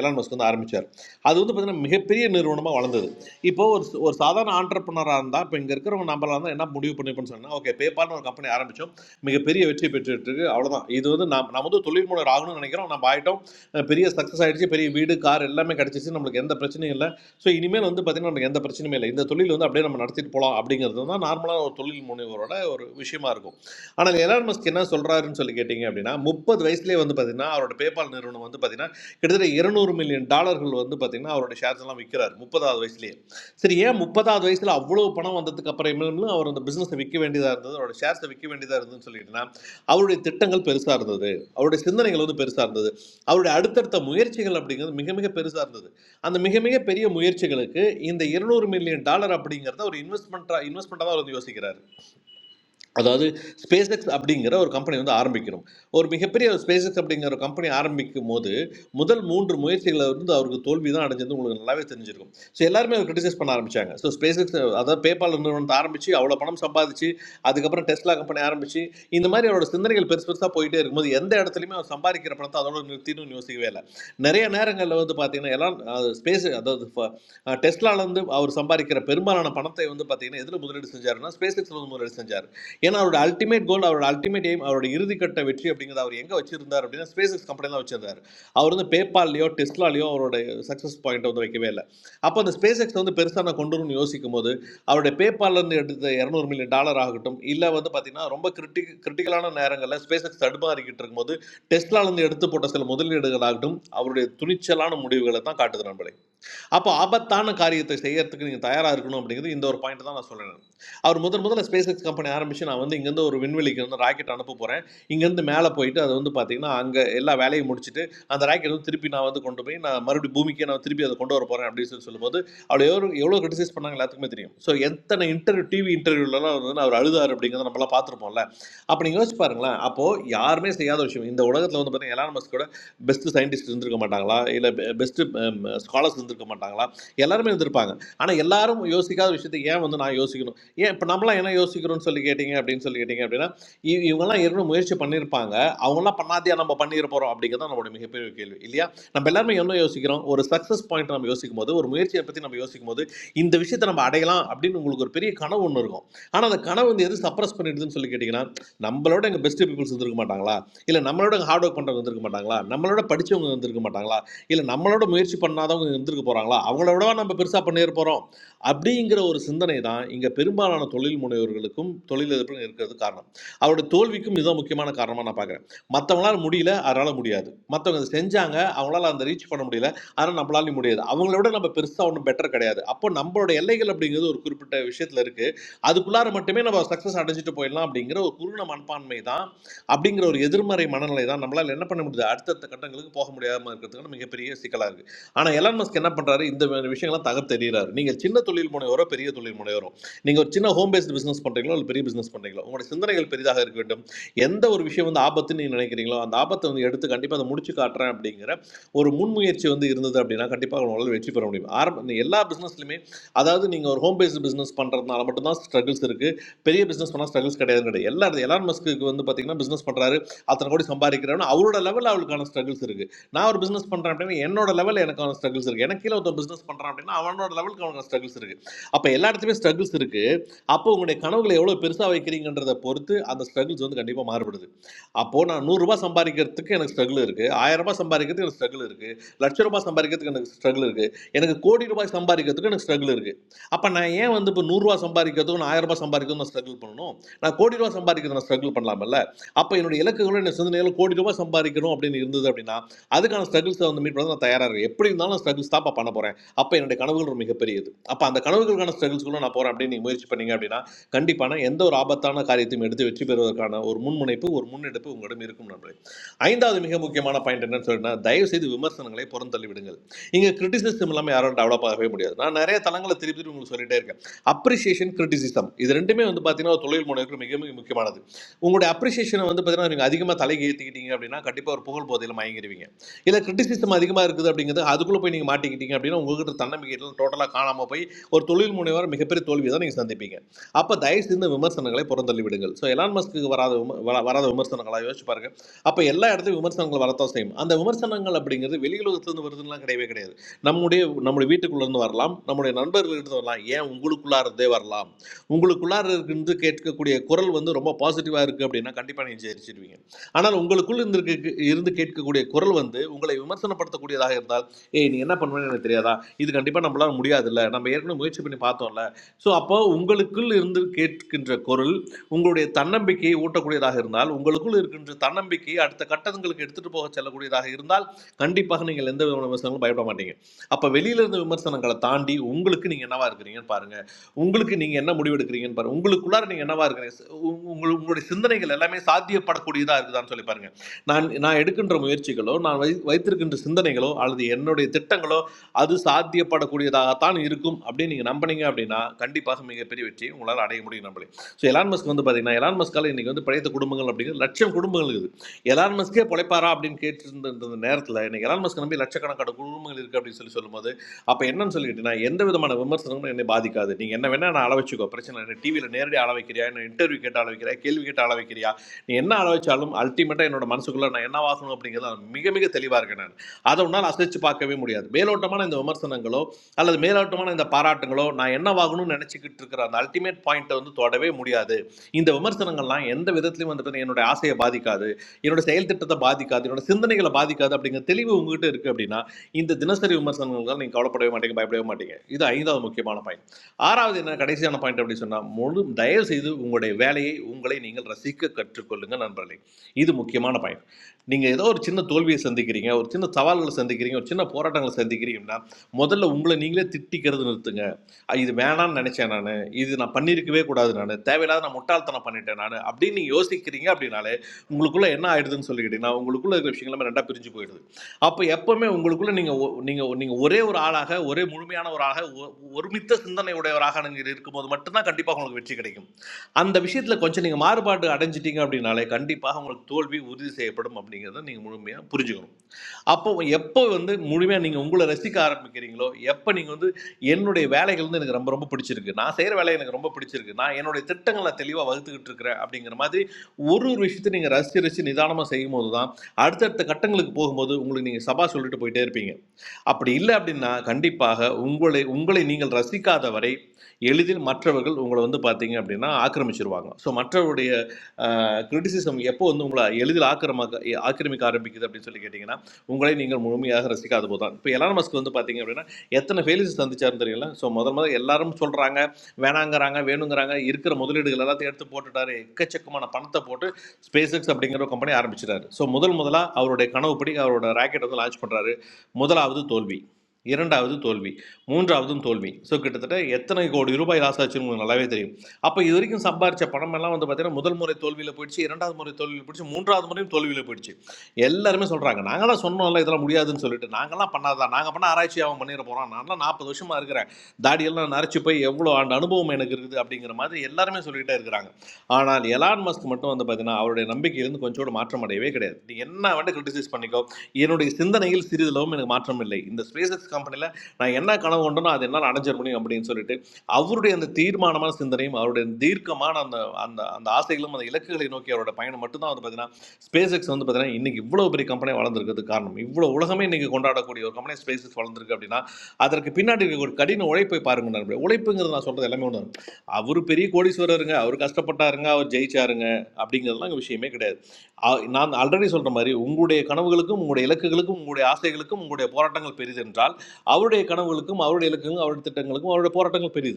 [SPEAKER 19] எலான் மஸ்க் வந்து ஆரம்பிச்சார் அது வந்து பார்த்தீங்கன்னா மிகப்பெரிய நிறுவனமாக வளர்ந்தது இப்போ ஒரு ஒரு சாதாரண ஆண்டர்பனராக இருந்தால் இப்போ இங்கே இருக்கிறவங்க நம்மளாக இருந்தால் என்ன முடிவு பண்ணிப்போம்னு சொன்னால் ஓகே பேபால்னு ஒரு கம்பெனி ஆரம்பித்தோம் மிகப்பெரிய வெற்றி பெற்றுட்டு இருக்கு அவ்வளோதான் இது வந்து நாம் நம்ம வந்து தொழில் முனைவர் ஆகணும்னு நினைக்கிறோம் நம்ம ஆகிட்டோம் அஹ் பெரிய சக்ஸஸ் ஆயிடுச்சு பெரிய வீடு கார் எல்லாமே கிடச்சிச்சு நம்மளுக்கு எந்த பிரச்சனையும் இல்லை ஸோ இனிமேல் வந்து பார்த்திங்கன்னா நமக்கு எந்த பிரச்சனையுமே இல்லை இந்த தொழில் வந்து அப்படியே நம்ம நடத்திட்டு போகலாம் அப்படிங்கிறது தான் நார்மலாக ஒரு தொழில் முனைவரோட ஒரு விஷயமா இருக்கும் ஆனால் எலான் மஸ்க் என்ன சொல்கிறாருன்னு சொல்லி கேட்டிங்க அப்படின்னா முப்பது வயசுலேயே வந்து பார்த்திங்கன்னா அவரோட பேபால் நிறுவனம் வந்து பார்த்திங்கன்னா கிட்டத்தட்ட இருநூறு மில்லியன் டாலர்கள் வந்து பார்த்தீங்கன்னா அவருடைய ஷேர்ஸ் எல்லாம் விற்கிறார் முப்பதாவது வயசுலேயே சரி ஏன் முப்பதாவது வயசில் அவ்வளோ பணம் வந்ததுக்கு அப்புறமேலும் அவர் அந்த பிஸ்னஸை விற்க வேண்டியதாக இருந்தது அவரோட ஷேர்ஸை விற்க வேண்டியதாக இருந்ததுன்னு சொல்லிட்டுனா அவருடைய திட்டங்கள் பெருசாக இருந்தது அவருடைய சிந்தனைகள் வந்து பெருசாக இருந்தது அவருடைய அடுத்தடுத்த முயற்சிகள் அப்படிங்கிறது மிக மிக பெருசாக இருந்தது அந்த மிக மிக பெரிய முயற்சிகளுக்கு இந்த இருநூறு மில்லியன் டாலர் அப்படிங்கிறத ஒரு இன்வெஸ்ட்மெண்ட்டாக இன்வெஸ்ட்மெண்ட்டாக தான் அவர் வந்து யோசிக்கிறார் அதாவது ஸ்பேஸ் எக்ஸ் அப்படிங்கிற ஒரு கம்பெனி வந்து ஆரம்பிக்கணும் ஒரு மிகப்பெரிய ஸ்பேஸ் எக்ஸ் அப்படிங்கிற ஒரு கம்பெனி ஆரம்பிக்கும் போது முதல் மூன்று முயற்சிகளை வந்து அவருக்கு தோல்வி தான் அடைஞ்சது உங்களுக்கு நல்லாவே தெரிஞ்சிருக்கும் ஸோ எல்லாருமே அவர் கிரிட்டிசைஸ் பண்ண ஆரம்பிச்சாங்க ஸோ ஸ்பேஸ் எக்ஸ் அதாவது பேபால் நிறுவனத்தை ஆரம்பிச்சு அவ்வளோ பணம் சம்பாதிச்சு அதுக்கப்புறம் டெஸ்லா கம்பெனி ஆரம்பிச்சு இந்த மாதிரி அவரோட சிந்தனைகள் பெருசு பெருசாக போயிட்டே இருக்கும்போது எந்த இடத்துலையுமே அவர் சம்பாதிக்கிற பணத்தை அதோட நிறுத்தின்னு யோசிக்கவே இல்லை நிறைய நேரங்களில் வந்து பார்த்தீங்கன்னா எல்லாம் ஸ்பேஸ் அதாவது ஃப- அவர் சம்பாதிக்கிற பெரும்பாலான பணத்தை வந்து பார்த்தீங்கன்னா எதில் முதலீடு செஞ்சாருன்னா ஸ்பேஸ் எக்ஸில் வந்து முதலீடு செஞ்சார் ஏன்னா அவரோட அல்டிமேட் கோல் அவரோட அல்டிமேட் எய்ம் அவரோட இறுதிக்கட்ட வெற்றி அப்படிங்கிறத அவர் எங்கே வச்சிருந்தார் அப்படின்னா ஸ்பேஸ் எக்ஸ் கம்பெனி தான் வச்சிருந்தார் அவர் வந்து பேபால்லையோ டெஸ்ட்லாலையோ அவரோட சக்ஸஸ் பாயிண்ட் வந்து வைக்கவே இல்லை அப்போ அந்த ஸ்பேஸ் எக்ஸ் வந்து பெருசாக நான் கொண்டு வரணும்னு யோசிக்கும் போது அவருடைய பேபால்லேருந்து எடுத்த இரநூறு மில்லியன் டாலர் ஆகட்டும் இல்லை வந்து பார்த்தீங்கன்னா ரொம்ப கிரிட்டி கிரிட்டிக்கலான நேரங்களில் ஸ்பேஸ் எக்ஸ் தடுமாறிக்கிட்டு இருக்கும்போது டெஸ்ட்லாலேருந்து எடுத்து போட்ட சில முதலீடுகள் ஆகட்டும் அவருடைய துணிச்சலான முடிவுகளை தான் காட்டுது நண்பர்களே அப்போ ஆபத்தான காரியத்தை செய்யறதுக்கு நீங்க தயாரா இருக்கணும் அப்படிங்கிறது இந்த ஒரு பாயிண்ட் தான் நான் சொல்றேன் அவர் முதல் முதல்ல ஸ்பேஸ் எக்ஸ் கம்பெனி ஆரம்பிச்சு நான் வந்து இங்கேருந்து ஒரு விண்வெளிக்கு வந்து ராக்கெட் அனுப்ப போறேன் இங்கேருந்து மேலே போயிட்டு அது வந்து பார்த்தீங்கன்னா அங்கே எல்லா வேலையும் முடிச்சுட்டு அந்த ராக்கெட் வந்து திருப்பி நான் வந்து கொண்டு போய் நான் மறுபடியும் பூமிக்கே நான் திருப்பி அதை கொண்டு வர போறேன் அப்படின்னு சொல்லி சொல்லும்போது அவளை எவ்வளோ எவ்வளோ கிரிட்டிசைஸ் பண்ணாங்க எல்லாத்துக்குமே தெரியும் ஸோ எத்தனை இன்டர்வியூ டிவி இன்டர்வியூலலாம் வந்து அவர் அழுதார் அப்படிங்கிறத நம்மளாம் பார்த்துருப்போம்ல அப்போ நீங்கள் யோசிச்சு பாருங்களேன் அப்போது யாருமே செய்யாத விஷயம் இந்த உலகத்தில் வந்து பார்த்தீங்கன்னா எலான் மஸ்கோட பெஸ்ட்டு சயின்டிஸ்ட் இருந்திருக்க மாட்டாங்களா இல்லை பெஸ்ட்டு ஸ்காலர்ஸ் இருந்திருக்க மாட்டாங்களா எல்லாருமே இருந்திருப்பாங்க ஆனால் எல்லாரும் யோசிக்காத விஷயத்தை ஏன் வந்து நான் யோசிக்கணும் ஏன் இப்போ நம்மளாம் என்ன யோசிக்கிறோம்னு சொல்லி கேட்டிங்க அப்படின்னு சொல்லி கேட்டிங்க அப்படின்னா இவ- இவங்கெல்லாம் ஏற்கனவே முயற்சி பண்ணியிருப்பாங்க அவங்கெல்லாம் பண்ணாதையா நம்ம பண்ணிட போகிறோம் அப்படிங்கிறது தான் நம்மளுடைய மிகப்பெரிய கேள்வி இல்லையா நம்ம எல்லாருமே என்ன யோசிக்கிறோம் ஒரு சக்ஸஸ் பாயிண்ட் நம்ம யோசிக்கும் போது ஒரு முயற்சியை பற்றி நம்ம யோசிக்கும் போது இந்த விஷயத்தை நம்ம அடையலாம் அப்படின்னு உங்களுக்கு ஒரு பெரிய கனவு ஒன்று இருக்கும் ஆனால் அந்த கனவு வந்து எது சப்ரஸ் பண்ணிடுதுன்னு சொல்லி கேட்டிங்கன்னா நம்மளோட எங்கள் பெஸ்ட் பீப்புள்ஸ் இருந்திருக்க மாட்டாங்களா இல்லை நம்மளோட ஹார்ட் ஒர்க் பண்ணுறவங்க இருந்திருக்க மாட்டாங்களா நம்மளோட படித்தவங்க இருந்திருக்க மாட்டாங்களா இல்லை நம்மளோட முயற்சி பண்ணாதவங்க இருந்திருக்க போகிறாங்களா அவங்களோடவா நம்ம பெருசாக பண்ணிட போகிறோம் அப்படிங்கிற ஒரு சிந்தனை தான் இங்கே பெரும்பாலான தொழில் முனைவோர்களுக்கும் தொழிலதிபரும் இருக்கிறது காரணம் அவருடைய தோல்விக்கும் இதுதான் முக்கியமான காரணமாக நான் பார்க்குறேன் மற்றவங்களால முடியல அதனால் முடியாது மற்றவங்க அதை செஞ்சாங்க அவங்களால அந்த ரீச் பண்ண முடியல ஆனால் நம்மளாலையும் முடியாது அவங்கள நம்ம பெருசாக ஒன்றும் பெட்டர் கிடையாது அப்போ நம்மளோட எல்லைகள் அப்படிங்கிறது ஒரு குறிப்பிட்ட விஷயத்தில் இருக்குது அதுக்குள்ளார மட்டுமே நம்ம சக்ஸஸ் அடைஞ்சிட்டு போயிடலாம் அப்படிங்கிற ஒரு குருண மனப்பான்மை தான் அப்படிங்கிற ஒரு எதிர்மறை மனநிலை தான் நம்மளால் என்ன பண்ண முடியுது அடுத்தடுத்த கட்டங்களுக்கு போக முடியாமல் இருக்கிறதுக்கு மிகப்பெரிய சிக்கலாக இருக்குது ஆனால் எலான் மஸ்க் என்ன பண்ணுறாரு இந்த மாதிரி விஷயங்கள்லாம் தகர்த்து தெரிகிறாரு நீங்கள் சின்ன தொழில் முனைவரோ பெரிய தொழில் முனைவரோ நீங்கள் ஒரு சின்ன ஹோம் பேஸ்ட் பிஸ்னஸ் பண்ணுறீங்களோ இல்லை பெரிய பிஸ்னஸ் பண்ணுறீங்களோ உங்களுடைய சிந்தனைகள் பெரிதாக இருக்க வேண்டும் எந்த ஒரு விஷயம் வந்து ஆபத்துன்னு நீங்கள் நினைக்கிறீங்களோ அந்த ஆபத்தை வந்து எடுத்து கண்டிப்பாக அதை முடிச்சு காட்டுறேன் அப்படிங்கிற ஒரு முன்முயற்சி வந்து இருந்தது அப்படின்னா கண்டிப்பாக உங்களால் வெற்றி பெற முடியும் ஆரம்ப எல்லா பிஸ்னஸ்லையுமே அதாவது நீங்கள் ஒரு ஹோம் பேஸ்ட் பிஸ்னஸ் பண்ணுறதுனால மட்டும்தான் ஸ்ட்ரகிள்ஸ் இருக்குது பெரிய பிஸ்னஸ் பண்ணால் ஸ்ட்ரகிள்ஸ் கிடையாது கிடையாது எல்லா இடத்து எலான் மஸ்க்கு வந்து பார்த்தீங்கன்னா பிஸ்னஸ் பண்ணுறாரு அத்தனை கோடி சம்பாதிக்கிறாருன்னு அவரோட லெவலில் அவளுக்கான ஸ்ட்ரகிள்ஸ் இருக்குது நான் ஒரு பிஸ்னஸ் பண்ணுறேன் அப்படின்னா என்னோட லெவலில் எனக்கான ஸ்ட்ரகிள்ஸ் இருக்குது எனக்கு கீழே ஒருத்தன் பிஸ்னஸ் பண்ணுறான் அப்படின்னா அவனோட லெவலுக்கு அவனுக்கு ஸ்ட்ரகிள்ஸ் இருக்குது அப்போ எல்லா இடத்துலையுமே ஸ்ட்ரகிள்ஸ் இருக்குது அப்போ உங்களுடைய கனவுகளை எவ்வளோ பெருசாக வைக்கிறீங்கன்றதை பொறுத்து அந்த ஸ்ட்ரகிள்ஸ் வந்து கண்டிப்பாக மாறுபடுது அப்போது நான் நூறுரூபா சம்பாதிக்கிறதுக்கு எனக்கு ஸ்ட்ரகிள் இருக்குது ஆயிரம் ரூபாய் சம்பாதிக்கிறதுக்கு எனக்கு ஸ்ட்ரகிள் இருக்குது லட்ச ரூபாய் சம்பாதிக்கிறதுக்கு எனக்கு ஸ்ட்ரகிள் இருக்குது எனக்கு கோடி ரூபாய் சம்பாதிக்கிறதுக்கு எனக்கு ஸ்ட்ரகிள் இருக்குது அப்போ நான் ஏன் வந்து இப்போ நூறுரூவா சம்பாதிக்கிறதுக்கும் நான் ஆயிரம் ரூபாய் சம்பாதிக்கிறதுக்கும் நான் ஸ்ட்ரகிள் பண்ணணும் நான் கோடி ரூபா சம்பாதிக்கிறது நான் ஸ்ட்ரகிள் பண்ணலாம்ல அப்போ என்னோட இலக்குகளும் என்ன சிந்தனையில் கோடி ரூபாய் சம்பாதிக்கணும் அப்படின்னு இருந்தது அப்படின்னா அதுக்கான ஸ்ட்ரகிள்ஸை வந்து மீட் பண்ண நான் தயாராக இருக்கேன் எப்படி இருந்தாலும் நான் ஸ்ட்ரகிள்ஸ் தாப்பா பண்ண போகிறேன் அப்போ என்னுடைய கனவுகள் ஒரு மிகப்பெரியது அப்போ அந்த கனவுகளுக்கான ஸ்ட்ரகிள்ஸ்குள்ள நான் போகிறேன் அப்படின்னு நீங்கள் முயற்சி பண்ணீங்க அப்படின்னா கண்டிப்பான எந்த ஒரு ஆபத்தான காரியத்தையும் எடுத்து வெற்றி பெறுவதற்கான ஒரு முன்முனைப்பு ஒரு முன்னெடுப்பு உங்களிடம் இருக்கும் நண்பர்களே ஐந்தாவது மிக முக்கியமான பாயிண்ட் என்னன்னு சொல்லிட்டுனா தயவு செய்து விமர்சனங்களை புறந்தள்ளி விடுங்கள் இங்கே கிரிட்டிசிசம் இல்லாமல் யாரும் டெவலப் ஆகவே முடியாது நான் நிறைய தளங்களை திருப்பி திருப்பி உங்களுக்கு சொல்லிட்டே இருக்கேன் அப்ரிசியேஷன் கிரிட்டிசிசம் இது ரெண்டுமே வந்து பார்த்தீங்கன்னா ஒரு தொழில் முனைவருக்கு மிக மிக முக்கியமானது உங்களுடைய அப்ரிசியேஷனை வந்து பார்த்தீங்கன்னா நீங்கள் அதிகமாக தலைக்கு ஏற்றிக்கிட்டீங்க அப்படின்னா கண்டிப்பாக ஒரு புகழ் போதையில் மயங்கிடுவீங்க இல்லை கிரிட்டிசிசம் அதிகமாக இருக்குது அப்படிங்கிறது அதுக்குள்ளே போய் நீங்கள் மாட்டிக்கிட்டீங்க அப்படின்னா உங்ககிட்ட தன்னம்பிக்கையெல்லாம் டோட்டலாக காணாமல் போய் ஒரு தொழில் முனைவர் மிகப்பெரிய தோல்வியை தான் நீங்கள் சந்திப்பீங்க அப்போ தயவு செய்து விமர்சனங்களை புறந்தள்ளி விடுங்கள் ஸோ எலான் மஸ்க்கு வராத வராத விமர்சனங்களாக யோசிச்சு பாருங்க அப்போ எல்லா இடத்துலையும் விமர்சனங்கள் வரத்தான் செய்யும் அந்த விமர்சனங்கள் அப்படிங்கிறது வெளியுலகத்துலேருந்து வருதுலாம் கிடையவே கிடையாது நம்முடைய நம்முடைய வீட்டுக்குள்ளேருந்து வரலாம் நம்முடைய நண்பர்கள்கிட்ட வரலாம் ஏன் உங்களுக்குள்ளார இருந்தே வரலாம் உங்களுக்குள்ளார இருந்து கேட்கக்கூடிய குரல் வந்து ரொம்ப பாசிட்டிவாக இருக்குது அப்படின்னா கண்டிப்பாக நீங்கள் ஜெயிச்சிடுவீங்க ஆனால் உங்களுக்குள் இருந்து இருக்க- இருந்து கேட்கக்கூடிய குரல் வந்து உங்களை விமர்சனப்படுத்தக்கூடியதாக இருந்தால் ஏய் நீ என்ன பண்ணுவேன்னு எனக்கு தெரியாதா இது கண்டிப்பாக நம்மளால முடியாதுல்ல நம்ம ஏற்கனவே முயற்சி பண்ணி பார்த்தோம்ல ஸோ அப்போ உங்களுக்குள் இருந்து கேட்கின்ற குரல் உங்களுடைய தன்னம்பிக்கையை ஊட்டக்கூடியதாக இருந்தால் உங்களுக்குள் இருக்கின்ற தன்னம்பிக்கையை அடுத்த கட்டங்களுக்கு எடுத்துட்டு போக செல்லக்கூடியதாக இருந்தால் கண்டிப்பாக நீங்கள் எந்த விதமான விமர்சனங்களும் பயப்பட மாட்டீங்க அப்போ வெளியில இருந்த விமர்சனங்களை தாண்டி உங்களுக்கு நீங்கள் என்னவா இருக்கிறீங்கன்னு பாருங்க உங்களுக்கு நீங்கள் என்ன முடிவெடுக்கிறீங்கன்னு பாருங்க உங்களுக்குள்ளார நீங்கள் என்னவா இருக்கிறீங்க உங்க- உங்க- உங்களுடைய சிந்தனைகள் எல்லாமே சாத்தியப்படக்கூடியதாக இருக்குதான்னு சொல்லி பாருங்க நான் நான் எடுக்கின்ற முயற்சிகளோ நான் வை வைத்திருக்கின்ற சிந்தனைகளோ அல்லது என்னுடைய திட்டங்களோ அது சாத்தியப்படக்கூடியதாகத்தான் இருக்கும் அப்படின்னு நீங்கள் நம்பினீங்க அப்படின்னா கண்டிப்பாக மிகப்பெரிய வெற்றியை உங்களால் அடைய முடியும் நம்பளே ஸோ எலான் மஸ்க் வந்து பார்த்தீங்கன்னா எலான் மஸ்கால் இன்றைக்கி வந்து பழைய குடும்பங்கள் அப்படிங்கிற லட்சம் குடும்பங்கள் இருக்குது. எலான் மஸ்கே பொழைப்பாரா அப்படின்னு கேட்டுருந்த நேரத்தில் இன்றைக்கி எலான் மஸ்க் நம்பி லட்சக்கணக்கான குடும்பங்கள் இருக்குது அப்படின்னு சொல்லி சொல்லும்போது அப்போ என்னன்னு சொல்லிக்கிட்டீங்கன்னா எந்த விதமான விமர்சனங்களும் என்னை பாதிக்காது. நீங்கள் என்ன வேணால் நான் அளவச்சுக்கோ, பிரச்சனை என்ன. டிவியில் நேரடியாக அளவைக்கிறியா, என்ன இன்டர்வியூ கேட்டு அளவைக்கிறியா, கேள்வி கேட்டு அளவைக்கிறியா, நீ என்ன அளவச்சாலும் அல்டிமேட்டாக என்னோட மனசுக்குள்ளே நான் என்ன வாசணும் அப்படிங்கிறத மிக மிக தெளிவாக இருக்கேன். நான் அதை ஒன்றால் அசைச்சு பார்க்கவே முடியாது. மேலோட்டமான இந்த விமர்சனங்களோ அல்லது மேலோட்டமான இந்த பாராட்டுங்களோ நான் என்னவாகணும்னு நினச்சிக்கிட்டு இருக்கிற அந்த அல்டிமேட் பாயிண்ட்டை வந்து தொடவே முடியாது இந்த விமர்சனங்கள்லாம் எந்த விதத்துலையும் வந்துட்டு என்னுடைய ஆசையை பாதிக்காது என்னோட செயல் திட்டத்தை பாதிக்காது என்னோட சிந்தனைகளை பாதிக்காது அப்படிங்கிற தெளிவு உங்ககிட்ட இருக்குது அப்படின்னா இந்த தினசரி விமர்சனங்கள் நீங்கள் கவலைப்படவே மாட்டீங்க பயப்படவே மாட்டீங்க இது ஐந்தாவது முக்கியமான பாயிண்ட் ஆறாவது என்ன கடைசியான பாயிண்ட் அப்படி சொன்னால் முழு தயவு செய்து உங்களுடைய வேலையை உங்களை நீங்கள் ரசிக்க கற்றுக்கொள்ளுங்க நண்பர்களே இது முக்கியமான பாயிண்ட் நீங்கள் ஏதோ ஒரு சின்ன தோல்வியை சந்திக்கிறீங்க ஒரு சின்ன சவால்களை சந்திக்கிறீங்க ஒரு சின்ன போராட்டங்களை சந்திக்கிறீங்கன்னா முதல்ல உங்களை நீங்களே திட்டிக்கிறது நிறுத்துங்க அ, இது வேணாம்னு நினைச்சேன் நான் இது நான் பண்ணியிருக்கவே கூடாது நான் தேவையில்லாத நான் முட்டாள்தனம் பண்ணிட்டேன் நான் அப்படின்னு நீங்கள் யோசிக்கிறீங்க அப்படின்னாலே உங்களுக்குள்ள என்ன ஆயிடுதுன்னு சொல்லிக்கிட்டீங்கன்னா உங்களுக்குள்ள இருக்கிற விஷயங்கள் எல்லாமே ரெண்டா பிரிஞ்சு போயிடுது அப்போ எப்பவுமே உங்களுக்குள்ள நீங்கள் நீங்கள் நீங்கள் ஒரே ஒரு ஆளாக ஒரே முழுமையான ஒரு ஆளாக ஒ- ஒருமித்த சிந்தனை உடையவராக நீங்கள் இருக்கும்போது மட்டும்தான் கண்டிப்பாக உங்களுக்கு வெற்றி கிடைக்கும் அந்த விஷயத்தில் கொஞ்சம் நீங்கள் மாறுபாடு அடைஞ்சிட்டீங்க அப்படின்னாலே கண்டிப்பாக உங்களுக்கு தோல்வி உறுதி செய்யப்படும் அப்படிங்கிறத நீங்கள் முழுமையாக புரிஞ்சுக்கணும் அப்போ எப்போ வந்து முழுமையாக நீங்கள் உங்களை ரசிக்க ஆரம்பிக்கிறீங்களோ எப்போ நீங்கள் வந்து என்னுடைய வேலைகள் வந்து எனக்கு ரொம்ப ரொம்ப பிடிச்சிருக்கு நான் செய்கிற வேலை எனக்கு ரொம்ப பிடிச்சிருக்கு நான் என்னுடைய திட்டங்களை நான் தெளிவாக வகுத்துக்கிட்டு இருக்கிறேன் அப்படிங்கிற மாதிரி ஒரு ஒரு விஷயத்தை நீங்கள் ரசித்து ரசித்து நிதானமாக செய்யும் போது தான் அடுத்தடுத்த கட்டங்களுக்கு போகும்போது உங்களுக்கு நீங்கள் சபா சொல்லிட்டு போயிட்டே இருப்பீங்க அப்படி இல்லை அப்படின்னா கண்டிப்பாக உங்களை உங்களை நீங்கள் ரசிக்காத வரை எளிதில் மற்றவர்கள் உங்களை வந்து பார்த்தீங்க அப்படின்னா ஆக்கிரமிச்சிருவாங்க ஸோ மற்றவருடைய கிரிட்டிசிசம் எப்போ வந்து உங்களை எளிதில் ஆக்கிரமாக்க ஆக்கிரமிக்க ஆரம்பிக்குது அப்படின்னு சொல்லி கேட்டிங்கன்னா உங்களை நீங்கள் முழுமையாக ரசிக்காத போது தான் இப்போ எலான் மஸ்க் வந்து பார்த்தீங்க அப்படின்னா எத்தனை ஃபெயிலியர்ஸ் சந்திச்சாருன்னு தெரியல ஸோ முதல் முதல்ல எல்லாரும் சொல்கிறாங்க வேணாங்கிறாங்க வேணுங்கிறாங்க இருக்கிற முதலீடுகள் எல்லாத்தையும் எடுத்து போட்டுட்டாரு எக்கச்சக்கமான பணத்தை போட்டு ஸ்பேஸ் எக்ஸ் அப்படிங்கிற ஒரு கம்பெனி ஆரம்பிச்சிட்டாரு ஸோ முதல் முதலாக அவருடைய கனவுப்படி அவரோட ராக்கெட் வந்து லான்ச் பண்ணுறாரு முதலாவது தோல்வி இரண்டாவது தோல்வி மூன்றாவதும் தோல்வி ஸோ கிட்டத்தட்ட எத்தனை கோடி ரூபாய் லாஸ் ஆச்சுன்னு நல்லாவே தெரியும் அப்போ இது வரைக்கும் சம்பாரிச்ச பணமெல்லாம் வந்து பார்த்தீங்கன்னா முதல் முறை தோல்வியில் போயிடுச்சு இரண்டாவது முறை தோல்வியில் போயிடுச்சு மூன்றாவது முறையும் தோல்வியில் போயிடுச்சு எல்லாருமே சொல்கிறாங்க நாங்களாம் சொன்னோம்ல இதெல்லாம் முடியாதுன்னு சொல்லிட்டு நாங்களாம் பண்ணாதான் நாங்கள் பண்ண ஆராய்ச்சி அவன் பண்ணிட போகிறான் நான்லாம் நாற்பது வருஷமாக இருக்கிறேன் தாடியெல்லாம் நரைச்சு போய் எவ்வளோ ஆண்டு அனுபவம் எனக்கு இருக்குது அப்படிங்கிற மாதிரி எல்லாருமே சொல்லிகிட்டே இருக்கிறாங்க ஆனால் எலான் மஸ்க் மட்டும் வந்து பார்த்தீங்கன்னா அவருடைய நம்பிக்கையிலிருந்து கொஞ்சம் மாற்றம் அடையவே கிடையாது நீ என்ன வந்து கிரிட்டிசைஸ் பண்ணிக்கோ என்னுடைய சிந்தனையில் சிறிதளவும் எனக்கு மாற்றம் இல்லை இந்த ஸ்பேசஸ் கம்பெனியில் நான் என்ன கனவு கொண்டனோ அது என்னால் அடைஞ்சிட முடியும் அப்படின்னு சொல்லிட்டு அவருடைய அந்த தீர்மானமான சிந்தனையும் அவருடைய தீர்க்கமான அந்த அந்த அந்த ஆசைகளும் அந்த இலக்குகளை நோக்கி அவரோட பயணம் மட்டும்தான் வந்து பார்த்தீங்கன்னா ஸ்பேஸ் எக்ஸ் வந்து பார்த்தீங்கன்னா இன்னைக்கு இவ்வளோ பெரிய கம்பெனி வளர்ந்துருக்கிறது காரணம் இவ்வளோ உலகமே இன்னைக்கு கொண்டாடக்கூடிய ஒரு கம்பெனி ஸ்பேஸ் எக்ஸ் வளர்ந்துருக்கு அப்படின்னா அதற்கு பின்னாடி இருக்கக்கூடிய கடின உழைப்பை பாருங்க நண்பர்களே உழைப்புங்கிறது நான் சொல்றது எல்லாமே ஒன்று அவர் பெரிய கோடீஸ்வரருங்க அவர் கஷ்டப்பட்டாருங்க அவர் ஜெயிச்சாருங்க அப்படிங்கிறதுலாம் இங்க விஷயமே கிடையாது நான் ஆல்ரெடி சொல்ற மாதிரி உங்களுடைய கனவுகளுக்கும் உங்களுடைய இலக்குகளுக்கும் உங்களுடைய ஆசைகளுக்கும் உங்களுடைய போராட்டங்கள் பெரிது என்றால் அவருடைய கனவுகளுக்கும் அவருடைய இலக்குகளுக்கும் அவருடைய திட்டங்களுக்கும் அவருடைய போராட்டங்கள் பெரிது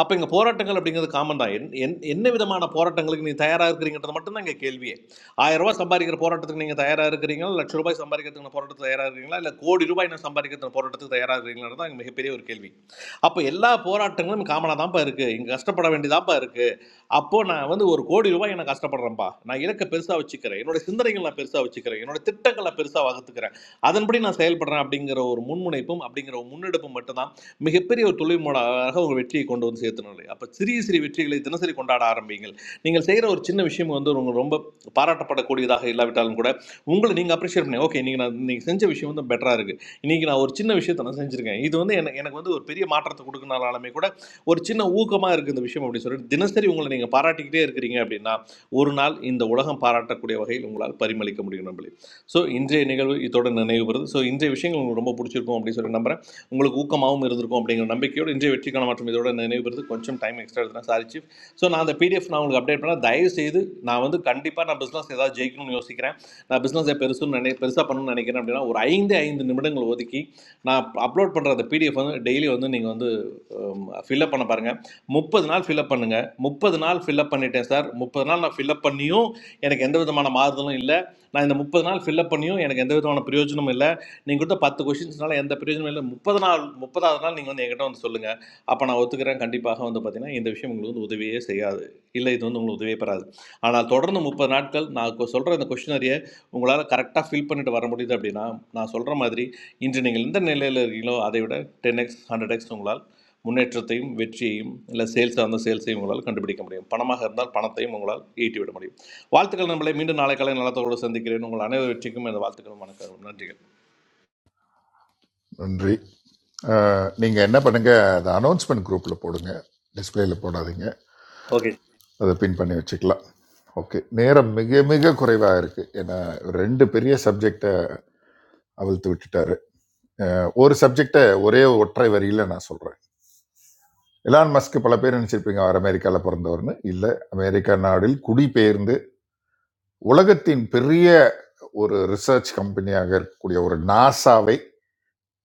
[SPEAKER 19] அப்போ இங்கே போராட்டங்கள் அப்படிங்கிறது காமன் தான் என் என்- என்ன விதமான போராட்டங்களுக்கு நீங்கள் தயாராக இருக்கிறீங்கன்றது மட்டும்தான் இங்கே கேள்வியே ஆயிரம் ரூபாய் சம்பாதிக்கிற போராட்டத்துக்கு நீங்கள் தயாராக இருக்கிறீங்களா லட்ச ரூபாய் சம்பாதிக்கிறதுக்கு போராட்டத்துக்கு தயாராக இருக்கிறீங்களா இல்லை கோடி ரூபாய் நான் சம்பாதிக்கிறதுக்கு போராட்டத்துக்கு தயாராக இருக்கிறீங்களா தான் இங்கே மிகப்பெரிய ஒரு கேள்வி அப்போ எல்லா போராட்டங்களும் காமனாக தான்ப்பா இருக்குது இங்கே கஷ்டப்பட வேண்டியதாப்பா இருக்குது அப்போ நான் வந்து ஒரு கோடி ரூபாய் நான் கஷ்டப்படுறேன்ப்பா நான் இலக்கை பெருசா வச்சுக்கிறேன் என்னோட சிந்தனைகள் நான் பெருசா வச்சுக்கிறேன் என்னோட திட்டங்களை பெருசா வகுத்துக்கிறேன் அதன்படி நான் செயல்படுறேன் அப்படிங்கிற ஒரு முன்முனைப்பும் அப்படிங்கிற ஒரு முன்னெடுப்பும் மட்டும்தான் மிகப்பெரிய ஒரு தொழில்முடாக உங்க வெற்றியை கொண்டு வந்து சேர்த்தணும் இல்லையா அப்ப சிறிய சிறிய வெற்றிகளை தினசரி கொண்டாட ஆரம்பிங்கள் நீங்கள் செய்கிற ஒரு சின்ன விஷயம் வந்து உங்களுக்கு ரொம்ப பாராட்டப்படக்கூடியதாக இல்லாவிட்டாலும் கூட உங்களை நீங்கள் அப்ரிஷியேட் பண்ணி ஓகே நீங்கள் நான் நீங்கள் செஞ்ச விஷயம் வந்து பெட்டராக இருக்குது இன்றைக்கி நான் ஒரு சின்ன விஷயத்தை நான் செஞ்சுருக்கேன் இது வந்து எனக்கு எனக்கு வந்து ஒரு பெரிய மாற்றத்தை கொடுக்கனாலுமே கூட or Chennai, Ukkamayrigantha. Vishamudiyoor. Dinastiri, you guys. Paraticlayer, guys. Abi, na one night. In the Vodham Paratha, Kudavaheil, you guys. Parimalikamudiyoorambe. So, inje, you guys. This one, Naneyu pertho. So, inje, Vishing, you guys. Ramapurichirpo, amudiyoor number. You guys. Ukkamau, merudrukamudiyoor. Nambe kiyo. Inje, vetti kana matrami doora. Naneyu pertho. Kuncham time extra thina. Sari chip. So, naatha PDF naam, update na. Dayu seethu. Naavathu. Kandipa na business seetha. Jeevunu yosi kray. Na business a perisun naney. Perisa pannu naney kinarudena. Oraiyindayindu nimarangalu vadi ki. Na upload pannada PDF na daily ondu. You guys ondu. Fill up பண்ண பாருங்கள். முப்பது நாள் fill up பண்ணுங்கள். முப்பது நாள் fill up பண்ணிட்டேன் sir, முப்பது நாள் நான் ஃபில்அப் பண்ணியும் எனக்கு எந்த விதமான மாறுதலும் இல்லை, நான் இந்த முப்பது நாள் ஃபில்அப் பண்ணியும் எனக்கு எந்த விதமான பிரயோஜனமும் இல்லை, நீங்கள் கொடுத்த பத்து கொஷின்ஸ்னால எந்த பிரயோஜனமும் இல்லை, முப்பது நாள் முப்பதாவது நாள் நீங்கள் வந்து என்கிட்ட வந்து சொல்லுங்கள், அப்போ நான் ஒத்துக்கிறேன் கண்டிப்பாக வந்து பார்த்தீங்கன்னா இந்த விஷயம் உங்களுக்கு வந்து உதவியே செய்யாது, இல்லை இது வந்து உங்களுக்கு உதவியே பெறாது. ஆனால் தொடர்ந்து முப்பது நாட்கள் நான் சொல்கிற இந்த கொஷினரியை உங்களால் கரெக்டாக ஃபில் பண்ணிட்டு வர முடியுது அப்படின்னா நான் சொல்கிற மாதிரி இன்று நீங்கள் எந்த நிலையில் இருக்கீங்களோ அதை விட டென் எக்ஸ் ஹண்ட்ரட் எக்ஸ் உங்களால் Munnetra team, VC team, or sales team, or whatever, contribute to it. Money is there, but the money is with you. In the last few months, we have done a lot of things.
[SPEAKER 5] நன்றி அஹ், நீங்க என்ன பண்ணுங்க அதை announcement குரூப்ல போடுங்க டிஸ்பிளேல போடாதீங்க
[SPEAKER 19] Okay.
[SPEAKER 5] அதை பின் பண்ணி வச்சுக்கலாம் ஓகே நேரம் மிக மிக குறைவாக இருக்குது ஏன்னா ரெண்டு பெரிய சப்ஜெக்டை அவிழ்த்து விட்டுட்டாரு ஒரு சப்ஜெக்டை ஒரே ஒற்றை வரியில் நான் சொல்கிறேன் எலான் மஸ்க் பல பேர் நினச்சிருப்பீங்க அவர் அமெரிக்காவில் பிறந்தவர்னு இல்லை அமெரிக்கா நாடில் குடிபெயர்ந்து உலகத்தின் பெரிய ஒரு ரிசர்ச் கம்பெனியாக இருக்கக்கூடிய ஒரு நாசாவை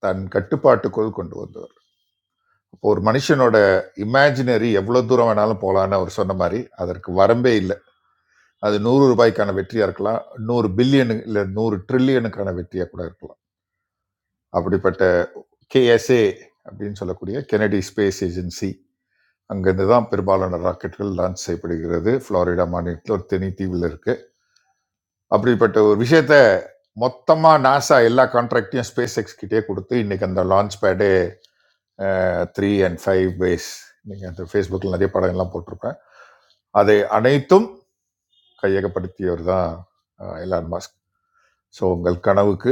[SPEAKER 5] தன் கட்டுப்பாட்டுக்குள் கொண்டு வந்தவர் ஒரு மனுஷனோட இமேஜினரி எவ்வளோ தூரம் வேணாலும் போகலான்னு அவர் சொன்ன மாதிரி அதற்கு வரம்பே இல்லை அது நூறு ரூபாய்க்கான வெற்றியா இருக்கலாம் நூறு பில்லியனு இல்லை நூறு ட்ரில்லியனுக்கான வெற்றியா கூட இருக்கலாம் அப்படிப்பட்ட கேஎஸ்ஏ அப்படின்னு சொல்லக்கூடிய கெனடி ஸ்பேஸ் ஏஜென்சி அங்கிருந்து தான் பெரும்பாலான ராக்கெட்டுகள் லான்ச் செய்யப்படுகிறது ஃப்ளாரிடா மாநிலத்தில் ஒரு தனி தீவில் இருக்கு அப்படிப்பட்ட ஒரு விஷயத்த மொத்தமா நாசா எல்லா கான்ட்ராக்டையும் ஸ்பேஸ் எக்ஸ் கிட்டே கொடுத்து இன்னைக்கு அந்த launch pad three and five phase நீங்கள் அந்த ஃபேஸ்புக்கில் நிறைய படங்கள்லாம் போட்டிருப்பேன் அதை அனைத்தும் கையகப்படுத்தியவர் தான் எலான் மாஸ்க் ஸோ உங்கள் கனவுக்கு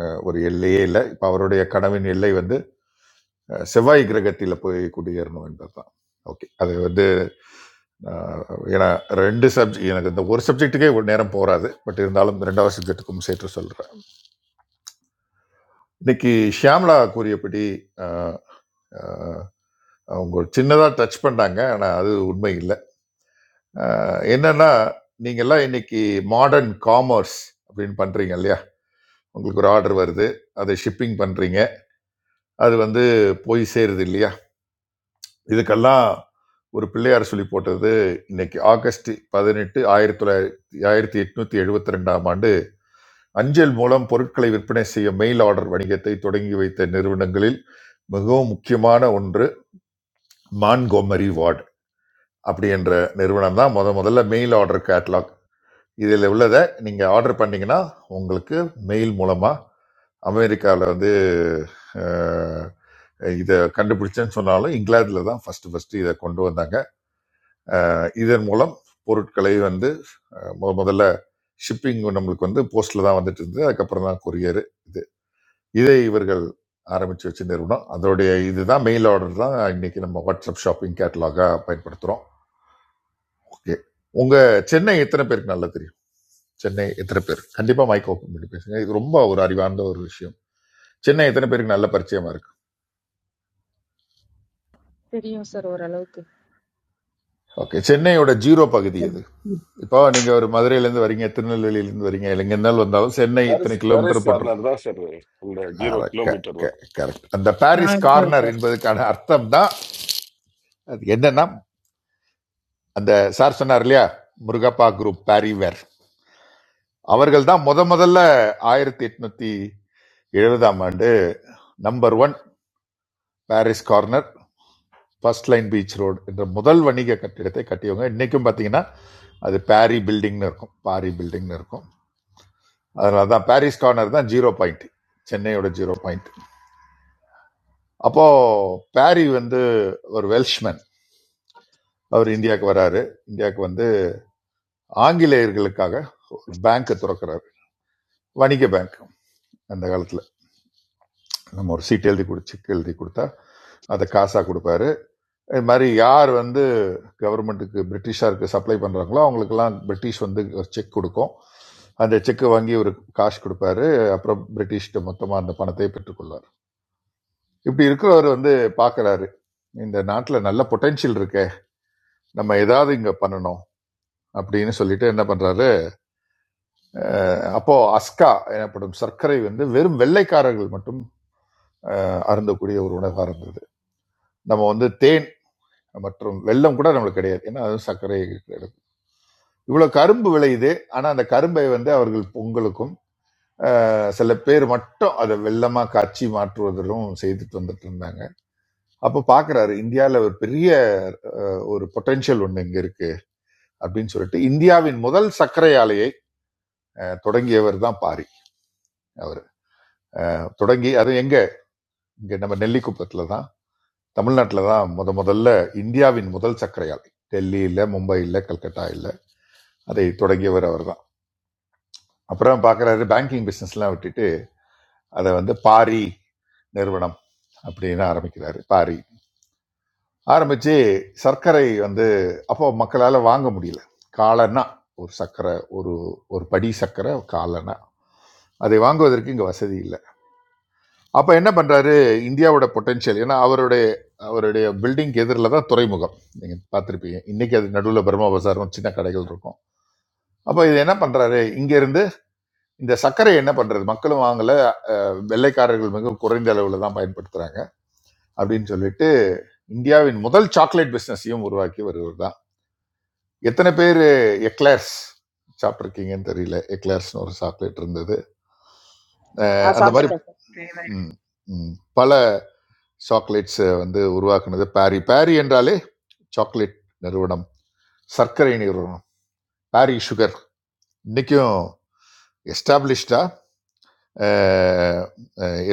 [SPEAKER 5] அஹ், ஒரு எல்லையே இல்லை இப்போ அவருடைய கனவின் எல்லை வந்து அஹ், செவ்வாய் கிரகத்தில் போய் குடியேறணும் என்பதுதான் ஓகே அது வந்து அஹ், ஏன்னா ரெண்டு சப்ஜெக்ட் எனக்கு இந்த ஒரு சப்ஜெக்ட்டுக்கே ஒரு நேரம் போராது பட் இருந்தாலும் இந்த ரெண்டாவது சப்ஜெக்ட்டுக்கும் சேர்த்து சொல்கிறேன் இன்னைக்கு ஷியாம்லா கூறியபடி அஹ், அஹ், அவங்க சின்னதாக டச் பண்ணாங்க ஆனால் அது உண்மை இல்லை அஹ், என்னன்னா நீங்கள்லாம் இன்னைக்கு மாடர்ன் காமர்ஸ் அப்படின்னு பண்ணுறீங்க இல்லையா உங்களுக்கு ஒரு ஆர்டர் வருது அதை ஷிப்பிங் பண்ணுறீங்க அது வந்து போய் சேருது இல்லையா இதுக்கெல்லாம் ஒரு பிள்ளையார் சொல்லி போட்டது இன்னைக்கு ஆகஸ்ட் பதினெட்டு ஆயிரத்தி தொள்ளாயிரத்தி ஆயிரத்தி எட்நூத்தி எழுபத்தி ரெண்டாம் ஆண்டு அஞ்சல் மூலம் பொருட்களை விற்பனை செய்ய மெயில் ஆர்டர் வணிகத்தை தொடங்கி வைத்த நிறுவனங்களில் மிகவும் முக்கியமான ஒன்று மான்கோமரி வார்டு அப்படி என்ற நிறுவனம் தான் முத முதல்ல மெயில் ஆர்டர் கேட்லாக் இதில் உள்ளதை நீங்கள் ஆர்டர் பண்ணீங்கன்னா உங்களுக்கு மெயில் மூலமாக அமெரிக்காவில் வந்து அஹ், இதை கண்டுபிடிச்சேன்னு சொன்னாலும் இங்கிலாந்தில் தான் ஃபஸ்ட்டு ஃபஸ்ட்டு இதை கொண்டு வந்தாங்க இதன் மூலம் பொருட்களை வந்து அஹ், முத முதல்ல ஷிப்பிங் நம்மளுக்கு வந்து போஸ்ட்ல தான் வந்துட்டு இருந்தது அதுக்கப்புறம் தான் கொரியர் இது இதை இவர்கள் ஆரம்பிச்சு வச்ச நிறுவனம் அதோடைய இதுதான் மெயில் ஆர்டர் தான் இன்னைக்கு நம்ம வாட்ஸ்அப் ஷாப்பிங் கேட்டலாகா பயன்படுத்துறோம் ஓகே உங்க சென்னை எத்தனை பேருக்கு நல்லா தெரியும் சென்னை எத்தனை பேர் கண்டிப்பா மைக் ஓப்பன் பண்ணி பேசுங்க இது ரொம்ப ஒரு அறிவார்ந்த ஒரு விஷயம் சென்னை எத்தனை பேருக்கு நல்ல பரிச்சயமா இருக்கு
[SPEAKER 15] Tereyo sir, orala k.
[SPEAKER 5] Okay சென்னையோட ஜீரோ பகுதி எது இப்போ நீங்க ஒரு மதுரையிலேருந்து வரீங்க திருநெல்வேலியிலேருந்து வரீங்க இல்லைங்க இருந்தாலும் வந்தாலும் சென்னை
[SPEAKER 20] That is
[SPEAKER 5] இத்தனை
[SPEAKER 20] that is
[SPEAKER 5] கிலோமீட்டர் போட்டு
[SPEAKER 20] another sir. இந்த ஜீரோ
[SPEAKER 5] அர- க-
[SPEAKER 20] கிலோமீட்டர்
[SPEAKER 5] க-
[SPEAKER 20] வரும்
[SPEAKER 5] correct. அந்த பாரிஸ்
[SPEAKER 21] Not good.
[SPEAKER 5] கார்னர் என்பதற்கான அர்த்தம் தான் அது என்னன்னா அந்த சார் சொன்னார் இல்லையா முருகப்பா குரூப் பாரிவர் அவர்கள் தான் முத முதல்ல ஆயிரத்தி எட்நூத்தி எழுபதாம் ஆண்டு number one Parry's Corner first line beach road என்ற முதல் வணிக கட்டிடத்தை கட்டியவங்க இன்னைக்கும் பார்த்தீங்கன்னா அது பாரி பில்டிங்னு இருக்கும் பாரி பில்டிங்னு இருக்கும் அதனால தான் பாரிஸ் கார்னர் தான் ஜீரோ பாயிண்ட் சென்னையோட ஜீரோ பாயிண்ட் அப்போ பாரி வந்து ஒரு வெல்ஷ்மேன் அவர் இந்தியாவுக்கு வராரு இந்தியாவுக்கு வந்து ஆங்கிலேயர்களுக்காக ஒரு பேங்க்கை திறக்கிறாரு வணிக பேங்க் அந்த காலத்துல நம்ம ஒரு சீட் எழுதி கொடு செக் எழுதி கொடுத்தா அதை காசா கொடுப்பாரு இது மாதிரி யார் வந்து கவர்மெண்ட்டுக்கு பிரிட்டிஷாருக்கு சப்ளை பண்றாங்களோ அவங்களுக்கெல்லாம் பிரிட்டிஷ் வந்து ஒரு செக் கொடுக்கும் அந்த செக்கை வாங்கி ஒரு காசு கொடுப்பாரு அப்புறம் பிரிட்டிஷ்கிட்ட மொத்தமா அந்த பணத்தை பெற்றுக்கொள்வார் இப்படி இருக்கிறவர் வந்து பார்க்கறாரு இந்த நாட்டுல நல்ல பொட்டென்ஷியல் இருக்கே நம்ம ஏதாவது இங்க பண்ணணும் அப்படின்னு சொல்லிட்டு என்ன பண்றாரு அஹ் அப்போ அஸ்கா எனப்படும் சர்க்கரை வந்து வெறும் வெள்ளைக்காரர்கள் மட்டும் அருந்தக்கூடிய ஒரு உணவாக இருந்தது நம்ம வந்து தேன் மற்றும் வெல்லம் கூட நம்மளுக்கு கிடையாது ஏன்னா அது சர்க்கரை இருக்கிறது இவ்வளவு கரும்பு விளையுது ஆனா அந்த கரும்பை வந்து அவர்கள் பொங்கலுக்கும் அஹ், சில பேர் மட்டும் அதை வெல்லமா காய்ச்சி மாற்றுவதிலும் செய்துட்டு வந்துட்டு இருந்தாங்க அப்போ பாக்குறாரு இந்தியால ஒரு பெரிய அஹ், ஒரு பொட்டென்ஷியல் ஒண்ணு இங்க இருக்கு அப்படின்னு சொல்லிட்டு இந்தியாவின் முதல் சர்க்கரை ஆலையை அஹ், தொடங்கியவர் தான் பாரி அவர் தொடங்கி அது எங்க இங்க நம்ம நெல்லிக்குப்பத்துல தான் தமிழ்நாட்டில் தான் முத முதல்ல இந்தியாவின் முதல் சர்க்கரை ஆலை டெல்லியில் மும்பையில் கல்கட்டா இல்ல அதை தொடங்கியவர் அவர் தான் அப்புறம் பார்க்குறாரு பேங்கிங் பிஸ்னஸ்லாம் விட்டுட்டு அதை வந்து பாரி நிறுவனம் அப்படின்னு ஆரம்பிக்கிறாரு பாரி ஆரம்பித்து சர்க்கரை வந்து அப்போ மக்களால் வாங்க முடியல காலன்னா ஒரு சர்க்கரை ஒரு ஒரு படி சர்க்கரை காலன்னா அதை வாங்குவதற்கு இங்கே வசதி இல்லை அப்ப என்ன பண்றாரு இந்தியாவோட பொட்டென்ஷியல் ஏன்னா அவருடைய அவருடைய பில்டிங் எதிரில் தான் துறைமுகம் நீங்க பார்த்திருப்பீங்க இன்னைக்கு அது நடுவில் பர்மா பசாரும் சின்ன கடைகள் இருக்கும் அப்ப இது என்ன பண்றாரு இங்க இருந்து இந்த சர்க்கரை என்ன பண்றது மக்களும் வாங்கல வெள்ளைக்காரர்கள் மிக குறைந்த அளவுல தான் பயன்படுத்துறாங்க அப்படின்னு சொல்லிட்டு இந்தியாவின் முதல் சாக்லேட் பிசினஸையும் உருவாக்கி வருவர் தான் எத்தனை பேர் எக்லர்ஸ் சாப்பிட்ருக்கீங்கன்னு தெரியல எக்லர்ஸ்னு ஒரு சாக்லேட் இருந்தது அஹ்
[SPEAKER 4] நான்
[SPEAKER 5] அந்த
[SPEAKER 2] சாப்பிட்டுருக்கோம்
[SPEAKER 5] மாதிரி
[SPEAKER 2] சார்
[SPEAKER 4] சாப்பிட்ருக்கேன் சார்
[SPEAKER 5] ம், ம், பல சாக்லேட்ஸை வந்து உருவாக்குனது பாரி பாரி என்றாலே சாக்லேட் நிறுவனம் சர்க்கரை நிறுவனம் பாரி சுகர் இன்னைக்கும் எஸ்டாப்ளிஷ்டா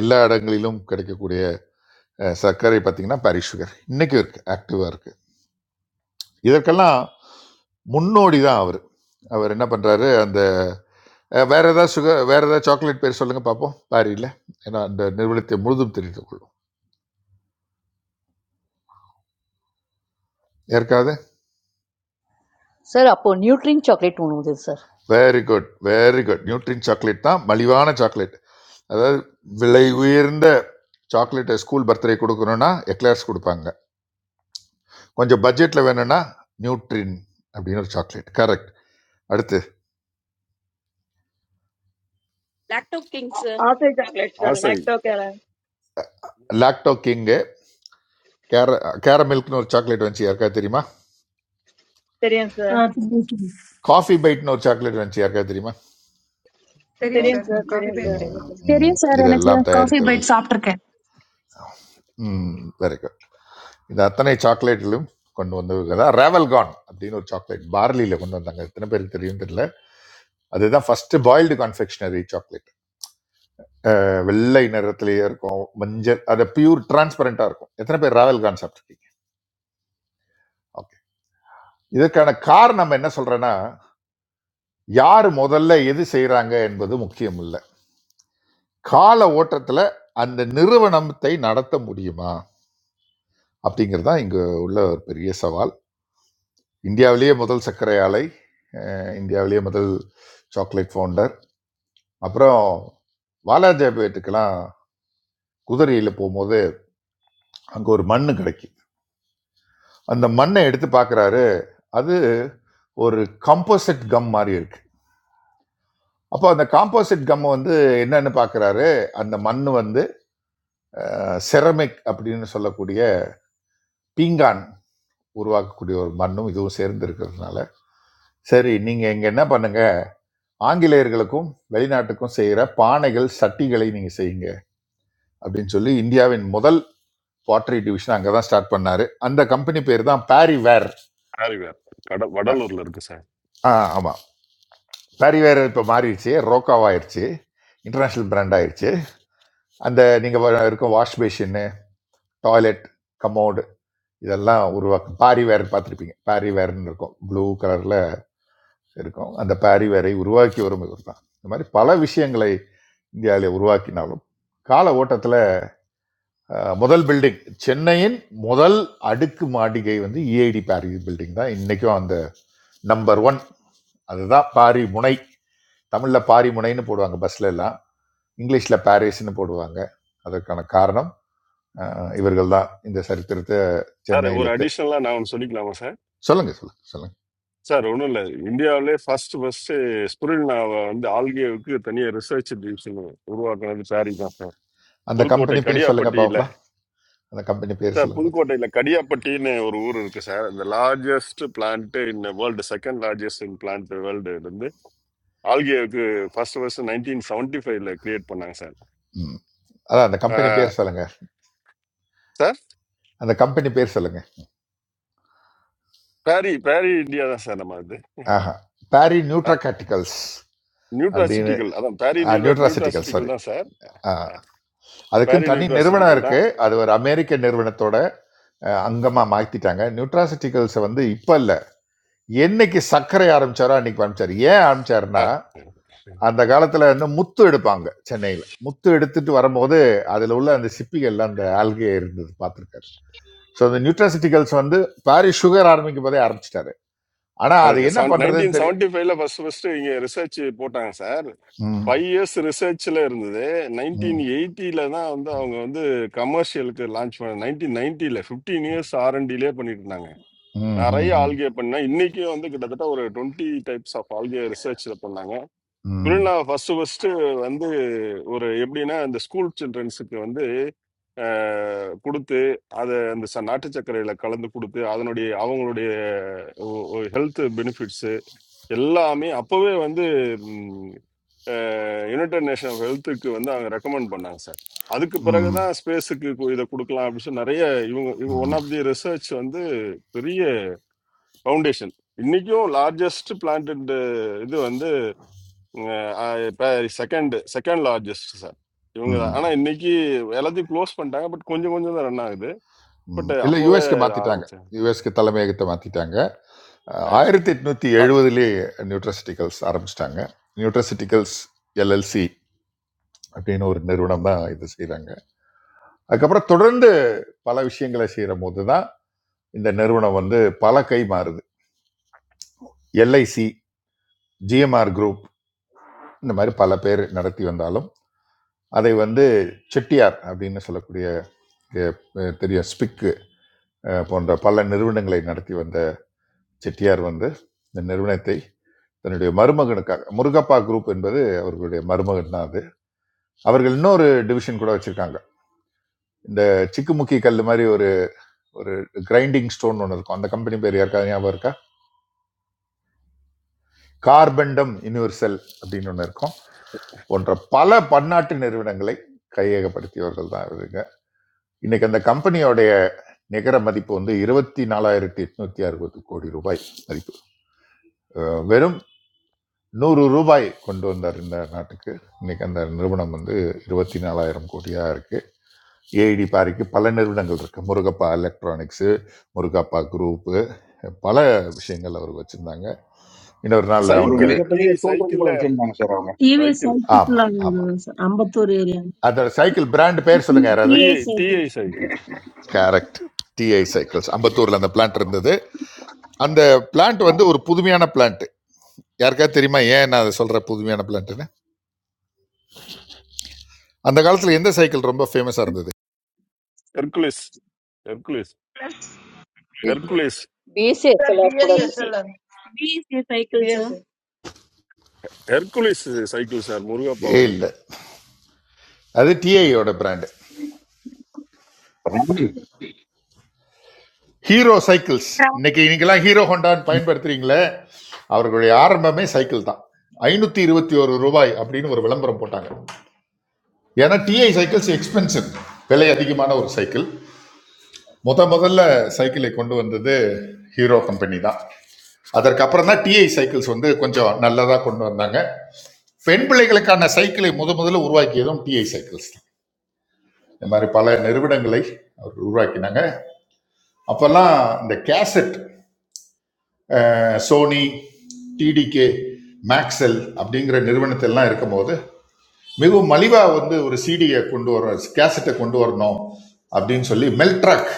[SPEAKER 5] எல்லா இடங்களிலும் கிடைக்கக்கூடிய அஹ், சர்க்கரை பார்த்தீங்கன்னா பாரி சுகர் இன்னைக்கும் இருக்கு ஆக்டிவாக இருக்கு இதற்கெல்லாம் முன்னோடி தான் அவர் அவர் என்ன பண்ணுறாரு அந்த அஹ், வேற ஏதாவது சுகர் வேற ஏதாவது சாக்லேட் பேர் சொல்லுங்க பார்ப்போம் பாரியில் ஏன்னா அந்த நிறுவனத்தை முழுதும் தெரிந்து கொள்ளும் யாருக்காவது
[SPEAKER 4] சார் அப்போது நியூட்ரின் சாக்லேட் ஒன்று sir
[SPEAKER 5] very good very good Nutrine chocolate தான் மலிவான சாக்லேட் அதாவது விலை உயர்ந்த சாக்லேட் ஸ்கூல் பர்த்டே கொடுக்கணும்னா எக்லர்ஸ் கொடுப்பாங்க கொஞ்சம் பட்ஜெட்டில் வேணும்னா நியூட்ரின் அப்படின்னு ஒரு சாக்லேட் கரெக்ட் அடுத்து
[SPEAKER 22] Lacto King, sir.
[SPEAKER 9] I'll take chocolate, sir.
[SPEAKER 20] ஆசை
[SPEAKER 9] Lacto Cara.
[SPEAKER 5] லாக்டோ கிங்கு கேர கேரமில்க்னு ஒரு சாக்லேட் வந்துச்சு யாருக்கா தெரியுமா
[SPEAKER 9] Syrian, sir.
[SPEAKER 23] Ah,
[SPEAKER 5] காஃபி பைட்னு ஒரு சாக்லேட் வந்துச்சு யாருக்கா தெரியுமா
[SPEAKER 24] Thank you,
[SPEAKER 9] Syrian,
[SPEAKER 24] sir.
[SPEAKER 9] sir.
[SPEAKER 24] Coffee,
[SPEAKER 9] Syrian, sir.
[SPEAKER 2] தெரியும்
[SPEAKER 5] ம்,
[SPEAKER 24] please.
[SPEAKER 2] தெரியும்
[SPEAKER 5] ம்.
[SPEAKER 25] Experience I think
[SPEAKER 5] இதெல்லாம்
[SPEAKER 25] is quite a
[SPEAKER 5] தயாரித்தவர்
[SPEAKER 25] bit softer.
[SPEAKER 5] வெரி குட் இந்த அத்தனை சாக்லேட்டிலும் கொண்டு வந்தவங்க தான் ரேவல்கான் அப்படின்னு ஒரு சாக்லேட் பார்லியில் கொண்டு வந்தாங்க எத்தனை பேருக்கு தெரியும் தெரியல அதுதான் ஃபர்ஸ்ட் பாயில்டு கான்ஃபெக்ஷனரி சாக்லேட் அஹ், வெள்ளை நிறத்திலேயே இருக்கும் மஞ்சள் அது பியூர் டிரான்ஸ்பரண்டா இருக்கும் எத்தனை பேர் ராவல் கான் சாப்பிட்டுருக்கீங்க ஓகே இதற்கான காரணம் நம்ம என்ன சொல்றேன்னா யார் முதல்ல எது செய்றாங்க என்பது முக்கியம் இல்லை கால ஓட்டத்துல அந்த நிறுவனத்தை நடத்த முடியுமா அப்படிங்கிறது தான் இங்க உள்ள ஒரு பெரிய சவால் இந்தியாவிலேயே முதல் சர்க்கரை ஆலை அஹ், இந்தியாவிலேயே முதல் சாக்லேட் ஃபவுண்டர் அப்புறம் வாலாஜாபேட்டுக்கெல்லாம் குதிரையில் போகும்போது அங்கே ஒரு மண்ணு கிடைக்கும் அந்த மண்ணை எடுத்து பார்க்குறாரு அது ஒரு காம்போசிட் கம் மாதிரி இருக்கு அப்போ அந்த காம்போசிட் கம்மை வந்து என்னன்னு பார்க்குறாரு அந்த மண் வந்து செரமிக் அப்படின்னு சொல்லக்கூடிய பீங்கான் உருவாக்கக்கூடிய ஒரு மண்ணும் இதுவும் சேர்ந்து இருக்கிறதுனால சரி நீங்க இங்க என்ன பண்ணுங்க ஆங்கிலேயர்களுக்கும் வெளிநாட்டுக்கும் செய்யற பானைகள் சட்டிகளை நீங்க செய்யுங்க அப்படின்னு சொல்லி இந்தியாவின் முதல் பாட்டரி டிவிஷன் அங்கதான் ஸ்டார்ட் பண்ணாரு அந்த கம்பெனி பேர் தான் பாரி வேர்
[SPEAKER 20] ஆரிவேர் கட வடலூர்ல இருக்கு சார்
[SPEAKER 5] ஆமா சாரி வேறு இப்போ மாறிடுச்சு ரோக்காவாயிருச்சு இன்டர்நேஷ்னல் பிராண்ட் ஆயிருச்சு அந்த நீங்கள் இருக்கும் வாஷ் பேஷின்னு டாய்லெட் கமோடு இதெல்லாம் உருவாக்கும் பாரி வேர் பார்த்துருப்பீங்க பாரி வேர்ன்னு இருக்கும் ப்ளூ கலரில் இருக்கும் அந்த பாரி வேரை உருவாக்கி வரும் இவர் தான் இந்த மாதிரி பல விஷயங்களை இந்தியாவிலே உருவாக்கினாலும் கால ஓட்டத்தில் முதல் பில்டிங் சென்னையின் முதல் அடுக்கு மாடிகை வந்து இஐடி பாரி பில்டிங் தான் இன்றைக்கும் அந்த நம்பர் ஒன் அதுதான் பாரி முனை தமிழில் பாரி முனைன்னு போடுவாங்க பஸ்ல எல்லாம் இங்கிலீஷில் பாரிஸ்னு போடுவாங்க அதற்கான காரணம் இவர்கள் தான் இந்த சரித்திரத்தை
[SPEAKER 20] சார் ஒரு
[SPEAKER 5] சென்னையில்
[SPEAKER 20] அடிஷனலா நான் ஒன்று சொல்லிக்கலாமா சார்
[SPEAKER 5] சொல்லுங்க சொல்லுங்க சொல்லுங்க
[SPEAKER 20] சார் ஒன்றும் இல்லை இந்தியாவிலே ஃபர்ஸ்ட் ஃபர்ஸ்ட் ஸ்புரில்னாவை வந்து ஆல்கேவுக்கு தனியாக ரிசர்ச் டிவிஷன் உருவாக்குனது சாரி தான் சார்
[SPEAKER 5] அந்த
[SPEAKER 20] புதுக்கோட்டை
[SPEAKER 5] கம்பெனி பேர் சொல்லுங்க
[SPEAKER 20] கடியாப்பட்டியில்
[SPEAKER 5] பார்க்கலாம் அந்த கம்பெனி பேர்
[SPEAKER 20] சார்
[SPEAKER 5] சொல்லுங்க பார்த்து
[SPEAKER 20] புதுக்கோட்டையில் கடியாப்பட்டின்னு ஒரு ஊர் இருக்கு சார் இந்த largest plant in world second largest in plant world வந்து ஆல்கேவுக்கு ஃபர்ஸ்ட் ஃபர்ஸ்ட் நைன்டீன் செவன்டி ஃபைவ்ல கிரியேட் பண்ணாங்க
[SPEAKER 5] ம் அதான் அந்த கம்பெனி
[SPEAKER 20] சார்
[SPEAKER 5] பேர் சொல்லுங்க
[SPEAKER 20] சார்
[SPEAKER 5] அந்த கம்பெனி பேர் சொல்லுங்க
[SPEAKER 20] பேரி பேரி இந்தியா தான் சார் நம்ம இது
[SPEAKER 5] ஆஹா பாரி
[SPEAKER 20] ஆ
[SPEAKER 5] நியூட்ராகாட்டிகல்ஸ் அப்படின்னு
[SPEAKER 20] நியூட்ராசிட்டிக்கல் அதான் Parry nutra
[SPEAKER 5] nutraceutical sorry
[SPEAKER 20] nutraceutical தான் சார் பேரி
[SPEAKER 5] அதுக்குன்னு தனி நிறுவனம்
[SPEAKER 20] நியூட்ராசிட்டிக்கல்
[SPEAKER 5] இருக்கு
[SPEAKER 20] தான்
[SPEAKER 5] அது ஒரு அமெரிக்க நிறுவனத்தோட அஹ், அங்கமா மாத்திட்டாங்க நியூட்ராசிட்டிகல்ஸ் வந்து இப்ப இல்ல என்னைக்கு சர்க்கரை ஆரம்பிச்சாரோ அன்னைக்கு ஆரம்பிச்சாரு ஏன் ஆரம்பிச்சாருன்னா அந்த காலத்துல வந்து முத்து எடுப்பாங்க சென்னையில முத்து எடுத்துட்டு வரும்போது அதுல உள்ள அந்த சிப்பிகள்ல அந்த ஆல்கே இருந்தது பார்த்திருக்காரு ஸோ அந்த நியூட்ராசிட்டிகல்ஸ் வந்து பாரிஸ் சுகர் ஆரம்பிக்கும் போதே ஆரம்பிச்சிட்டாரு ஆனா அது என்ன
[SPEAKER 20] நைன்டீன்
[SPEAKER 5] பண்றதுன்னு தெரியும்
[SPEAKER 20] செவன்டி ஃபைவ்ல ஃபர்ஸ்ட் ஃபர்ஸ்ட் இங்க ரிசர்ச் போட்டாங்க சார்
[SPEAKER 5] ம்,
[SPEAKER 20] ஃபைவ் இயர்ஸ் ரிசர்ச்ல இருந்தது நைன்டீன்
[SPEAKER 5] ம்,
[SPEAKER 20] எயிட்டில தான் வந்து அவங்க வந்து கமர்ஷியலுக்கு லான்ச் பண்ண நைன்டீன் நைன்டில ஃபிஃப்டீன் இயர்ஸ் ஆர்என்டிலே பண்ணிட்டு இருந்தாங்க
[SPEAKER 5] ம்,
[SPEAKER 20] நிறைய
[SPEAKER 5] ம், ம்,
[SPEAKER 20] ஆல்கே பண்ணா இன்னைக்கு வந்து கிட்டத்தட்ட ஒரு டுவெண்ட்டி டைப்ஸ் ஆஃப் ஆல்கே ரிசர்ச்ல பண்ணாங்க
[SPEAKER 5] ம்,
[SPEAKER 20] ஃபர்ஸ்ட் ஃபர்ஸ்ட் வந்து ஒரு எப்படின்னா அந்த ஸ்கூல் சில்ட்ரன்ஸுக்கு வந்து அஹ், கொடுத்து அதை அந்த ச- நாட்டு சர்க்கரையில கலந்து கொடுத்து அதனுடைய அவங்களுடைய ஹெல்த் பெனிஃபிட்ஸ் எல்லாமே அப்பவே வந்து ம், அஹ், யுனைடெட் நேஷன் ஹெல்த்துக்கு வந்து அவங்க ரெக்கமெண்ட் பண்ணாங்க சார் அதுக்கு
[SPEAKER 5] ம்,
[SPEAKER 20] பிறகுதான் ஸ்பேஸுக்கு இதை கொடுக்கலாம் அப்படின்னு சொல்லி நிறைய இவங்க இவங்க ஒன்
[SPEAKER 5] ம்,
[SPEAKER 20] ஆஃப் தி ரிசர்ச் வந்து பெரிய ஃபவுண்டேஷன் இன்னைக்கும் லார்ஜஸ்ட் பிளான்ட் இது வந்து இப்போ செகண்ட் செகண்ட் லார்ஜஸ்ட் சார் இவங்க தான்
[SPEAKER 5] ம்,
[SPEAKER 20] ஆனால் இன்னைக்கு எல்லாத்தையும் க்ளோஸ் பண்ணிட்டாங்க பட் கொஞ்சம் கொஞ்சம் தான் ரன் ஆகுது பட்
[SPEAKER 5] ம். இல்ல
[SPEAKER 20] அப்போவே
[SPEAKER 5] யூஎஸ்க்கு மாத்திட்டாங்க
[SPEAKER 20] ஆரம்பிச்சேன்
[SPEAKER 5] யூஎஸ்க்கு தலைமையகத்தை மாத்திட்டாங்க அஹ்
[SPEAKER 20] சார்.
[SPEAKER 5] ஆயிரத்தி எட்நூத்தி எழுபதுலேயே நியூட்ராசிட்டிகல்ஸ் ஆரம்பிச்சிட்டாங்க நியூட்ராசிட்டிகல்ஸ் எல்எல்சி அப்படின்னு ஒரு நிறுவனம் தான் இது செய்றாங்க அதுக்கப்புறம் தொடர்ந்து பல விஷயங்களை செய்கிற போது தான் இந்த நிறுவனம் வந்து பல கை மாறுது எல்ஐசி ஜிஎம்ஆர் குரூப் இந்த மாதிரி பல பேர் நடத்தி வந்தாலும் அதை வந்து செட்டியார் அப்படின்னு சொல்லக்கூடிய அஹ், தெரியும் ஸ்பிக்கு போன்ற பல நிறுவனங்களை நடத்தி வந்த செட்டியார் வந்து இந்த நிறுவனத்தை தன்னுடைய மருமகனுக்காக முருகப்பா குரூப் என்பது அவர்களுடைய மருமகன் தான் அது அவர்கள் இன்னொரு டிவிஷன் கூட வச்சிருக்காங்க இந்த சிக்குமுக்கி கல் மாதிரி ஒரு ஒரு கிரைண்டிங் ஸ்டோன் ஒன்று இருக்கும் அந்த கம்பெனி பேர் யாருக்காவது ஞாபகம் இருக்கா கார்பெண்டம் யூனிவர்சல் அப்படின்னு ஒன்று இருக்கும் போன்ற பல பன்னாட்டு நிறுவனங்களை கையகப்படுத்தியவர்கள் தான் இருங்க இன்னைக்கு அந்த கம்பெனியோடைய நிகர மதிப்பு வந்து இருபத்தி நாலாயிரத்தி எட்நூத்தி அறுபது கோடி ரூபாய் மதிப்பு அஹ் வெறும் நூறு ரூபாய் கொண்டு வந்தார் இந்த நாட்டுக்கு இன்னைக்கு அந்த நிறுவனம் வந்து இருபத்தி நாலாயிரம் கோடியா இருக்கு ஏஐடி பாரிக்கு பல நிறுவனங்கள் இருக்கு முருகப்பா எலக்ட்ரானிக்ஸ் முருகப்பா குரூப் பல விஷயங்கள் அவர் வச்சிருந்தாங்க இன்னொரு நாள்
[SPEAKER 26] Oru
[SPEAKER 5] அவங்க
[SPEAKER 20] cycle
[SPEAKER 26] mere
[SPEAKER 20] TI
[SPEAKER 26] paariya toldong kollam
[SPEAKER 20] சைக்கிளில்
[SPEAKER 26] chennai
[SPEAKER 23] T
[SPEAKER 26] namsaraam.
[SPEAKER 23] V
[SPEAKER 20] cycle
[SPEAKER 23] satellite
[SPEAKER 5] ஆமா ஆமா
[SPEAKER 23] language, Ambatore area.
[SPEAKER 5] அதோட சைக்கிள் பிராண்ட் பேர் சொல்லுங்க யாராவது
[SPEAKER 23] T A
[SPEAKER 20] TI
[SPEAKER 23] C.
[SPEAKER 20] TI cycle sir
[SPEAKER 5] correct TI cycles அம்பத்தூர்ல அந்த பிளான்ட் இருந்தது அந்த பிளான்ட் வந்து ஒரு புதுமையான பிளான்ட் யாருக்காவது தெரியுமா ஏன் நான் அதை சொல்ற புதுமையான பிளான்ட்னு அந்த காலத்துல எந்த சைக்கிள் ரொம்ப ஃபேமஸா இருந்தது
[SPEAKER 20] Hercules Hercules Hercules
[SPEAKER 4] BSC
[SPEAKER 9] Sir,
[SPEAKER 4] எக்ஸலர் கூட
[SPEAKER 9] BS,
[SPEAKER 4] இருக்குது sir
[SPEAKER 22] BSc,
[SPEAKER 9] sir.
[SPEAKER 22] cycle, sir.
[SPEAKER 9] BS.
[SPEAKER 20] Hercules cycle sir
[SPEAKER 5] ஏ இல்ல
[SPEAKER 20] முருகப்பாவோடது
[SPEAKER 5] அது டிஐயோட பிராண்ட் ஹீரோ சைக்கிள்ஸ்
[SPEAKER 27] Hello.
[SPEAKER 5] இன்னைக்கு இன்னைக்கெல்லாம் ஹீரோ ஹோண்டான்னு பயன்படுத்துறீங்களே அவர்களுடைய ஆரம்பமே சைக்கிள் தான் ஐநூத்தி இருபத்தி ஒரு ரூபாய் அப்படின்னு ஒரு விளம்பரம் போட்டாங்க ஏன்னா டிஐ சைக்கிள்ஸ் எக்ஸ்பென்சிவ் விலை அதிகமான ஒரு சைக்கிள் முத முதல்ல சைக்கிளை கொண்டு வந்தது ஹீரோ கம்பெனி தான் அதற்கப்புறம் தான் டிஐ சைக்கிள்ஸ் வந்து கொஞ்சம் நல்லதாக கொண்டு வந்தாங்க பெண் பிள்ளைகளுக்கான சைக்கிளை முத முதல்ல உருவாக்கியதும் டிஐ சைக்கிள்ஸ் தான் இந்த மாதிரி பல நிறுவனங்களை அவர் உருவாக்கினாங்க அப்போல்லாம் இந்த கேசட் அஹ், சோனி டிடிகே மேக்ஸெல் அப்படிங்கிற நிறுவனத்திலாம் இருக்கும்போது மிகவும் மலிவாக வந்து ஒரு சிடியை கொண்டு வர கேசட்டை கொண்டு வரணும் அப்படின்னு சொல்லி மெல்ட்ராக்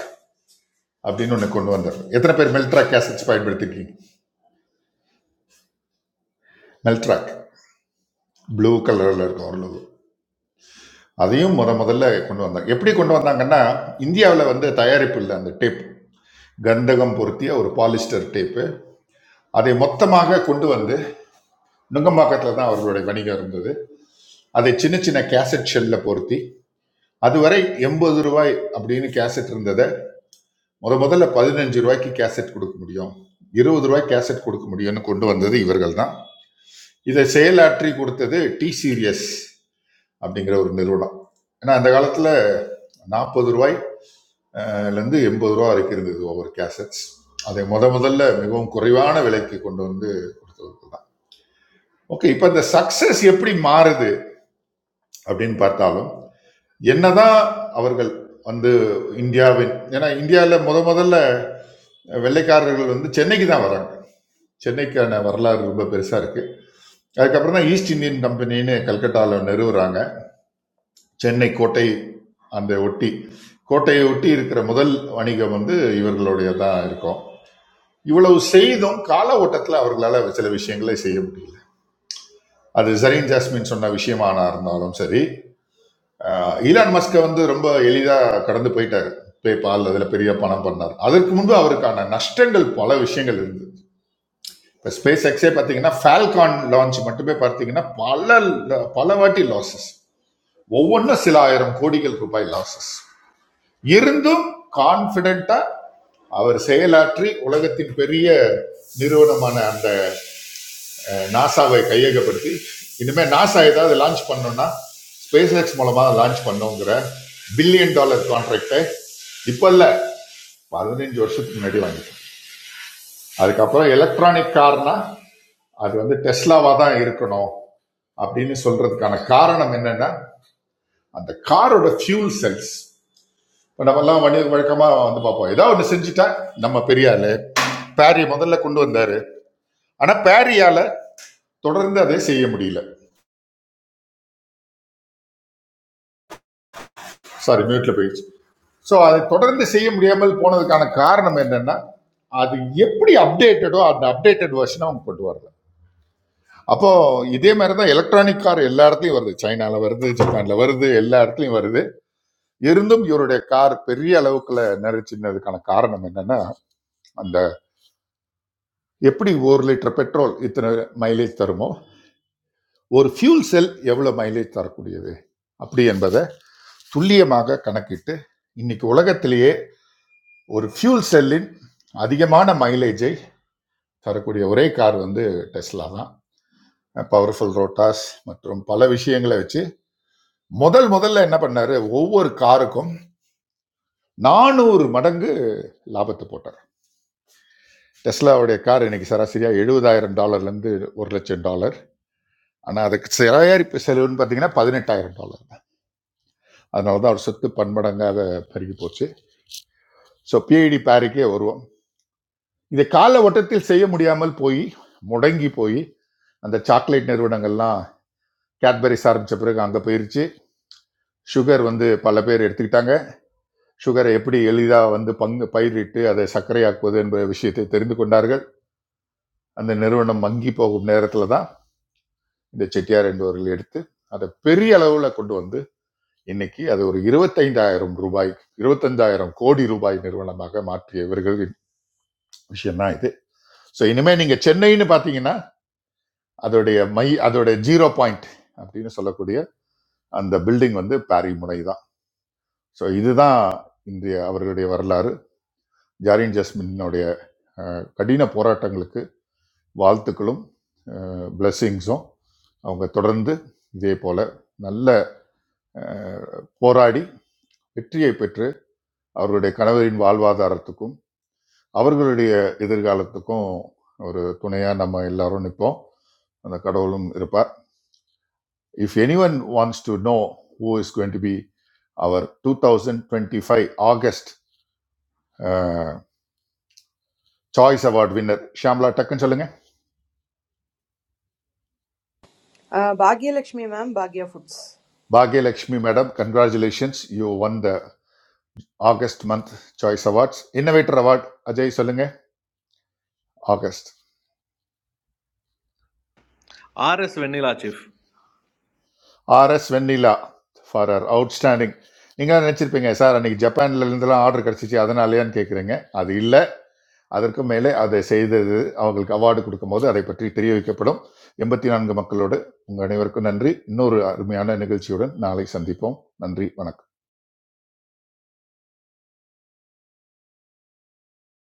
[SPEAKER 5] அப்படின்னு ஒன்று கொண்டு வந்தார் எத்தனை பேர் மெல்ட்ராக் கேசட்ஸ் பயன்படுத்திருக்கீங்க மெல்ட்ராக் ப்ளூ கலரில் இருக்கும் ஒரு logo. அதையும் முத முதல்ல கொண்டு வந்தாங்க எப்படி கொண்டு வந்தாங்கன்னா இந்தியாவில் வந்து தயாரிப்பு இல்லை அந்த டேப் கந்தகம் பொருத்திய ஒரு பாலிஸ்டர் டேப்பு அதை மொத்தமாக கொண்டு வந்து நுங்கம்பாக்கத்தில் தான் அவர்களுடைய வணிகம் இருந்தது அதை சின்ன சின்ன கேசட் ஷெல்லில் பொருத்தி அதுவரை எண்பது ரூபாய் அப்படின்னு கேசட் இருந்ததை முத முதல்ல பதினஞ்சு ரூபாய்க்கு கேசட் கொடுக்க முடியும் இருபது ரூபாய் கேசட் கொடுக்க முடியும்னு கொண்டு வந்தது இவர்கள் தான் இதை செயலாற்றி கொடுத்தது டி சீரியஸ் அப்படிங்கிற ஒரு நிறுவனம் ஏன்னா அந்த காலத்தில் நாற்பது ரூபாய் அஹ், ல இருந்து எண்பது ரூபா வரைக்கும் இருந்தது ஒவ்வொரு கேசட்ஸ் அதை முத முதல்ல மிகவும் குறைவான விலைக்கு கொண்டு வந்து கொடுத்தவர்கள் தான் ஓகே இப்போ இந்த சக்சஸ் எப்படி மாறுது அப்படின்னு பார்த்தாலும் என்னதான் அவர்கள் வந்து இந்தியாவின் ஏன்னா இந்தியாவில் முத முதல்ல வெள்ளைக்காரர்கள் வந்து சென்னைக்கு தான் வராங்க சென்னைக்கான வரலாறு ரொம்ப பெருசாக இருக்கு அதுக்கப்புறம் தான் ஈஸ்ட் இந்தியன் கம்பெனின்னு கல்கட்டாவில் நிறுவுறாங்க சென்னை கோட்டை அந்த ஒட்டி கோட்டையை ஒட்டி இருக்கிற முதல் வணிகம் வந்து இவர்களுடைய தான் இருக்கும் இவ்வளவு செய்தும் கால ஓட்டத்தில் அவர்களால் சில விஷயங்களை செய்ய முடியல அது ஜரீன் ஜாஸ்மின் சொன்ன விஷயமானா இருந்தாலும் சரி அஹ், ஈலான் மஸ்கை வந்து ரொம்ப எளிதாக கடந்து போயிட்டார் பேபால் அதில் பெரிய பணம் பண்ணார் அதற்கு முன்பு அவருக்கான நஷ்டங்கள் பல விஷயங்கள் இருந்தது இப்போ ஸ்பேஸ் எக்ஸே பார்த்தீங்கன்னா ஃபால்கான் லான்ச் மட்டுமே பார்த்தீங்கன்னா பல பல வாட்டி லாசஸ் ஒவ்வொன்றும் சில ஆயிரம் கோடிகள் ரூபாய் லாசஸ் இருந்தும் கான்பிடண்டா அவர் செயலாற்றி உலகத்தின் பெரிய நிறுவனமான அந்த நாசாவை கையகப்படுத்தி இனிமே நாசா ஏதாவது லான்ச் பண்ணணும்னா ஸ்பேஸ் எக்ஸ் மூலமா லான்ச் பண்ணுங்கிற பில்லியன் டாலர் கான்ட்ராக்டை இப்ப இல்ல பதினஞ்சு வருஷத்துக்கு முன்னாடி வாங்கிட்டோம் அதுக்கப்புறம் எலக்ட்ரானிக் கார்னா அது வந்து டெஸ்லாவா தான் இருக்கணும் அப்படின்னு சொல்றதுக்கான காரணம் என்னன்னா அந்த காரோட ஃபியூல் செல்ஸ் இப்ப நம்மெல்லாம் வணி வழக்கமாக வந்து பார்ப்போம் ஏதாவது ஒன்று செஞ்சுட்டா நம்ம பெரிய ஆளு பேரி முதல்ல கொண்டு வந்தாரு ஆனால் பேரியால தொடர்ந்து அதை செய்ய முடியல சாரி மியூட்ல போயிடுச்சு ஸோ அதை தொடர்ந்து செய்ய முடியாமல் போனதுக்கான காரணம் என்னன்னா அது எப்படி அப்டேட்டடோ அந்த அப்டேட்டட் வெர்ஷனை அவங்க கொண்டு வரல அப்போ இதே மாதிரி தான் எலக்ட்ரானிக் கார் எல்லா இடத்துலையும் வருது சைனால வருது ஜப்பான்ல வருது எல்லா இடத்துலையும் வருது இருந்தும் இவருடைய கார் பெரிய அளவுக்குள்ள நிறைச்சின்னதுக்கான காரணம் என்னன்னா அந்த எப்படி ஒரு லிட்டர் பெட்ரோல் இத்தனை மைலேஜ் தருமோ ஒரு ஃபியூல் செல் எவ்வளவு மைலேஜ் தரக்கூடியது அப்படி என்பதை துல்லியமாக கணக்கிட்டு இன்னைக்கு உலகத்திலேயே ஒரு ஃபியூல் செல்லின் அதிகமான மைலேஜை தரக்கூடிய ஒரே கார் வந்து டெஸ்லா தான் பவர்ஃபுல் ரோட்டாஸ் மற்றும் பல விஷயங்களை வச்சு முதல் முதல்ல என்ன பண்ணாரு ஒவ்வொரு காருக்கும் நானூறு மடங்கு லாபத்தை போட்டார் டெஸ்லாவுடைய கார் இன்னைக்கு சராசரியா எழுபதாயிரம் டாலர்லேருந்து ஒரு லட்சம் டாலர் ஆனால் அதுக்கு தயாரிப்பு செலவுன்னு பார்த்தீங்கன்னா பதினெட்டாயிரம் டாலர் அதனால தான் அவர் சொத்து பன்மடங்காக பெருகி போச்சு ஸோ பிஐடி பேருக்கே வருவோம் இதை கால ஓட்டத்தில் செய்ய முடியாமல் போய் முடங்கி போய் அந்த சாக்லேட் நிறுவனங்கள்லாம் கேட்பரிஸ் ஆரம்பித்த பிறகு அங்கே போயிருச்சு சுகர் வந்து பல பேர் எடுத்துக்கிட்டாங்க சுகரை எப்படி எளிதாக வந்து பங்கு பயிரிட்டு அதை சர்க்கரையாக்குவது என்ற விஷயத்தை தெரிந்து கொண்டார்கள் அந்த நிறுவனம் மங்கி போகும் நேரத்தில் தான் இந்த செட்டியார் என்பவர்கள் எடுத்து அதை பெரிய அளவில் கொண்டு வந்து இன்னைக்கு அது ஒரு இருபத்தைந்தாயிரம் ரூபாய் இருபத்தஞ்சாயிரம் கோடி ரூபாய் நிறுவனமாக மாற்றிய இவர்களின் விஷயம் தான் இது ஸோ இனிமேல் நீங்கள் சென்னைன்னு பார்த்தீங்கன்னா அதோடைய மை அதோடைய ஜீரோ பாயிண்ட் அப்படின்னு சொல்லக்கூடிய அந்த பில்டிங் வந்து பாரி முறை தான் ஸோ இதுதான் இன்றைய அவர்களுடைய வரலாறு ஜாரின் ஜஸ்மினுடைய அஹ், கடின போராட்டங்களுக்கு வாழ்த்துக்களும் பிளெஸ்ஸிங்ஸும் அவங்க தொடர்ந்து இதே போல நல்ல அஹ், போராடி வெற்றியை பெற்று அவர்களுடைய கணவரின் வாழ்வாதாரத்துக்கும் அவர்களுடைய எதிர்காலத்துக்கும் ஒரு துணையாக நம்ம எல்லாரும் நிற்போம் அந்த கடவுளும் இருப்பார் If anyone wants to know who is going to be our 2025 August uh, Choice Award winner, Shamla Takkan Chalunga.
[SPEAKER 3] அஹ் பாக்யலட்சுமி மேம் பாக்யா foods
[SPEAKER 5] Bhagya Lakshmi Madam, congratulations. You won the August month Choice Awards. Innovator Award, Ajay Solunga, August.
[SPEAKER 19] R S Venilachif.
[SPEAKER 5] R S Vennila for our outstanding நீங்களாம் நினச்சிருப்பீங்க sir அன்றைக்கி ஜப்பான்ல இருந்தெல்லாம் order கிடச்சிச்சு அதனாலயான்னு கேட்குறீங்க அது இல்லை அதற்கு மேலே அதை செய்தது அவங்களுக்கு அவார்டு கொடுக்கும்போது அதை பற்றி தெரிய வைக்கப்படும் எண்பத்தி நான்கு மக்களோடு உங்கள் அனைவருக்கும் நன்றி இன்னொரு அருமையான நிகழ்ச்சியுடன் நாளை சந்திப்போம் நன்றி வணக்கம்